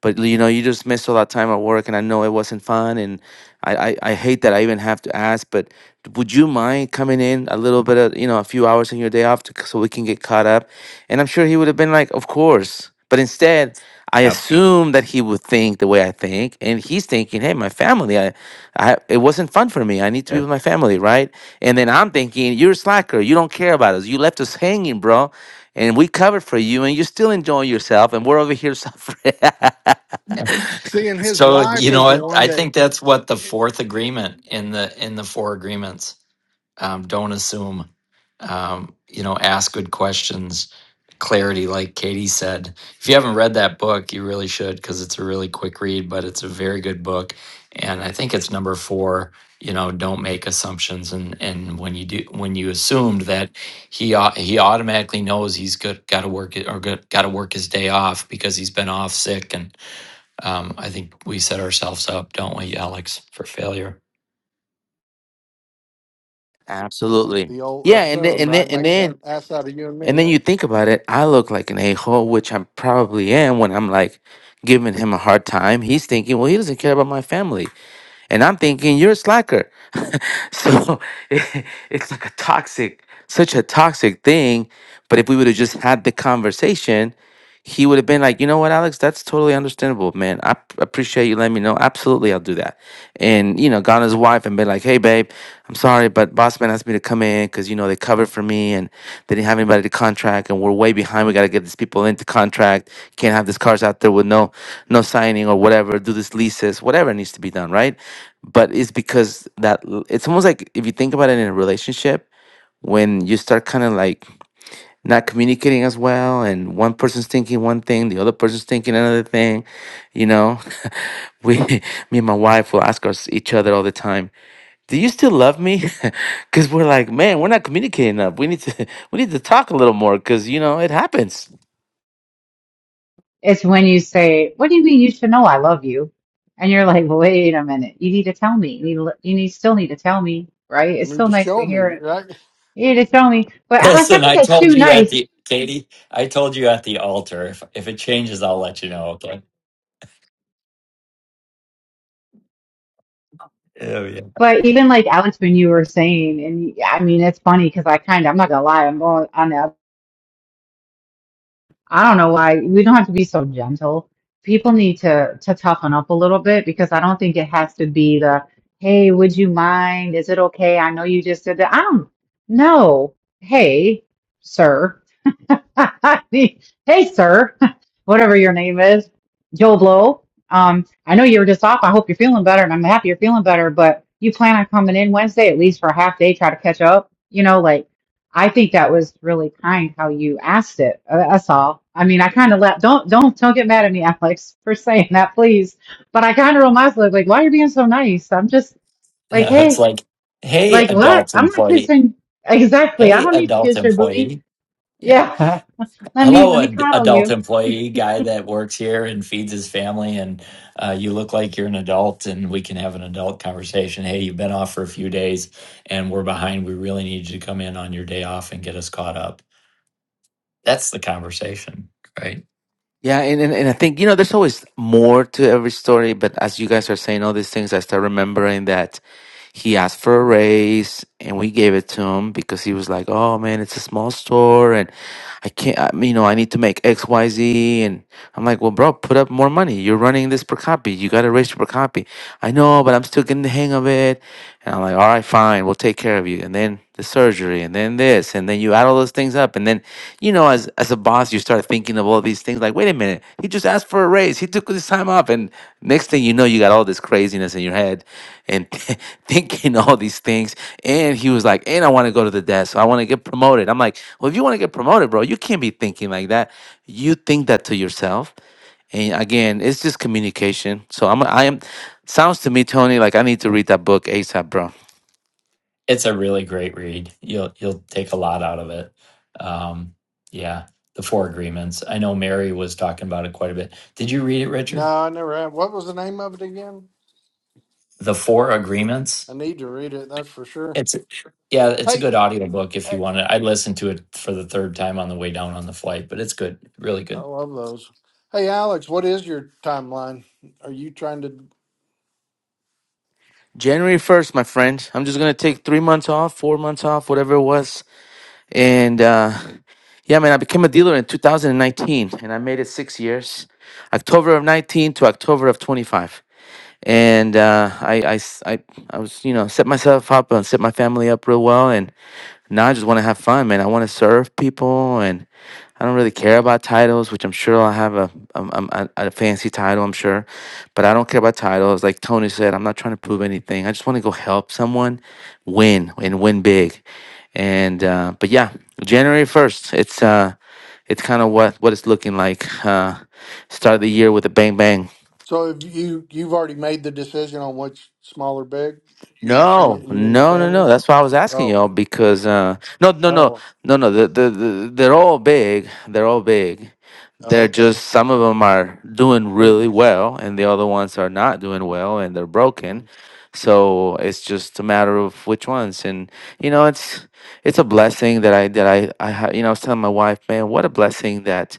H: but you know you just missed a lot of time at work, and I know it wasn't fun, and I I, I hate that I even have to ask, but would you mind coming in a little bit of you know a few hours on your day off to, so we can get caught up?" And I'm sure he would have been like, "Of course," but instead. I
A: Yep.
H: assume that he would think the way I think, and he's thinking, "Hey, my family, I, I, it wasn't fun for me. I need to be
A: Yep.
H: with my family, right?" And then I'm thinking, you're a slacker. You don't care about us. You left us hanging, bro. And we covered for you, and you're still enjoying yourself, and we're over here suffering.
I: Seeing his
A: So
I: wife
A: you know
I: is the
A: what?
I: one
A: I
I: that
A: think that's what the fourth agreement in the in the four agreements. Um, don't assume. Um, you know, ask good questions. Clarity, like Katie said. If you haven't read that book, you really should because it's a really quick read, but it's a very good book. And I think it's number four. You know, don't make assumptions. And and when you do, when you assumed that he au- he automatically knows he's good, got to work it or got to work his day off because he's been off sick and um, I think we set ourselves up, don't we, Alex, for failure.
H: Absolutely.
I: the old
H: Yeah, and then
I: assume,
H: and then
I: right,
H: and
I: makes an
H: then
I: ass out of you and me,
H: and then you
I: right?
H: think about it. I look like an a-hole, which I probably am when I'm like giving him a hard time. He's thinking, well, he doesn't care about my family And I'm thinking, you're a slacker. so it- it's like a toxic, such a toxic thing. But if we would have just had the conversation, he would have been like, you know what, Alex, that's totally understandable, man. I p- appreciate you letting me know. Absolutely, I'll do that. And, you know, gone his wife and been like, hey, babe, I'm sorry, but boss man asked me to come in because, you know, they covered for me and they didn't have anybody to contract and we're way behind. We got to get these people into contract. Can't have these cars out there with no no signing or whatever. Do this leases, whatever needs to be done, right? but it's because that l- it's almost like if you think about it in a relationship when you start kind of like not communicating as well and one person's thinking one thing the other person's thinking another thing you know we me and my wife will ask us each other all the time do you still love me because we're like man we're not communicating enough we need to we need to talk a little more because you know it happens
E: It's when you say, "What do you mean you should know I love you?" And you're like, "Wait a minute. You need to tell me. You need to, you need still need to tell me, right?
I: You
E: It's
I: need
E: still
I: to
E: nice to
I: show
E: hear
I: me,
E: it.
I: right?
E: You need to tell me." But Alex, I
A: Listen,
E: think
A: I
E: that's
A: told
E: too
A: you at
E: nice.
A: the Katie, I told you all changes. I'll let you know. Okay,
E: But even like Alex, when you were saying, and I mean, it's funny because I kind of, I'm not gonna lie, I'm going on. the I don't know why we don't have to be so gentle. People need to to toughen up a little bit because I don't think it has to be the, hey, would you mind? Is it okay? I know you just did that. I don't know. Hey, sir. hey, sir, whatever your name is, Joe Blow. Um, I know you were just off. I hope you're feeling better, and I'm happy you're feeling better. But you plan on coming in Wednesday at least for a half day, try to catch up. You know, like I think that was really kind how you asked it. Uh, That's all. I mean, I kind of let don't don't don't get mad at me, Alex, for saying that, please. But I kind of realized like, like why are you being so nice? I'm just like,
A: no, it's
E: hey,
A: like, hey,
E: like what?
A: adult
E: I'm not
A: employee,
E: kissing. Exactly. I
A: hey,
E: don't need to
A: adult
E: kiss your booty.
A: employee, yeah,
E: Yeah. Let me let
A: hello,
E: me
A: ad-
E: coddle
A: adult
E: you.
A: employee, guy that works here and feeds his family, and uh, you look like you're an adult, and we can have an adult conversation. Hey, you've been off for a few days, and we're behind. We really need you to come in on your day off and get us caught up. That's the conversation, right?
H: Yeah, and, and, and I think, you know, there's always more to every story, but as you guys are saying all these things, I start remembering that he asked for a raise and we gave it to him because he was like, oh man, it's a small store and I can't, I, you know, I need to make X, Y, Z." And I'm like, well, bro, put up more money. You're running this per copy. You got to raise your per copy. I know, but I'm still getting the hang of it. And I'm like, all right, fine, we'll take care of you. And then the surgery and then this and then you add all those things up and then you know as as a boss you start thinking of all these things like wait a minute he just asked for a raise he took this time off and next thing you know you got all this craziness in your head and thinking all these things and he was like and I want to go to the desk I want to get promoted I'm like well if you want to get promoted bro you can't be thinking like that you think that to yourself and again it's just communication so I'm I am sounds to me Tony like I need to read that book ASAP bro
A: it's a really great read. You'll you'll take a lot out of it. Um, yeah, the Four Agreements. I know Mary was talking about it quite a bit. Did you read it,
I: No,
A: Richard?
I: I never have. What was the name of it again?
A: The Four
I: I
A: Agreements.
I: need to read it, that's for sure.
A: It's yeah, it's a
I: Hey,
A: good audiobook if you want it. I listened to it for the third time on the way down on the flight, but it's good, really
I: I
A: good.
I: love those. Hey, Alex, what is your timeline? Are you trying to?
H: January 1st, my friend. I'm just gonna take three months off, four months off, whatever it was. And uh, yeah, man, I became a dealer in 2019 and I made it six years October of 19 to October of 25. and uh, I, I s- I- I was you know set myself up and set my family up real well, and now I just want to have fun, man. I want to serve people, and I don't really care about titles, which I'm sure I'll have a, um, um, a a fancy title, I'm sure, but I don't care about titles. Like Tony said, I'm not trying to prove anything. I just want to go help someone win and win big, and uh, but yeah, January first, it's uh, it's kind of what what it's looking like. Uh, start the year with a bang bang.
I: So, have you you've already made the decision on which small or big? You,
H: No,
I: you and your
H: no, no,
I: family?
H: no. That's why I was asking
I: Oh,
H: y'all because uh no, no, no,
I: oh,
H: no, no. The, the, the they're all big. They're all big.
I: Oh,
H: They're
I: Okay.
H: just some of them are doing
I: Very
H: really well, and the other ones are not doing well, and they're broken.
I: good.
H: So it's just a matter of which ones. And you know, it's it's a blessing that I that I I ha- you know I was telling my wife, man, what a blessing that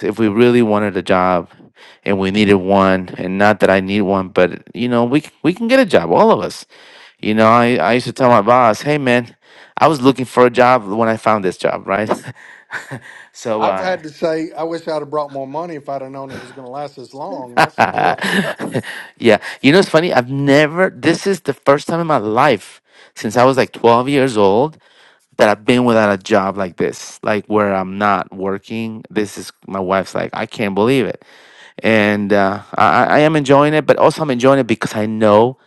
H: if we really wanted a job and we needed one, and not that I need one, but you know, we c- we can get a job, all of us You know, I, I used to tell my boss, hey man, I was looking for a job when I found this job, right? so,
I: I've
H: uh,
I: had to say, I wish I'd have brought more money if I'd have known it was going to last as long. That's the deal.
H: yeah, you know, it's funny. I've never, this is the first time in my life since I was like 12 years old that I've been without a job like this, like where I'm not working. This is my wife's like, I can't believe it. And uh, I, I I am enjoying it, but also I'm enjoying it because I know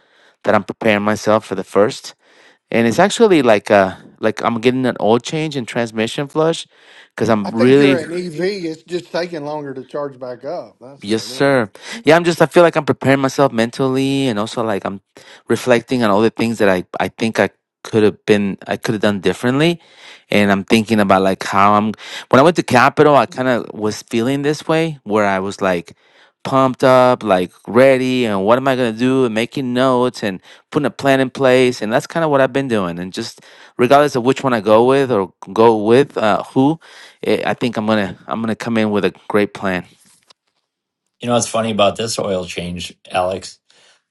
H: that I'm preparing myself for the first. and it's actually like uh like I'm getting an oil change and transmission flush because
I: I
H: I'm
I: think you're
H: really
I: an EV. It's just taking longer to charge back up. That's what
H: Yes,
I: it is.
H: sir. Yeah, I'm just, I feel like I'm preparing myself mentally and also like I'm reflecting on all the things that I, I think I could have been, I could have done differently. And I'm thinking about like how I'm, when I went to Capitol, I kind of was feeling this way where I was like pumped up, like ready. And what am I going to do? And making notes and putting a plan in place. And that's kind of what I've been doing. And just regardless of which one I go with or go with, uh, who, eh, I think I'm going to, I'm going to come in with a great plan.
A: You know what's funny about this oil change, Alex?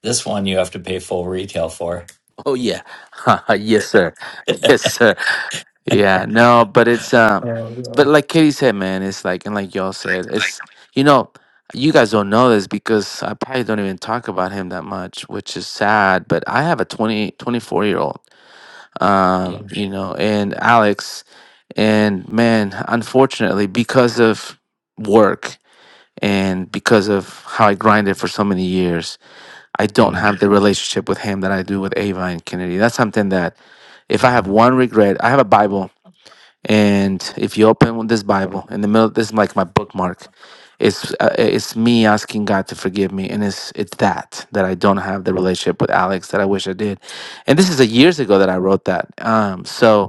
A: This one you have to pay full retail for.
H: Oh yeah, yes sir, yes sir. Yeah, no, but it's um, but like Katie said, man, it's like and like y'all said, it's you know, you guys don't know this because I probably don't even talk about him that much, which is sad. But I have a 20 24 year old, um,
A: Yeah.
H: you know, and Alex, and man, unfortunately, because of work and because of how I grinded for so many years, I don't
A: Mm,
H: have the relationship with him that I do with Ava and Kennedy. That's something that, if I have
A: Mhm.
H: one regret, I have a Bible, and if you open this Bible in the middle, this is like my bookmark. It's uh, it's me asking God to forgive me, and it's it's that that I don't have the relationship with Alex that I wish I did, and this is a years ago that I wrote that. Um, so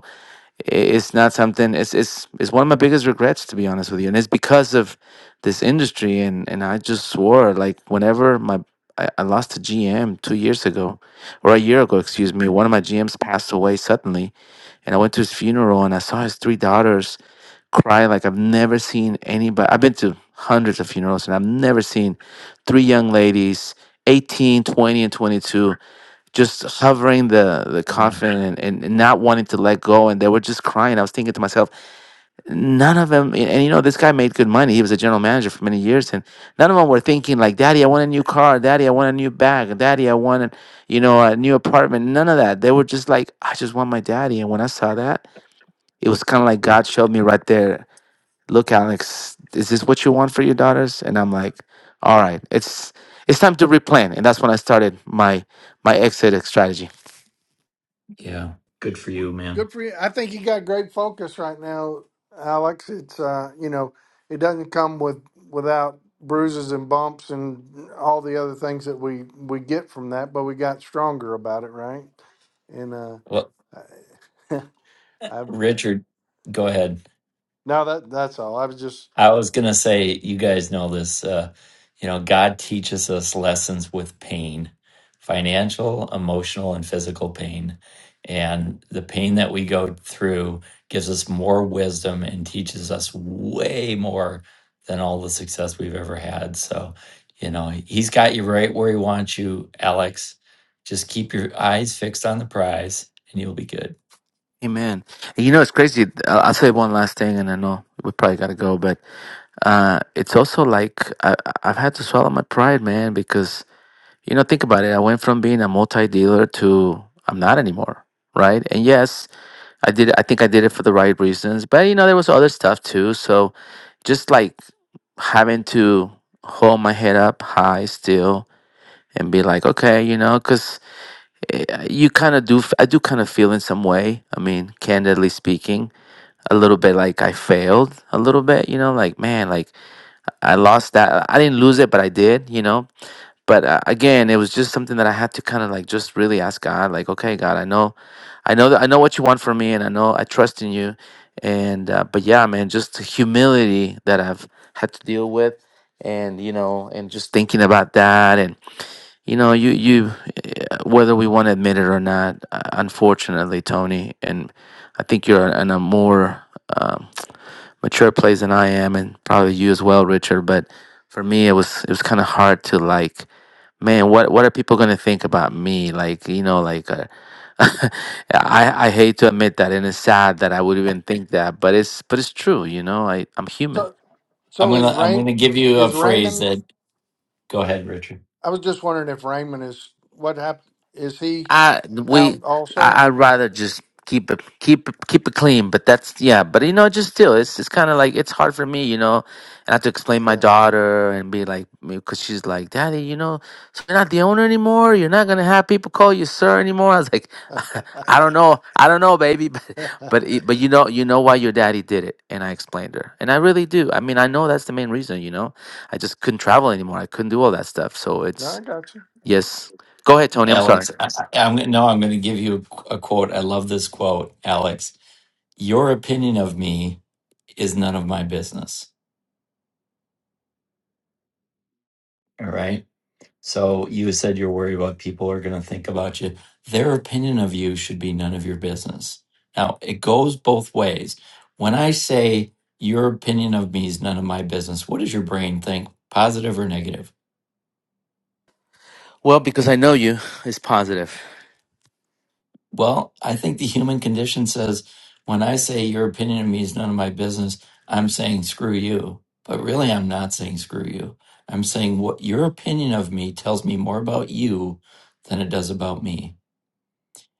H: i- it's not something it's it's it's one of my biggest regrets to be honest with you and it's because of this industry and and i just swore like whenever my I, I lost a gm two years ago or a year ago excuse me one of my gms passed away suddenly and i went to his funeral and i saw his three daughters cry like i've never seen anybody i've been to hundreds of funerals and i've never seen three young ladies 18, 20, and 22 just hovering the the
A: Mhm.
H: coffin and, and, and not wanting to let go and they were just crying i was thinking to myself none of them and, and you know this guy made good money he was a general manager for many years and none of them were thinking like daddy i want a new car daddy i want a new bag daddy i want a, you know a new apartment none of that they were just like i just want my daddy and when i saw that it was kind of like god showed me right there look alex is this what you want for your daughters and i'm like all right it's it's time to replan and that's when i started my my exit strategy
A: Yeah. Good for you, man.
I: Good for you. I think you got great focus right now, Alex. It's uh, you know, it doesn't come with without bruises and bumps and all the other things that we we get from that, but we got stronger about it, right? And uh,
A: Well,
I: I- I've
A: Richard, go ahead.
I: no, that that's all. I was just
A: I was gonna say, you guys know this. Uh, you know, God teaches us lessons with pain, financial, emotional, and physical pain. And the pain that we go through gives us more wisdom and teaches us way more than all the success we've ever had. So, you know, He's got you right where He wants you, Alex. Just keep your eyes fixed on the prize, and you'll be good.
H: Amen. And you know, it's crazy. I'll, I'll say one last thing, and I know we probably got to go, but uh, it's also like I, I- I've had to swallow my pride, man, because, you know, think about it. I went from being a multi dealer to I'm not anymore, right? And yes, I did, I think I did it for the right reasons, but, you know, there was other stuff too. So just like having to hold my head up high still and be like, okay, you know, because you kind of do, f- I do kind of feel in some way, I mean, candidly speaking a little bit like I failed a little bit, you know, like man, like I lost that. I didn't lose it, but I did, you know. But uh, again, it was just something that I had to kind of like just really ask God, like, okay, God, I know, I know that I know what you want from me, and I know I trust in you, and uh, but yeah, man, just the humility that I've had to deal with, and you know, and just thinking about that, and you know, you you, eh, whether we want to admit it or not, uh, unfortunately, Tony, and I think you're in a more um, mature place than I am, and probably you as well, Richard. But for me, it was it was kind of hard to like, man, what what are people gonna think about me? Like, you know, like, uh,
I: Yeah.
H: I I hate to admit that, and it's sad that I would even think that, but it's but it's true, you know. I I'm human
I: So
A: I'm
I: so is
A: gonna I'm
I: Raymond
A: gonna give you a
I: is
A: phrase
I: Raymond
A: that. Go ahead, Richard.
I: I was just wondering if Raymond is what happened is he
H: I
I: out
H: we
I: also?
H: I, I'd rather just keep it keep it keep it clean. But that's yeah. But you know, just still, it's it's kind of like it's hard for me, you know. And I have to explain my
I: Yeah.
H: daughter and be like, because she's like, Daddy, you know, so you're not the owner anymore. You're not gonna have people call you sir anymore. I was like,
I: no,
H: I don't know, I don't know, baby, but but it, but you know you know why your daddy did it. And I explained her, and I really do. I mean, I know that's the main reason. You know, I just couldn't travel anymore. I couldn't do all that stuff. So it's
I: I got you.
H: yes. Go ahead, Tony. I'm sorry.
A: Alex, I, I- I'm gonna- no, I'm going to give you a, qu- a quote. I love this quote, Alex. Your opinion of me is none of my business. All right. So you said you're worried what people are going to think about you. Their opinion of you should be none of your business. Now it goes both ways. When I say your opinion of me is none of my business, what does your brain think, positive or negative?
H: Well, because I know you is positive.
A: Well, I think the human condition says when I say your opinion of me is none of my business, I'm saying screw you. But really, I'm not saying screw you. I'm saying what your opinion of me tells me more about you than it does about me.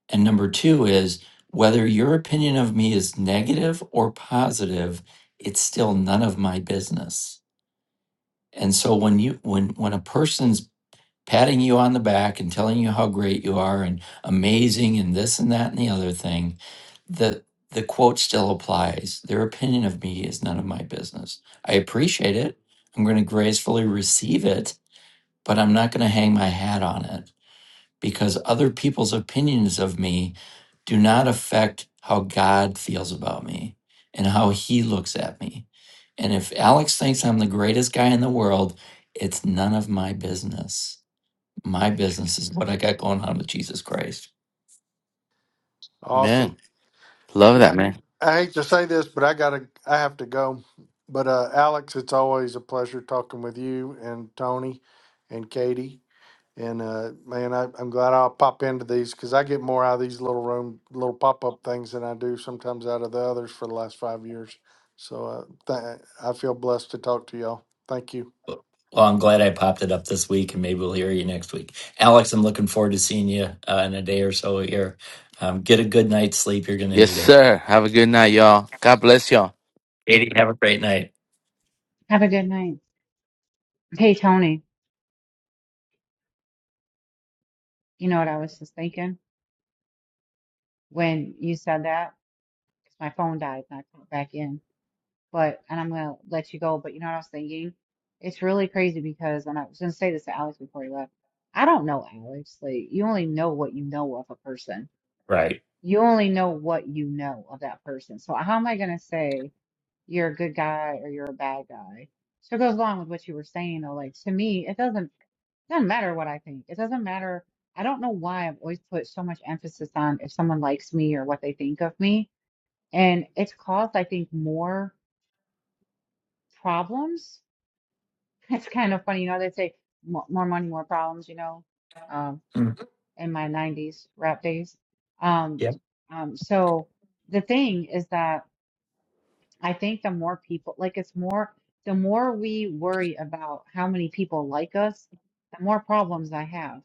A: And number two is whether your opinion of me is negative or positive, it's still none of my business. And so when you when when a person's patting you on the back and telling you how great you are and amazing and this and that and the other thing, the the quote still applies. Their opinion of me is none of my business. I appreciate it. I'm going to gracefully receive it, but I'm not going to hang my hat on it because other people's opinions of me do not affect how God feels about me and how he looks at me. And if Alex thinks I'm the greatest guy in the world, it's none of my business. My business is what I got going on with Jesus Christ.
H: Man,
I: Awesome.
H: love that, man.
I: I hate to say this, but I gotta I have to go. But uh Alex, it's always a pleasure talking with you and Tony and Katie. And uh, man, I, I'm glad I'll pop into these because I get more out of these little room, little pop up things than I do sometimes out of the others for the last five years. So uh, th- I feel blessed to talk to y'all. Thank you.
A: Well, I'm glad I popped it up this week, and maybe we'll hear you next week. Alex, I'm looking forward to seeing you uh, in a day or so here. Um, get a good night's sleep. You're going to
H: Yes,
A: need it.
H: sir. Have a good night, y'all. God bless y'all.
A: Katie, have a great night.
E: Have a good night. Hey Tony, you know what I was just thinking when you said that? 'Cause my phone died and I put it back in. But and I'm gonna let you go. But you know what I was thinking? It's really crazy because and I was gonna say this to Alex before he left. I don't know Alex. Like you only know what you know of a person.
A: Right.
E: You only know what you know of that person. So how am I gonna say you're a good guy or you're a bad guy? So it goes along with what you were saying though. Like to me, it doesn't. Doesn't matter what I think. It doesn't matter. I don't know why I've always put so much emphasis on if someone likes me or what they think of me. And it's caused, I think, more problems. It's kind of funny, you know, they say "Mo- more money, more problems, you know, um, in my 90s rap days. Um,
A: Yep.
E: um, so the thing is that I think the more people, like it's more, the more we worry about how many people like us, the more problems I have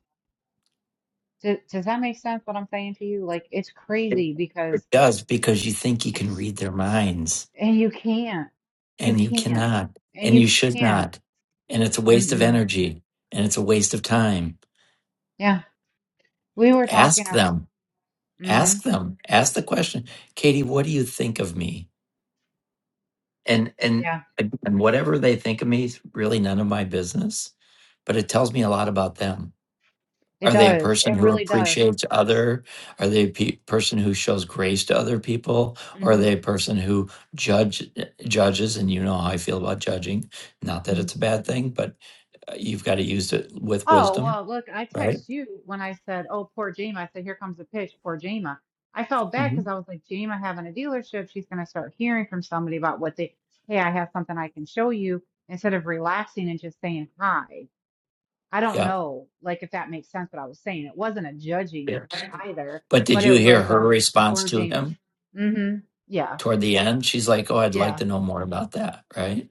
E: Does, does that make sense what I'm saying to you? Like, it's
A: It
E: crazy
A: it
E: because,
A: does because you think you can read their minds,
E: and you can't, you
A: and you
E: can't,
A: cannot,
E: and
A: and
E: you
A: you should
E: can't.
A: not. And it's a waste of
E: Mm-mm.
A: energy, and it's a waste of time.
E: Yeah. We were talking,
A: Ask
E: I was,
A: them.
E: mm-hmm.
A: Ask them. Ask the question, Katie, what do you think of me? and and
E: Yeah,
A: and whatever they think of me is really none of my business but it tells me a lot about them
E: it
A: are they a
E: does.
A: person
E: It
A: who
E: really does.
A: appreciates other are they a pe- person who shows grace to other people or are
E: Mm-hmm.
A: they a person who judge judges and you know how i feel about judging not that
E: hmm
A: it's a bad thing but uh, you've got to use it with
E: Oh,
A: wisdom
E: well, look, I
A: right
E: text you when I said, oh, poor Jema. I said, here comes the pitch, poor Jema. I felt bad
A: mm-hmm.
E: because I was like, Jema having a dealership, she's going to start hearing from somebody about what they, hey, I have something I can show you instead of relaxing and just saying hi. I don't
A: yep
E: know, like if that makes sense, what I was saying. It wasn't a judging
A: yeah
E: either,
A: but did
E: but
A: you
E: it
A: hear
E: was
A: her
E: a
A: response to
E: forging.
A: him
E: Mm-hmm. Yeah.
A: toward the end she's like oh i'd like
E: Yeah.
A: to know more about that right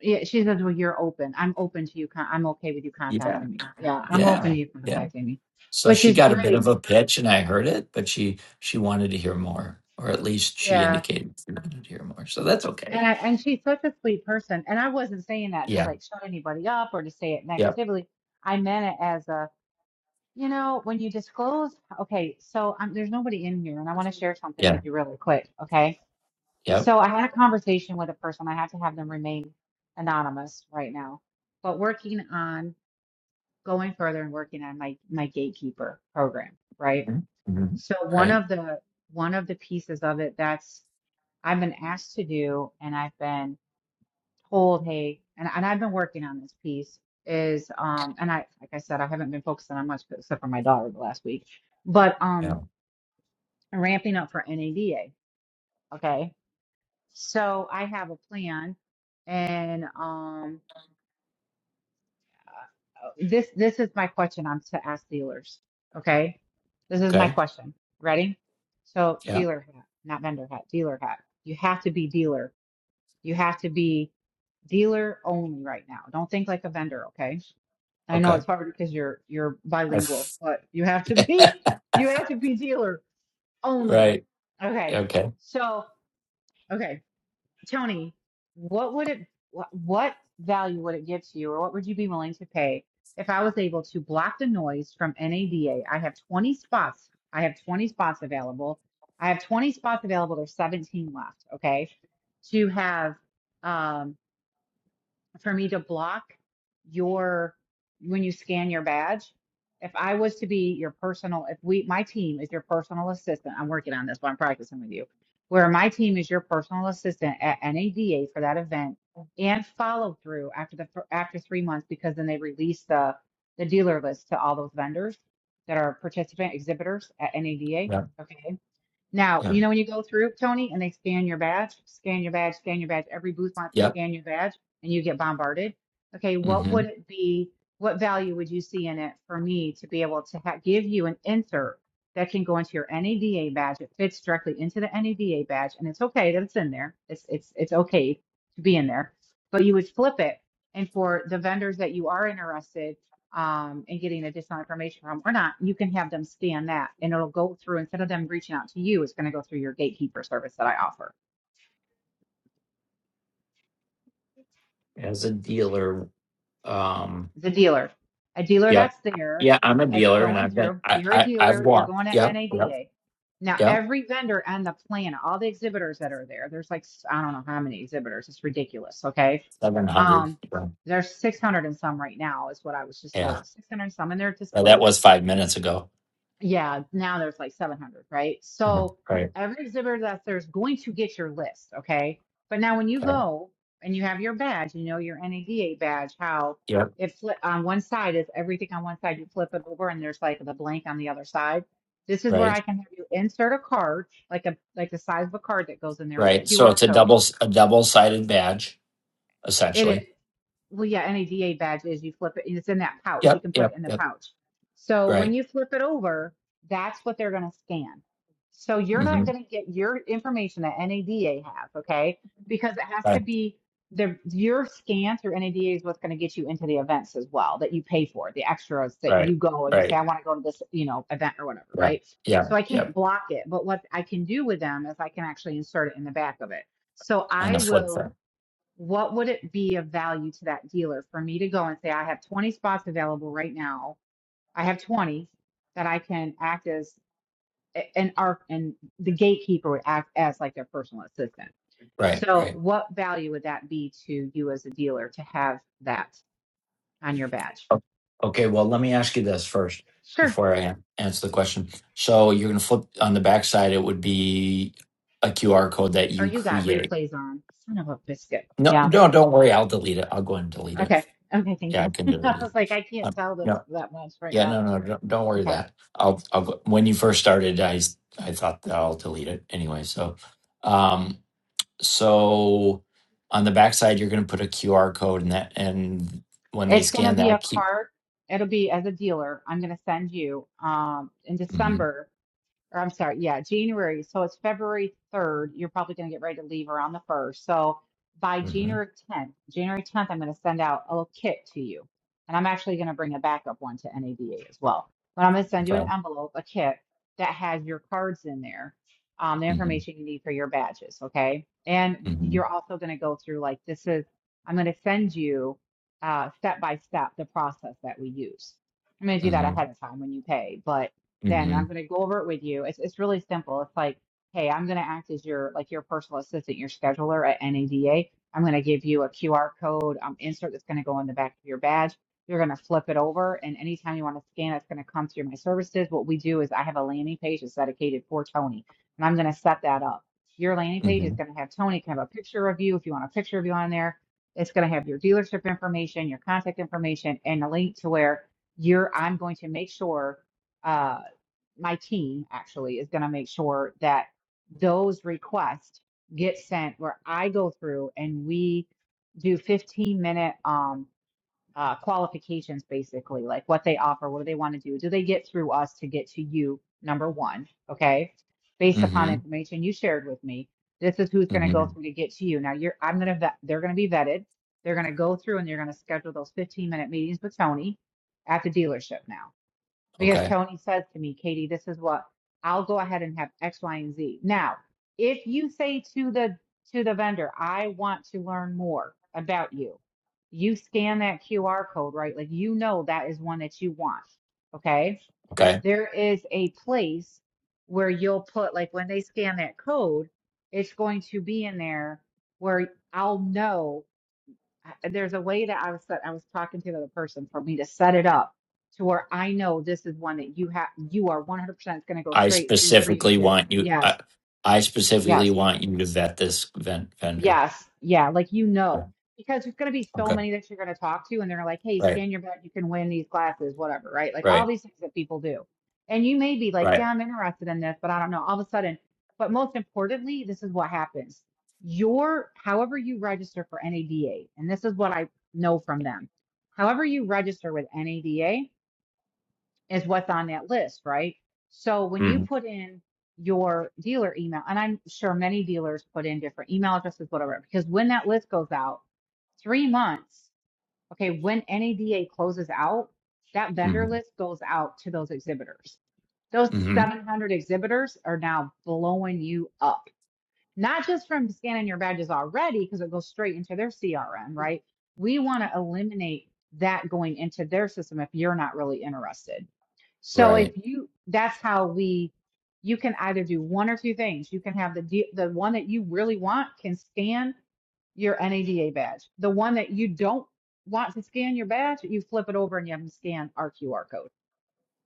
E: Yeah. She says, well, you're open. I'm open to you. Con- I'm okay with you
A: yeah
E: contacting me. Yeah. I'm open
A: Yeah,
E: to you
A: yeah.
E: contacting me,
A: So
E: which
A: she
E: is
A: got a bit
E: great.
A: of a pitch, and I heard it, but she she wanted to hear more, or at least she
E: Yeah.
A: indicated she wanted to hear more. So that's okay.
E: And I, and she's such a sweet person. And I wasn't saying that to
A: Yeah.
E: like shut anybody up or to say it
A: Yep.
E: negatively. I meant it as a, you know, when you disclose, okay, so um, there's nobody in here and I want to share something
A: Yeah.
E: with you really quick. Okay
A: Yep.
E: So I had a conversation with a person. I have to have them remain anonymous right now, but working on going further and working on my my gatekeeper program, right?
A: Mm-hmm.
E: So one
A: Right.
E: of the one of the pieces of it that's I've been asked to do and I've been told, hey, and, and I've been working on this piece is um and I like I said, I haven't been focusing on much except for my daughter the last week, but
A: Yeah.
E: um ramping up for NADA. Okay So I have a plan, and um, uh, this this is my question. I'm to ask dealers. Okay, this is my
A: Okay.
E: question. Ready? So
A: Yeah.
E: dealer hat, not vendor hat. Dealer hat. You have to be dealer. You have to be dealer only right now. Don't think like a vendor. Okay. I know
A: Okay.
E: it's hard because you're you're
A: I.
E: bilingual,
A: F-
E: but you have to be you have to be dealer only.
A: right.
E: Okay.
A: Okay.
E: So okay. Tony, what would it, what, what value would it give to you, or what would you be willing to pay if I was able to block the noise from NADA? I have 20 spots. I have 20 spots available. I have 20 spots available. There's 17 left. Okay. To have, um, for me to block your when you scan your badge. If I was to be your personal, if we my team is your personal assistant, I'm working on this, but I'm practicing with you. Where my team is your personal assistant at NADA for that event and follow through after the fir- after three months because then they release the the dealer list to all those vendors that are participant exhibitors at NADA.
A: Yeah.
E: Okay. Now,
A: Yeah.
E: you know when you go through, Tony, and they scan your badge, scan your badge, scan your badge, every booth wants to
A: Yep.
E: scan your badge and you get bombarded. Okay, what
A: Mm-hmm.
E: would it be? What value would you see in it for me to be able to ha- give you an insert that can go into your NADA badge? It fits directly into the NADA badge, and it's okay that it's in there. It's it's it's okay to be in there, but you would flip it, and for the vendors that you are interested um, and getting additional information from or not, you can have them scan that and it'll go through instead of them reaching out to you, it's going to go through your gatekeeper service that I offer.
A: As a dealer, um.
E: It's a dealer. A dealer
A: Yeah.
E: that's there,
A: Yeah. I'm a
E: that's
A: dealer, and
E: going
A: I've been.
E: through,
A: I.
E: you're a
A: I. I've
E: dealer, you're
A: walked.
E: going to
A: Yep. Yep.
E: NADA. Now,
A: Yep.
E: every vendor on the planet, all the exhibitors that are there, there's like, I I don't know how many exhibitors, it's ridiculous. Okay.
A: Seven hundred.
E: Um,
A: Yeah.
E: there's 600 and some right now, is what I was just
A: Yeah.
E: told. 600 and some, and they're
A: Well, that
E: displayed
A: was five minutes ago.
E: Yeah, now there's like 700, right?
A: Mhm.
E: So
A: Right.
E: every exhibitor that there's going to get your list, okay? But now when you
A: Right.
E: go and you have your badge, you know your NADA badge, how
A: Yep.
E: it flip on one side is everything on one side, you flip it over and there's like the blank on the other side. This is where I
A: Right.
E: can have you insert a card, like a like the size of a card that goes in there with a
A: Right. So
E: QR
A: it's a
E: code.
A: double a double sided badge
E: It is
A: essentially.
E: well, yeah, any DA badge is you flip it, and it's in that pouch. You
A: Yep.
E: can put
A: Yep.
E: it in the
A: Yep.
E: pouch. So when
A: Right.
E: you flip it over, that's what they're going to scan. So you're not
A: hmm
E: going to get your information that NADA have, okay? Because it has to
A: Right.
E: be the your scan through NADA is what's going to get you into the events as well that you pay for, the extras that
A: Right.
E: you go and you say,
A: Right.
E: I want to go to this, you know, event or whatever,
A: Yep.
E: right? So
A: Yep.
E: I can't
A: Yep.
E: block it, but what I can do with them is I can actually insert it in the back of it. So
A: On
E: I
A: the flip
E: will
A: side.
E: what would it be of value to that dealer for me to go and say, I have 20 spots available right now. I have 20 that I can act as a- and our and the gatekeeper would act as like their personal assistant.
A: Right.
E: So
A: Right.
E: what value would that be to you as a dealer to have that on your badge?
A: O- Okay. Well, let me ask you this first
E: Sure.
A: before I an- answer the question. So you're gonna flip on the backside. It would be a QR code that
E: Oh,
A: you
E: you got
A: create.
E: replays on. Son of a biscuit.
A: No,
E: Yeah.
A: no, don't worry. I'll delete it. I'll go and delete it.
E: Okay. Okay, thank
A: Yeah, I
E: you.
A: can
E: I
A: delete it.
E: was like, I can't
A: Um,
E: tell this
A: no,
E: that much right
A: Yeah,
E: now.
A: no, no, don't, don't worry
E: Okay.
A: that. I'll, I'll, when you first started, I, s- I thought that I'll delete it anyway. So, um, so on the backside, you're going to put a QR code and that, and when they
E: It's going to
A: scan
E: be a
A: that, keep,
E: cart. It'll be as a dealer. I'm going to send you um, in
A: hmm
E: December or I'm sorry, yeah, January. So it's February 3rd. You're probably going to get ready to leave around the 1st. So by
A: hmm
E: January 10th, January 10th, I'm going to send out a little kit to you. And I'm actually going to bring a backup one to NADA as well. But I'm going to send you an
A: okay.
E: envelope, a kit that has your cards in there, um, the
A: hmm
E: information you need for your badges. Okay. And
A: hmm
E: you're also going to go through like this is, I'm going to send you uh, step by step the process that we use. I'm going to do that
A: hmm
E: ahead of time when you pay, but then
A: hmm
E: I'm going to go over it with you. It's it's really simple. It's like, hey, I'm going to act as your like your personal assistant, your scheduler at NADA. I'm going to give you a QR code um, insert that's going to go in the back of your badge. You're going to flip it over, and anytime you want to scan, it's going to come through my services. What we do is I have a landing page that's dedicated for Tony, and I'm going to set that up. Your landing page
A: hmm
E: is going to have Tony can have a picture of you if you want a picture of you on there. It's going to have your dealership information, your contact information, and a link to where you're. I'm going to make sure uh, my team actually is going to make sure that those requests get sent where I go through and we do 15 minute um uh, qualifications basically like what they offer what do they want to do do they get through us to get to you number one okay based upon the
A: hmm
E: information you shared with me this is who's going to
A: hmm
E: go through to get to you now you're i'm going to vet they're going to be vetted they're going to go through and they're going to schedule those 15 minute meetings with tony at the dealership now because
A: Okay.
E: Tony says to me, Katie, this is what I'll go ahead and have X, Y, and Z. Now, if you say to the to the vendor, I want to learn more about you, you scan that QR code, right? Like you know that is one that you want. Okay.
A: Okay.
E: There is a place where you'll put like when they scan that code, it's going to be in there where I'll know I- there's a way that I was set, I was talking to the other person for me to set it up to where I know this is one that you have you are 100% going to go
A: I
E: straight through for you to
A: specifically
E: kiss.
A: want you, I,
E: Yes.
A: I specifically
E: Yes.
A: want you to vet this vent vendor.
E: Yes. Yeah. Like, you
A: Yeah,
E: know, because there's going to be so
A: Okay.
E: many that you're going to talk to, and they're like, hey,
A: Right.
E: scan your bet. You can win these glasses, whatever, right? Like, all
A: Right.
E: these things that people do. And you may be like,
A: Right.
E: yeah, I'm interested in this, but I don't know. All of a sudden, but most importantly, this is what happens. Your, however you register for NADA, and this is what I know from them, however you register with NADA is what's on that list, right? So when you
A: Mm-hmm.
E: put in your dealer email, and I'm sure many dealers put in different email addresses, whatever, because when that list goes out, three months, okay, when NADA closes out, that
A: mm-hmm.
E: vendor list goes out to those exhibitors. Those
A: hmm
E: 700 exhibitors are now blowing you up not just from scanning your badges already, because it goes straight into their CRM, right? We want to eliminate that going into their system if you're not really interested. So if
A: Right,
E: you, that's how we, you can either do one or two things. You can have the the one that you really want can scan your NADA badge. The one that you don't want to scan your badge, you flip it over and you have them scan our QR code.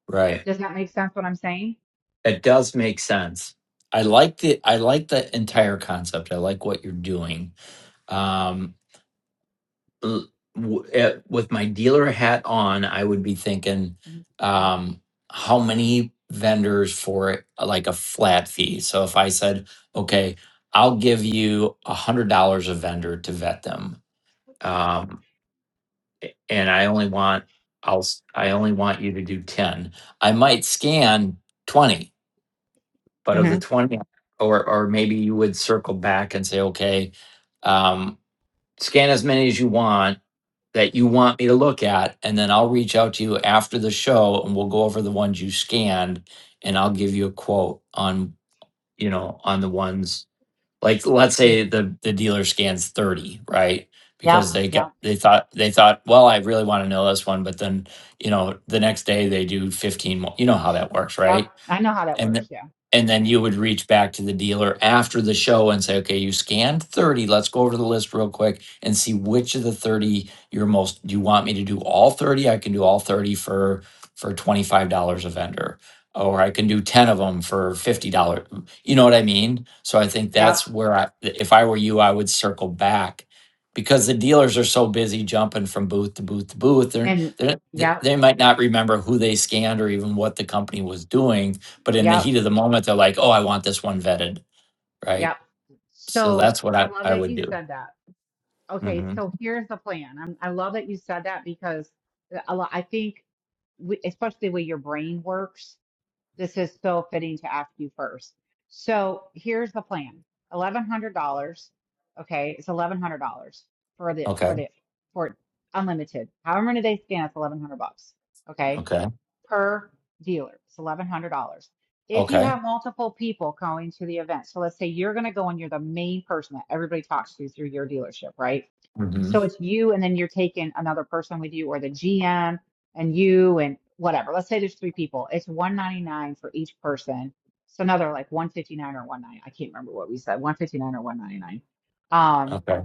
A: right.
E: Does that make sense what I'm saying?
A: That does make sense. I like the I like the entire concept. I like what you're doing. Um, l- w- eh, with my dealer hat on, I would be thinking, um, how many vendors for like a flat fee? So if I said, okay, I'll give you a hundred dollars a vendor to vet them, um, a- and I only want I'll s- I only want you to do ten. I might scan twenty but of the
E: Mm-hmm.
A: 20 or or maybe you would circle back and say okay um, scan as many as you want that you want me to look at and then i'll reach out to you after the show and we'll go over the ones you scanned and i'll give you a quote on you know on the ones like let's say the the dealer scans 30 right
E: Yep.
A: because they got
E: Yep.
A: they thought they thought well i really want to know this one but then you know the next day they do 15 more you know how that works right
E: Yep. I know how that
A: and th-
E: works. Yeah.
A: and then you would reach back to the dealer after the show and say okay you scanned 30 let's go over the list real quick and see which of the 30 you're most do you want me to do all 30 i can do all 30 for for $25 a vendor or i can do 10 of them for $50 you know what i mean so i think
E: Yep.
A: that's where i if i were you i would circle back because the dealers are so busy jumping from booth to booth to booth they're,
E: And
A: they're,
E: yep,
A: they might not remember who they scanned or even what the company was doing but in the
E: yep,
A: heat of the moment, they're like, "Oh, I want this one vetted," right?
E: yep.
A: So
E: So
A: that's what I
E: I love
A: I
E: that
A: would
E: you
A: do.
E: said that. Okay,
A: hmm
E: so here's the plan. I'm, I love that you said that because a lot, I think, we, especially the way your brain works, this is so fitting to ask you first. So here's the plan: eleven hundred dollars. Okay, it's eleven hundred dollars for the
A: Okay.
E: for the for unlimited. However many they scan, it's eleven hundred bucks. Okay,
A: Okay.
E: per dealer. It's eleven hundred dollars. If you
A: Okay.
E: have multiple people going to the event, so let's say you're going to go and you're the main person that everybody talks to through your dealership, right?
A: hmm
E: So it's you, and then you're taking another person with you, or the GM and you, and whatever. Let's say there's three people. It's one ninety nine for each person. So another like one fifty nine or one nine. I can't remember what we said. One fifty nine or one ninety nine. Um.
A: Okay.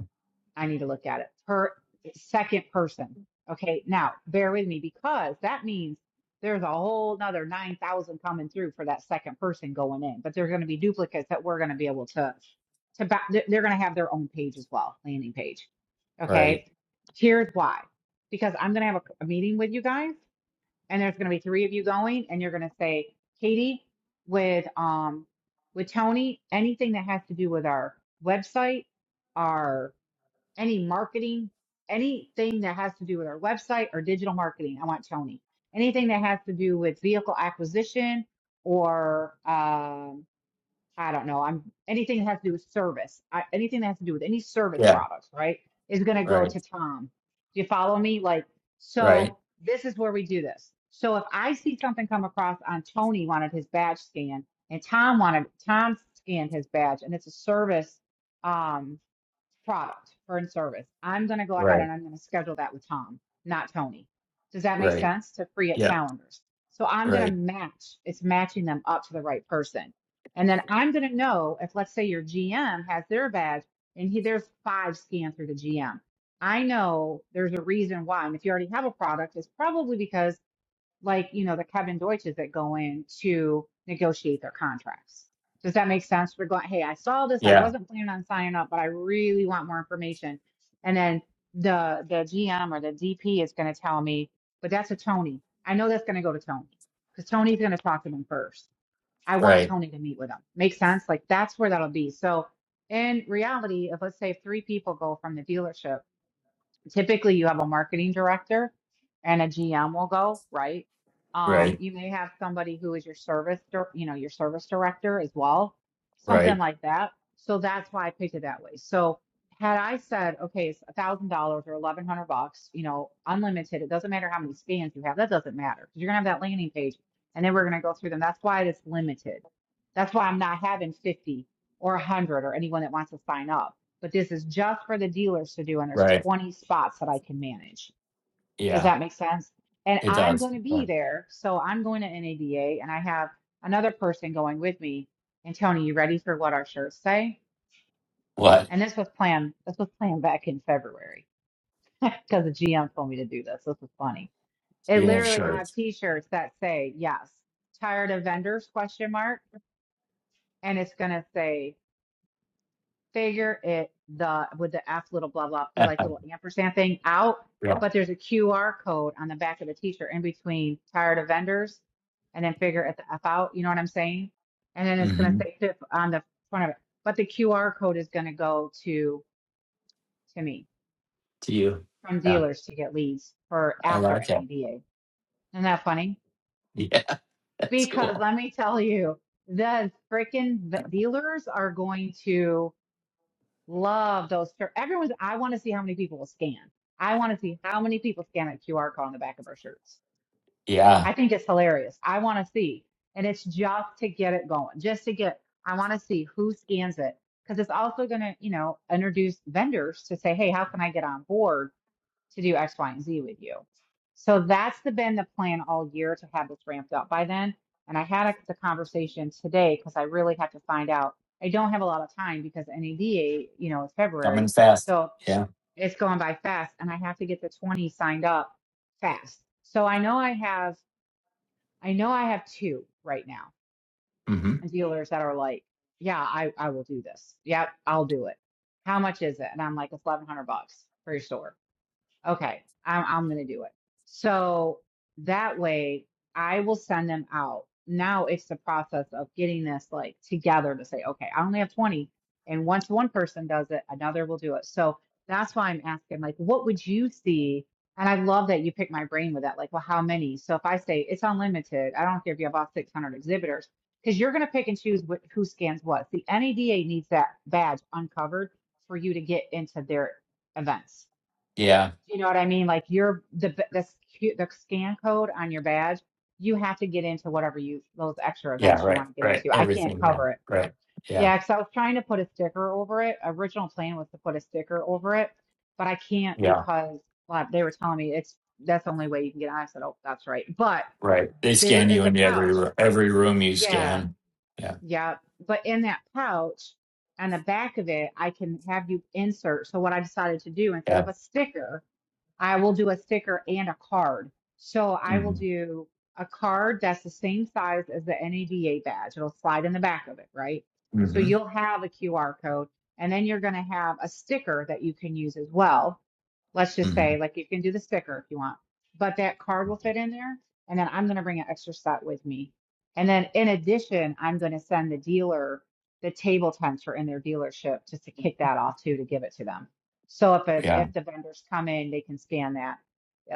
E: I need to look at it. Per second person. Okay, now bear with me because that means there's a whole nother 9,000 coming through for that second person going in, but there's going to be duplicates that we're going to be able to, to ba- they're going to have their own page as well, landing page.
A: Right.
E: Okay, here's why. Because I'm going to have a, a meeting with you guys and there's going to be three of you going and you're going to say, Katie, with, um, with Tony, anything that has to do with our website, our any marketing, anything that has to do with our website or digital marketing. I want Tony. Anything that has to do with vehicle acquisition or um, I don't know. I'm anything that has to do with service. I, anything that has to do with any service
A: Yeah.
E: products, right, is going to go
A: Right.
E: to Tom. Do you follow me? Like,
A: Right.
E: so this is where we do this. So if I see something come across on Tony wanted his badge scanned and Tom wanted Tom scanned his badge, and it's a service. um, product for in service. I'm going to go ahead
A: Right.
E: and I'm going to schedule that with Tom, not Tony. Does that make
A: Right.
E: sense to free up
A: Yeah.
E: calendars? So I'm going to
A: Right.
E: match, it's matching them up to the right person. And then I'm going to know if, let's say, your GM has their badge and he, there's five scanned through the GM. I know there's a reason why. And if you already have a product, it's probably because like, you know, the Kevin Deutsches that go in to negotiate their contracts. Does that make sense? We're going, hey, I saw this. I
A: Yeah.
E: wasn't planning on signing up, but I really want more information. And then the the GM or the DP is going to tell me, but that's a Tony. I know that's going to go to Tony because Tony's going to talk to them first. I want
A: Right.
E: Tony to meet with them. Makes sense? Like that's where that'll be. So in reality, if let's say three people go from the dealership typically you have a marketing director and a GM will go, right? Um,
A: Right.
E: you may have somebody who is your service, dir- you know, your service director as well, something
A: Right.
E: like that. So that's why I picked it that way. So had I said, okay, it's a thousand dollars or eleven hundred bucks, you know, unlimited, it doesn't matter how many scans you have, that doesn't matter because you're gonna have that landing page and then we're gonna go through them. That's why it's limited. That's why I'm not having 50 or 100 or anyone that wants to sign up but this is just for the dealers to do, and there's
A: Right.
E: 20 spots that I can manage. Does
A: Yeah.
E: that make sense? And
A: It
E: I'm
A: does.
E: going to be
A: Right.
E: there, so I'm going to NADA, and I have another person going with me. And Tony, you ready for what our shirts say?
A: What?
E: And this was planned. This was planned back in February because the GM told me to do this. This was funny. It
A: You're gonna have
E: literally, I have
A: shirts.
E: T-shirts that say yes. Tired of vendors? Question mark. And it's gonna say figure it the with the F little blah blah the like
A: yeah.
E: little ampersand thing out, but there's a QR code on the back of the t-shirt in between tired of vendors and then figure it the F out, you know what I'm saying? And then it's gonna
A: hmm
E: say tip on the front of it. But the QR code is gonna go to to me
A: To you.
E: from
A: Yeah.
E: dealers to get leads for
A: I
E: after
A: like it.
E: NADA. Isn't that funny?
A: Yeah. That's
E: Because
A: cool.
E: let me tell you, the freaking dealers are going to Love those. shirt- Everyone's, I want to see how many people will scan. I want to see how many people scan that QR code on the back of our shirts.
A: Yeah.
E: I think it's hilarious. I want to see. And it's just to get it going, just to get, I want to see who scans it because it's also going to, you know, introduce vendors to say, hey, how can I get on board? to do X, Y, and Z with you. So that's the, been the plan all year to have this ramped up by then. And I had a, the conversation today because I really have to find out. I don't have a lot of time because NADA, you know, is
A: Coming
E: February.
A: fast.
E: So
A: Yeah.
E: it's going by fast and I have to get the 20 signed up fast. So I know I have, I know I have two right now
A: hmm
E: dealers that are like, yeah, I, I will do this. Yep, I'll do it. How much is it? And I'm like, it's 1100 bucks for your store. Okay, I'm, I'm going to do it. So that way I will send them out. Now it's the process of getting this like together to say, okay, I only have 20. And once one person does it, another will do it. So that's why I'm asking, like, what would you see? And I love that you pick my brain with that. Like, well, how many? So if I say it's unlimited, I don't care if you have all 600 exhibitors, because you're going to pick and choose what, who scans what. The NADA needs that badge uncovered for you to get into their events.
A: Yeah.
E: Do you know what I mean? Like your the the sc- the scan code on your badge, you have to get into whatever you those extra
A: Yeah,
E: events you
A: right,
E: want to get
A: right.
E: into. I can't
A: Everything. Yeah,
E: cover it.
A: right. Yeah,
E: Yeah, because I was trying to put a sticker over it. Original plan was to put a sticker over it, but I can't
A: yeah,
E: because well, they were telling me it's that's the only way you can get on. I said, oh, that's right. But
A: right. They
E: there
A: scan you
E: is a
A: into every
E: pouch.
A: ro- every room you
E: Yeah,
A: scan. Yeah,
E: yeah. But in that pouch, on the back of it, I can have you insert. So what I decided to do instead
A: yeah.
E: of a sticker. I will do a sticker and a card. So I will
A: Mm-hmm.
E: do a card that's the same size as the NADA badge. It'll slide in the back of it, right? So
A: Mm-hmm.
E: you'll have a QR code and then you're going to have a sticker that you can use as well. Let's just
A: hmm
E: say, like, you can do the sticker if you want, but that card will fit in there. And then I'm going to bring an extra set with me. And then in addition, I'm going to send the dealer the table tents for in their dealership just to kick that off too, to give it to them. So if a,
A: Yeah.
E: if the vendors come in, they can scan that,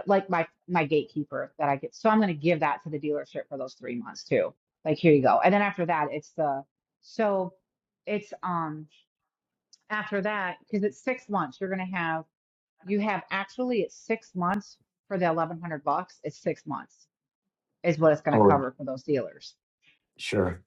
E: like my my gatekeeper that I get. So I'm going to give that to the dealership for those three months too. Like here you go. And then after that, it's the so it's um after that because it's six months. You're going to have you have actually it's six months for the 1100 bucks. It's six months is what it's going to
A: Oh,
E: cover for those dealers.
A: sure.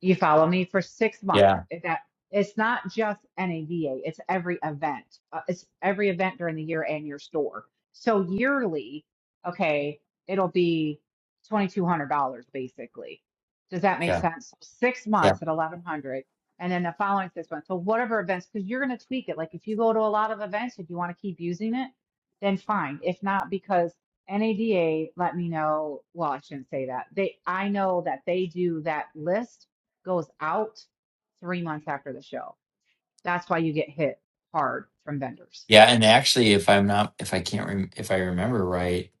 E: You follow me for six months.
A: Yeah,
E: If That it's not just NADA, it's every event. Uh, it's every event during the year and your store. So yearly, okay, it'll be twenty two hundred dollars basically. Does that make
A: yeah,
E: sense? So Six
A: yeah,
E: months at eleven hundred, and then the following six months. So whatever events, because you're going to tweak it. Like if you go to a lot of events, if you want to keep using it, then fine. If not, because NADA let me know. Well, I shouldn't say that. They, I know that they do that list goes out three months after the show. That's why you get hit hard from vendors.
A: yeah. And actually, if I'm not, if I can't, rem- if I remember right,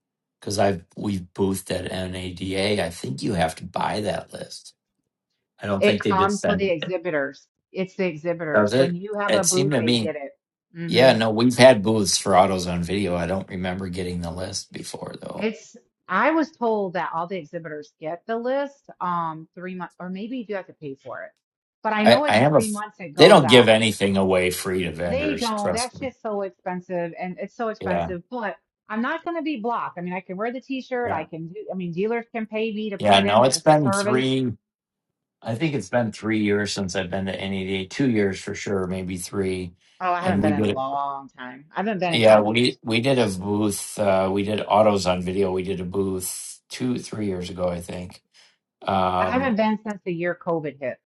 A: because I've we've boothed at NADA, I think you have to buy that list. I don't
E: It
A: think they just
E: comes with
A: send
E: the
A: it.
E: exhibitors. It's the
A: Does
E: exhibitors. When
A: it?
E: you have
A: It
E: a
A: seemed
E: booth,
A: to
E: they
A: me.
E: get it.
A: Yeah,
E: hmm
A: no, we've had booths for autos on video. I don't remember getting the list before though.
E: It's, I was told that all the exhibitors get the list, um, three months, or maybe you do have to pay for it. But I
A: I,
E: know
A: I
E: it's
A: have a.
E: three
A: f-
E: months it
A: They
E: goes
A: don't give
E: out.
A: anything away free to
E: They
A: vendors.
E: don't.
A: Trust
E: That's
A: me.
E: just so expensive and it's so
A: Yeah,
E: expensive, but I'm not going to be blocked. I mean, I can wear the t-shirt. I
A: yeah,
E: can do, I mean, dealers can pay me to put
A: yeah.
E: it in
A: No,
E: there.
A: it's
E: It's a
A: been
E: service.
A: three. I think it's been three years since I've been to NED. Two years for sure, maybe three.
E: Oh, I
A: And
E: haven't
A: we
E: been in
A: did.
E: a
A: it.
E: long time. I haven't been in
A: Yeah,
E: five
A: we
E: years.
A: we did a booth. Uh, we did autos on video. We did a booth two, three years ago, I think.
E: I
A: Um,
E: haven't been since the year COVID hit.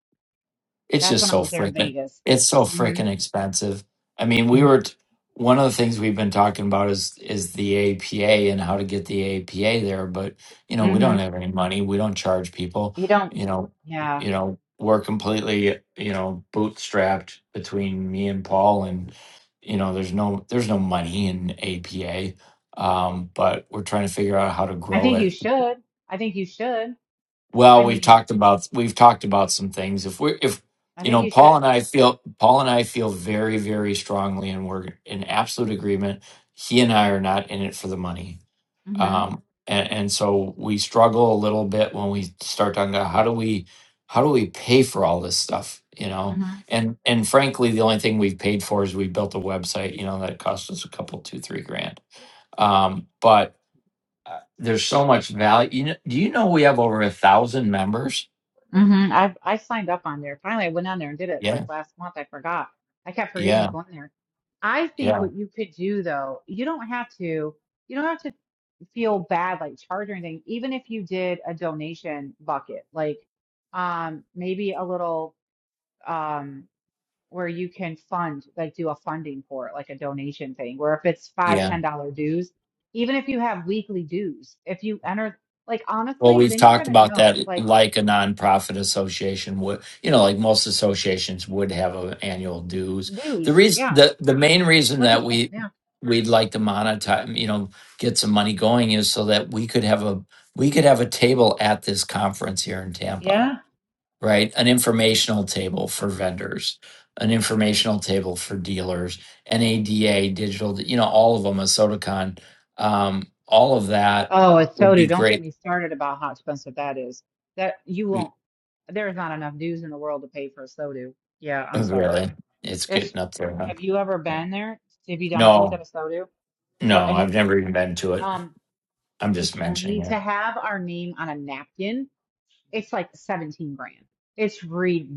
A: it's
E: That's
A: just
E: when I
A: so
E: was there in
A: freaking
E: Vegas.
A: it's so
E: hmm
A: freaking expensive i mean we were t- one of the things we've been talking about is is the apa and how to get the apa there but you know we
E: hmm
A: don't have any money we don't charge people
E: You don't,
A: you know
E: yeah.
A: you know we're completely you know bootstrapped between me and paul and you know there's no there's no money in apa um, but we're trying to figure out how to
E: I
A: grow
E: think
A: it
E: you should. I think you should.
A: well,
E: I
A: we've
E: mean,
A: talked about we've talked about some things. If we if
E: I
A: you
E: think
A: know,
E: you
A: Paul
E: should.
A: and I feel Paul and I feel very very strongly, and we're in absolute agreement. He and I are not in it for the money,
E: hmm
A: um, and, and so we struggle a little bit when we start talking about how do we how do we pay for all this stuff, you know?
E: hmm
A: And and frankly, the only thing we've paid for is we built a website, you know, that cost us a couple two three grand. Um, but there's so much value. You know, do you know we have over a thousand members?
E: hmm I've I signed up on there. Finally, I went on there and did it like
A: Yeah,
E: last month. I forgot. I kept forgetting to
A: yeah,
E: go in there. I think
A: yeah,
E: what you could do though, you don't have to. You don't have to. feel bad like charging anything, even if you did a donation bucket, like um maybe a little um where you can fund, like do a funding for it, like a donation thing, where if it's five,
A: yeah.
E: ten dollar dues, even if you have weekly dues, if you enter like
A: Well,
E: honestly,
A: we've
E: then you're
A: talked
E: gonna
A: about that
E: know
A: eh,
E: like
A: like a nonprofit association would, you know, like most associations would have a annual dues. The
E: dues,
A: reason,
E: yeah.
A: the, the main reason
E: Like
A: that
E: it's
A: we,
E: yeah.
A: we'd like to monetize, you know, get some money going is so that we could have a, we could have a table at this conference here in Tampa
E: Yeah.
A: right? An informational table for vendors, an informational table for dealers, NADA, digital, you know, all of them, a SodaCon, um, all of that
E: Oh, it's
A: would
E: so do.
A: be
E: Don't get
A: great.
E: me started about how expensive that is. That you
A: We,
E: won't there's not enough dues in the world to pay for a so do. Yeah, I'm
A: oh,
E: sorry.
A: really? It's
E: It's
A: getting up there, huh?
E: have you ever been there? Have you done a booth at
A: No,
E: a soda or
A: no, I've
E: any
A: never even been to it.
E: um
A: I'm
E: and
A: just mentioning
E: Tony to
A: it.
E: have our name on a napkin? It's like 17 grand. It's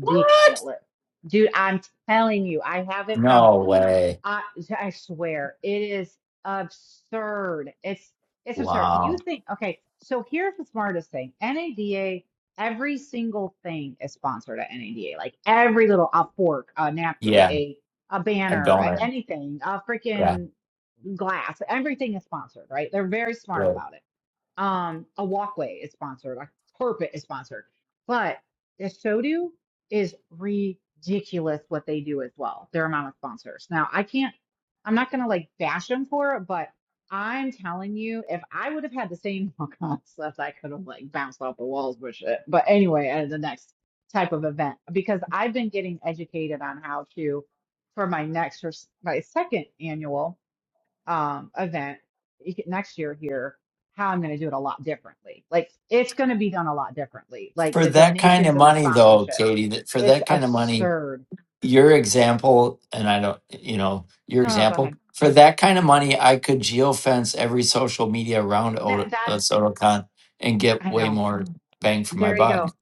A: What?
E: Dude, I'm telling you, I have it from
A: No way.
E: I yeah, I swear it is absurd. It's it's absurd. You
A: Wow.
E: think okay, so here's the smartest thing. NADA, every single thing is sponsored at NADA. Like every little a fork, a napkin,
A: Yeah,
E: a a
A: a
E: banner, a-
A: donor.
E: anything, a
A: Yeah,
E: freaking glass, everything is sponsored, right? They're very smart
A: right.
E: about it um, a walkway is sponsored, a carpet is sponsored, but the Shodu is ridiculous what they do as well. Their amount of sponsors. Now, I can't, I'm not gonna like bash them for it, but I'm telling you, if I would have had the same concept, I could have like bounced off the walls with shit. But anyway, at the next type of event, because I've been getting educated on how to for my next or my second annual um, event you next year here, how I'm going to do it a lot differently. Like it's going to be done a lot differently. Like
A: For
E: the
A: that kind of
E: donations and the
A: money, though,
E: sponsorships,
A: Katie, that for
E: it's
A: that kind of money,
E: absurd.
A: your example, and I don't, you know, your
E: Oh, go
A: example
E: ahead.
A: for that kind of money, I could geofence every social media around
E: That
A: Odo, uh,
E: that's
A: SotoCon and get
E: I
A: way
E: know.
A: more bang for my
E: There you
A: buck.
E: go.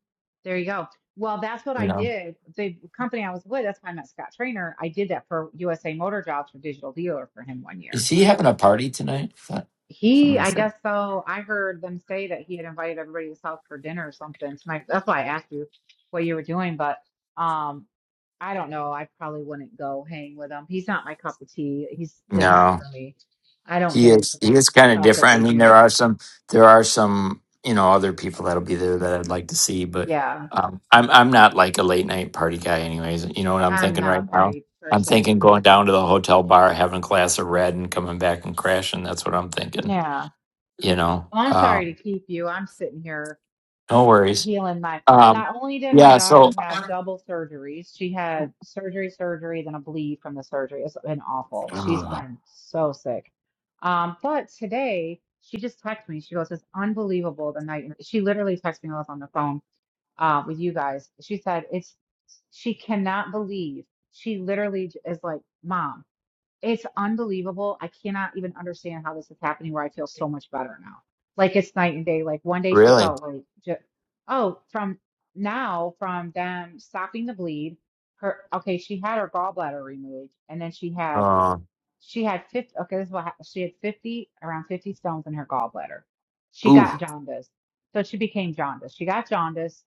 E: There you go. Well, that's what
A: You
E: I
A: know,
E: did. The company I was with, that's why I met Scott Trainer. I did that for USA Motor Jobs for Digital Dealer for him one year
A: is he having a party tonight? I thought
E: He,
A: Somebody
E: I
A: said
E: guess so. I heard them say that he had invited everybody to his house for dinner or something tonight. That's why I asked you what you were doing, but um, I don't know. I probably wouldn't go hang with him. He's not my cup of tea. He's different
A: no.
E: for me. I don't
A: He
E: get
A: is
E: into
A: he
E: that
A: is kind of
E: stuff that
A: different.
E: they
A: I mean, there
E: do.
A: are some there are some you know other people that'll be there that I'd like to see, but
E: Yeah,
A: um, I'm I'm not like a late night party guy, anyways. You know what I'm
E: I'm
A: thinking
E: not
A: right
E: a
A: now?
E: party
A: I'm
E: person.
A: thinking going down to the hotel bar, having a glass of red, and coming back and crashing. That's what I'm thinking.
E: Yeah.
A: You know,
E: Well, I'm sorry
A: um,
E: to keep you. I'm sitting here.
A: no
E: a
A: worries.
E: healing my
A: Um,
E: not only did my
A: yeah. So
E: daughter have double surgeries, she had surgery, surgery, then a bleed from the surgery. It's been awful. She's
A: ugh,
E: been so sick. Um, but today she just texted me. She goes, It's unbelievable the night and she literally texted me while I was on the phone uh with you guys. She said it's she cannot believe she literally j- is like, Mom. It's unbelievable. I cannot even understand how this is happening where I feel so much better now. Like it's night and day. Like one day she
A: really,
E: felt like, ju- oh, from now, from them stopping the bleed, her, okay, she had her gallbladder removed and then she had,
A: uh,
E: she had 50, okay, this is what happened. She had 50, around 50 stones in her gallbladder. She got
A: ooh,
E: jaundice. So she became jaundice. She got jaundice.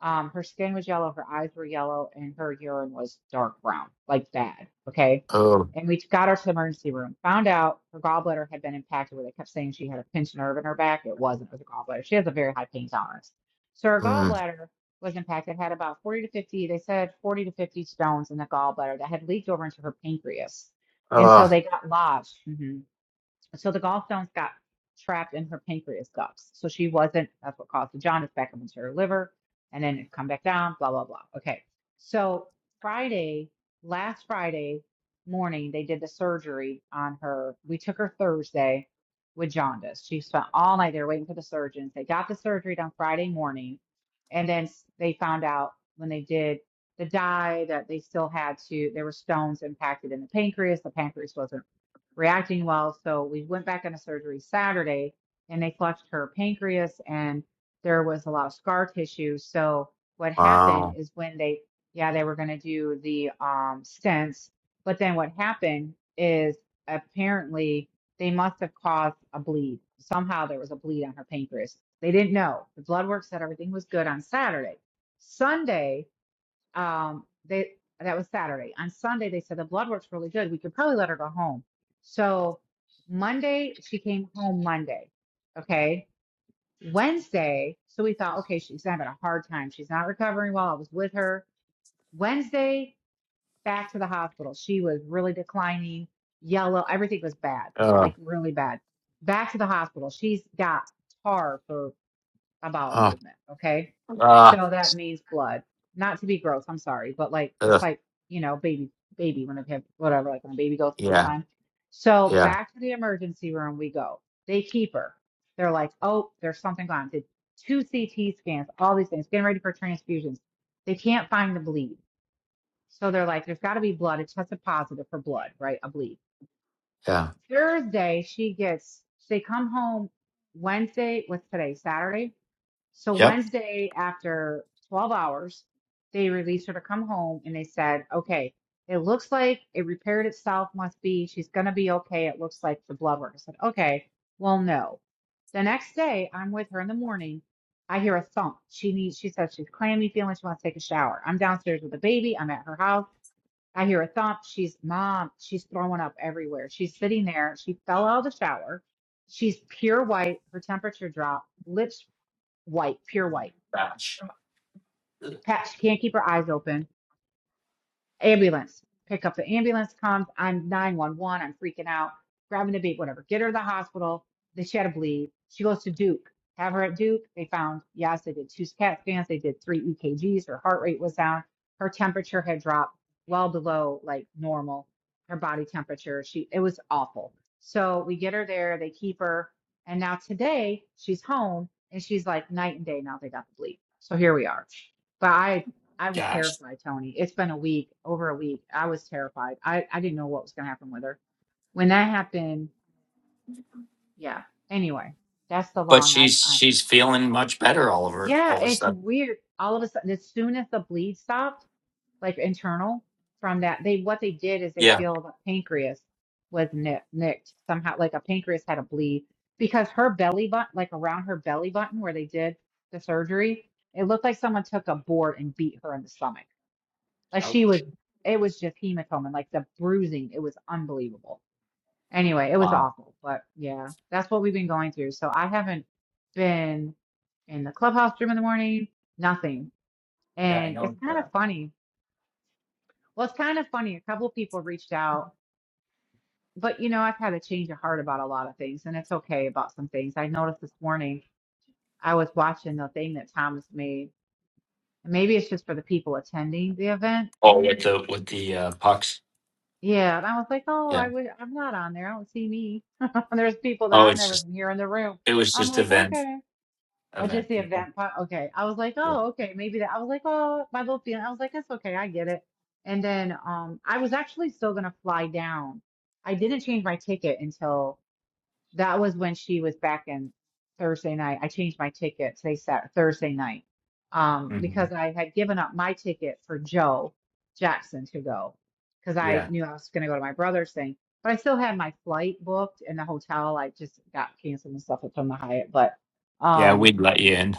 E: Um, her skin was yellow, her eyes were yellow, and her urine was dark brown, like bad. Okay.
A: oh,
E: And we got her to the emergency room, found out her gallbladder had been impacted where they kept saying she had a pinched nerve in her back. It wasn't, it was a gallbladder. She has a very high pain tolerance. So her
A: mm,
E: gallbladder was impacted, had about 40 to 50, they said 40 to 50 stones in the gallbladder that had leaked over into her pancreas. And so
A: uh,
E: they got lodged. Mhm. So the gallstones got trapped in her pancreas ducts. So she wasn't, that's what caused the jaundice back up into her liver. And then it come back down, blah, blah, blah. Okay. So Friday, last Friday morning, they did the surgery on her. We took her Thursday with jaundice. She spent all night there waiting for the surgeons. They got the surgery done Friday morning. And then they found out when they did the dye that they still had to, there were stones impacted in the pancreas. The pancreas wasn't reacting well. So we went back into surgery Saturday and they flushed her pancreas and there was a lot of scar tissue. So what happened
A: wow,
E: is when they, yeah, they were going to do the um, stents, but then what happened is apparently they must have caused a bleed. Somehow there was a bleed on her pancreas. They didn't know. The blood work said everything was good on Saturday. Sunday, um they that was Saturday. On Sunday they said the blood works really good. We could probably let her go home. So Monday she came home Monday. Okay. Wednesday, so we thought, okay, she's having a hard time. She's not recovering well. I was with her. Wednesday, back to the hospital. She was really declining, yellow, everything was bad,
A: uh,
E: like really bad. Back to the hospital. She's got tar for a bowel
A: uh,
E: movement. Okay.
A: uh,
E: So that means blood. Not to be gross, I'm sorry, but like it's
A: ugh,
E: like, you know, baby, baby, when a baby, whatever, like when a baby goes the first
A: yeah,
E: time. So
A: yeah.
E: back to the emergency room we go. They keep her. They're like, oh, there's something gone. Did two CT scans, all these things, getting ready for transfusions. They can't find the bleed. So they're like, there's got to be blood. It tested positive for blood, right? A bleed.
A: Yeah.
E: Thursday, she gets, they come home Wednesday, what's today? Saturday? So
A: Yep.
E: Wednesday, after 12 hours, they released her to come home and they said, okay, it looks like it repaired itself, must be. She's going to be okay. It looks like the blood work. I said, okay, well, no. The next day, I'm with her in the morning. I hear a thump. She needs, she says she's clammy feeling. She wants to take a shower. I'm downstairs with the baby. I'm at her house. I hear a thump. She's mom. She's throwing up everywhere. She's sitting there. She fell out of the shower. She's pure white. Her temperature dropped. Lips White, pure white. Pat, she can't keep her eyes open ambulance. Pick up the ambulance comes. I'm 911. I'm freaking out. Grabbing a baby, whatever. Get her to the hospital. Then she had a bleed. She goes to Duke. Have her at Duke. They found, yes, they did two CAT scans. They did three EKGs. Her heart rate was down. Her temperature had dropped well below like normal. Her body temperature. She, it was awful. So we get her there. They keep her. And now today she's home and she's like night and day. Now they got the bleed. So here we are. But I I was
A: Gosh,
E: terrified, Tony. It's been a week, over a week. I was terrified. I, I didn't know what was going to happen with her. When that happened, yeah. Anyway, that's the
A: but
E: long I,
A: she's
E: I,
A: she's fe-
E: yeah, it's weird. All of a sudden, as soon as the bleed stopped, like internal from that, they, what they did is they feel the pancreas was nick, nicked somehow, like a pancreas had a bleed because her belly button, like around her belly button where they did the surgery, it looked like someone took a board and beat her in the stomach Like she was, it was just hematoma and like the bruising. It was unbelievable. Anyway, it was
A: wow.
E: awful. But yeah, that's what we've been going through. So I haven't been in the clubhouse room in the morning, nothing.
A: Yeah, I
E: And it's
A: know
E: kind of
A: that.
E: funny. Well, it's kind of funny. A couple of people reached out, but you know, I've had a change of heart about a lot of things, and it's okay about some things. I noticed this morning I was watching the thing that Thomas made. Maybe it's just for the people attending the event
A: Oh, with the with the uh, pucks.
E: Yeah, and I was like, oh,
A: Yeah.
E: I would, I'm not on there. I don't see me. And there's people
A: Oh,
E: that I
A: it's
E: never
A: just
E: can hear in the room.
A: it was
E: I'm
A: just
E: like,
A: event
E: okay. I just
A: event
E: the
A: people.
E: event part. Okay. I was like,
A: Yeah.
E: oh, okay, maybe that. I was like, oh, my little feeling. I was like, it's okay, I get it. And then um, I was actually still gonna fly down. I didn't change my ticket until. That was when she was back in Thursday night. I changed my ticket today, Saturday, Thursday night, um,
A: Mhm.
E: because I had given up my ticket for Joe Jackson to go because I
A: Yeah.
E: knew I was going to go to my brother's thing. But I still had my flight booked and the hotel. I just got canceled and stuff from the Hyatt. But
A: Yeah,
E: um,
A: we'd let you in.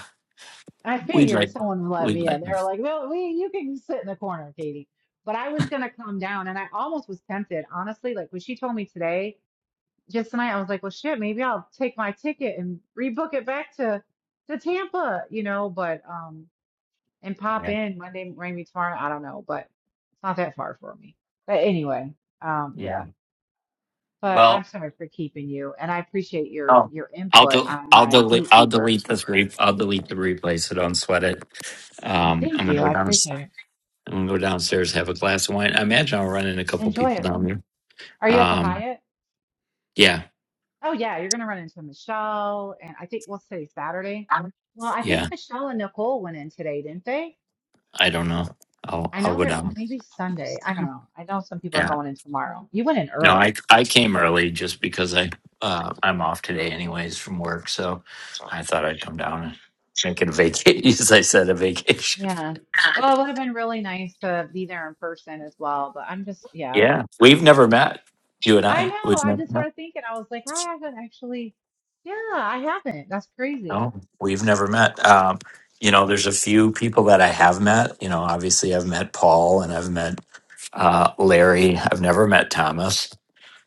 E: I
A: We'd
E: figured
A: like
E: someone would let
A: we'd
E: me
A: let.
E: in. They
A: you
E: were
A: in.
E: like, "Well, we you can sit in the corner, Katie." But I was going to come down, and I almost was tempted, honestly. Like when she told me today just tonight I was like, well, shit, maybe I'll take my ticket and rebook it back to to Tampa, you know, but um and pop
A: Yeah.
E: in Monday, maybe tomorrow. I don't know, but it's not that far for me. But anyway, um,
A: Yeah.
E: yeah. But I'm
A: Well.
E: sorry for keeping you, and I appreciate your
A: Oh.
E: your
A: I'll
E: input
A: do.
E: on
A: I'll
E: my
A: delete. I'll
E: gatekeeper.
A: delete this. Re- I'll delete the replay. So don't sweat it. Um, I'm
E: Thank
A: gonna
E: you,
A: go
E: I
A: down.
E: appreciate it.
A: I'm gonna go downstairs, have a glass of wine. I imagine I'll run in a couple
E: Enjoy
A: people
E: it.
A: down there.
E: Are you at the
A: Um,
E: Hyatt?
A: yeah,
E: Oh yeah, you're gonna run into Michelle, and I think we'll say Saturday. Well, I think
A: yeah.
E: Michelle and Nicole went in today, didn't they?
A: I don't know. I'll
E: I
A: I'll
E: know
A: go
E: they're
A: down.
E: maybe Sunday. I don't know. I know some people are
A: Yeah.
E: going in tomorrow. You went in
A: No,
E: early.
A: I I came early just because I uh I'm off today anyways from work, so I thought I'd come down and make it a vacation. As I said, a vacation.
E: Yeah. Well, it would have been really nice to be there in person as well, but I'm just, yeah.
A: Yeah, we've never met. You and
E: I
A: I,
E: know.
A: we've
E: I
A: never
E: just
A: met.
E: started thinking. I was like, I haven't actually. Yeah, I haven't. That's crazy.
A: No, we've never met. Um, you know, there's a few people that I have met. You know, obviously I've met Paul and I've met uh, Larry. I've never met Thomas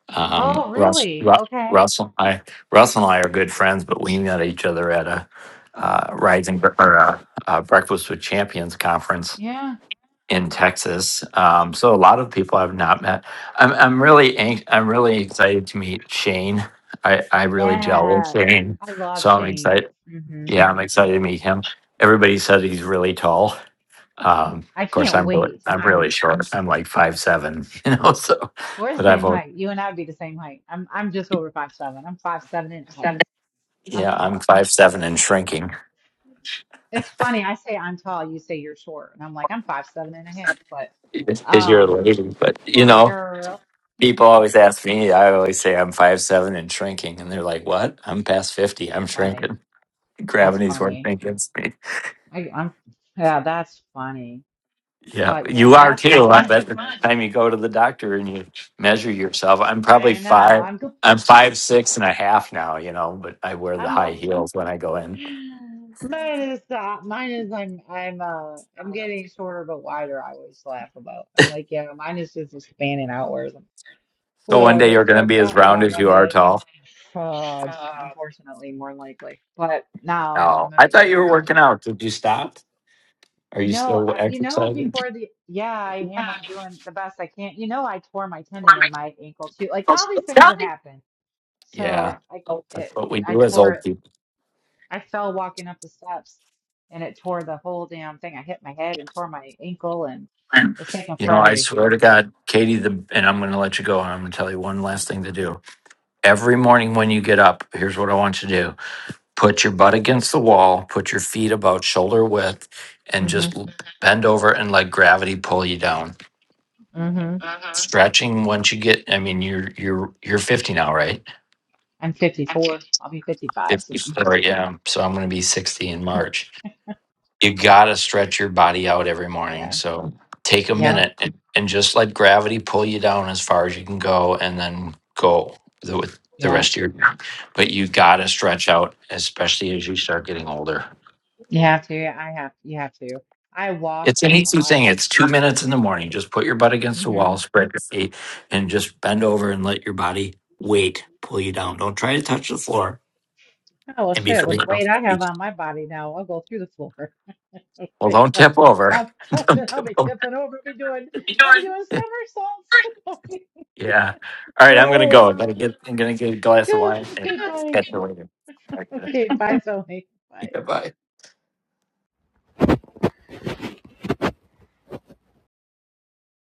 A: Um,
E: Oh,
A: Russ,
E: really?
A: Ru-
E: Okay.
A: Russell, I, Russell and I are good friends, but we met each other at a uh, Rising Bre- or uh uh Breakfast with Champions conference
E: Yeah.
A: in Texas. Um, so a lot of people I've not met. I'm I'm really anx- I'm really excited to meet Shane. I I really gel with
E: Yeah.
A: Shane,
E: I love
A: so I'm
E: Shane.
A: excited.
E: hmm
A: Yeah, I'm excited to meet him. Everybody says he's really tall. Um, of
E: I
A: course,
E: can't
A: I'm really
E: wait. To,
A: I'm
E: I'm
A: really short. I'm like five seven, you know. So,
E: we're
A: but
E: the same
A: I've al-
E: height. You and I would be the same height. I'm I'm just over five seven. I'm five seven and a half. I'm
A: Yeah, I'm
E: tall.
A: five seven and shrinking.
E: It's funny. I say I'm tall. You say you're short, and I'm like I'm five seven and a half. But
A: Because you're a
E: um,
A: lady, but you
E: for a
A: know,
E: girl,
A: people always ask me. I always say I'm five seven and shrinking, and they're like, "What? I'm past fifty.
E: that's
A: I'm
E: funny.
A: shrinking.
E: That's
A: Gravity's working
E: funny.
A: against me."
E: I, I'm yeah, that's funny.
A: Yeah,
E: But
A: you
E: yeah,
A: are
E: that's
A: too. I
E: fun.
A: bet the time you go to the doctor and you measure yourself, I'm probably
E: I know.
A: five.
E: I'm go-
A: I'm five six and a half now. You know, but I wear the
E: I'm
A: high
E: lucky.
A: heels when I go in.
E: Mine is uh, mine is I'm I'm uh I'm getting shorter but wider. I always laugh about. I'm like yeah, mine is just expanding outwards.
A: So one day
E: Whatever.
A: you're going
E: So
A: to
E: it
A: be as
E: bopped me
A: round
E: on the
A: as you are
E: head.
A: tall.
E: Fudge, unfortunately, more than likely. But now I'm
A: Oh,
E: gonna
A: I
E: make
A: thought you
E: sure
A: were
E: no.
A: working out. Did you stop? Are you
E: No,
A: still
E: I, you know,
A: exercising?
E: before the, yeah, I am. I'm doing the best I can. You know, I tore my tendon in my ankle too. Like all these things have happened.
A: Yeah.
E: So I,
A: That's
E: it,
A: what we
E: I
A: do as
E: tore
A: old
E: it.
A: people.
E: I fell walking up the steps and it tore the whole damn thing. I hit my head and tore my ankle and it's taken
A: You know,
E: forever
A: I
E: to
A: swear
E: heal.
A: to God, Katie, the and I'm going to let you go. And I'm going to tell you one last thing to do. Every morning when you get up, here's what I want you to do. Put your butt against the wall, put your feet about shoulder width and
E: Mm-hmm.
A: just l- bend over and let gravity pull you down.
E: Mm-hmm.
A: Stretching once you get I mean you're you're you're 50 now, right?
E: I'm 54. I'll be 55 soon.
A: 54, yeah. So I'm going to be 60 in March you gotta stretch your body out every morning.
E: Yeah.
A: So take a
E: Yeah.
A: minute and, and just let gravity pull you down as far as you can go, and then go the, with the
E: Yeah.
A: rest of your. But you gotta stretch out, especially as you start getting older.
E: You have to. I have. You have to. I walk
A: It's an
E: a
A: easy
E: lot.
A: thing. It's two minutes in the morning. Just put your butt against the
E: hmm
A: wall, spread your feet, and just bend over and let your body weight pull you down. Don't try to touch the floor.
E: Oh well,
A: And
E: shit.
A: before you
E: With the
A: know,
E: weight I have on my body now, I'll go through the floor.
A: well, don't tip over.
E: I'll be
A: don't
E: touching. I'll
A: tip
E: be
A: over.
E: tipping over. I'll be doing. I'll be doing somersaults. I'll be
A: Yeah. All right, I'm gonna
E: rolling.
A: go. I'm gonna get a glass of
E: Good.
A: wine and
E: Good night.
A: catch you later. All right, good.
E: Okay. Bye, Tony. Bye.
A: Yep.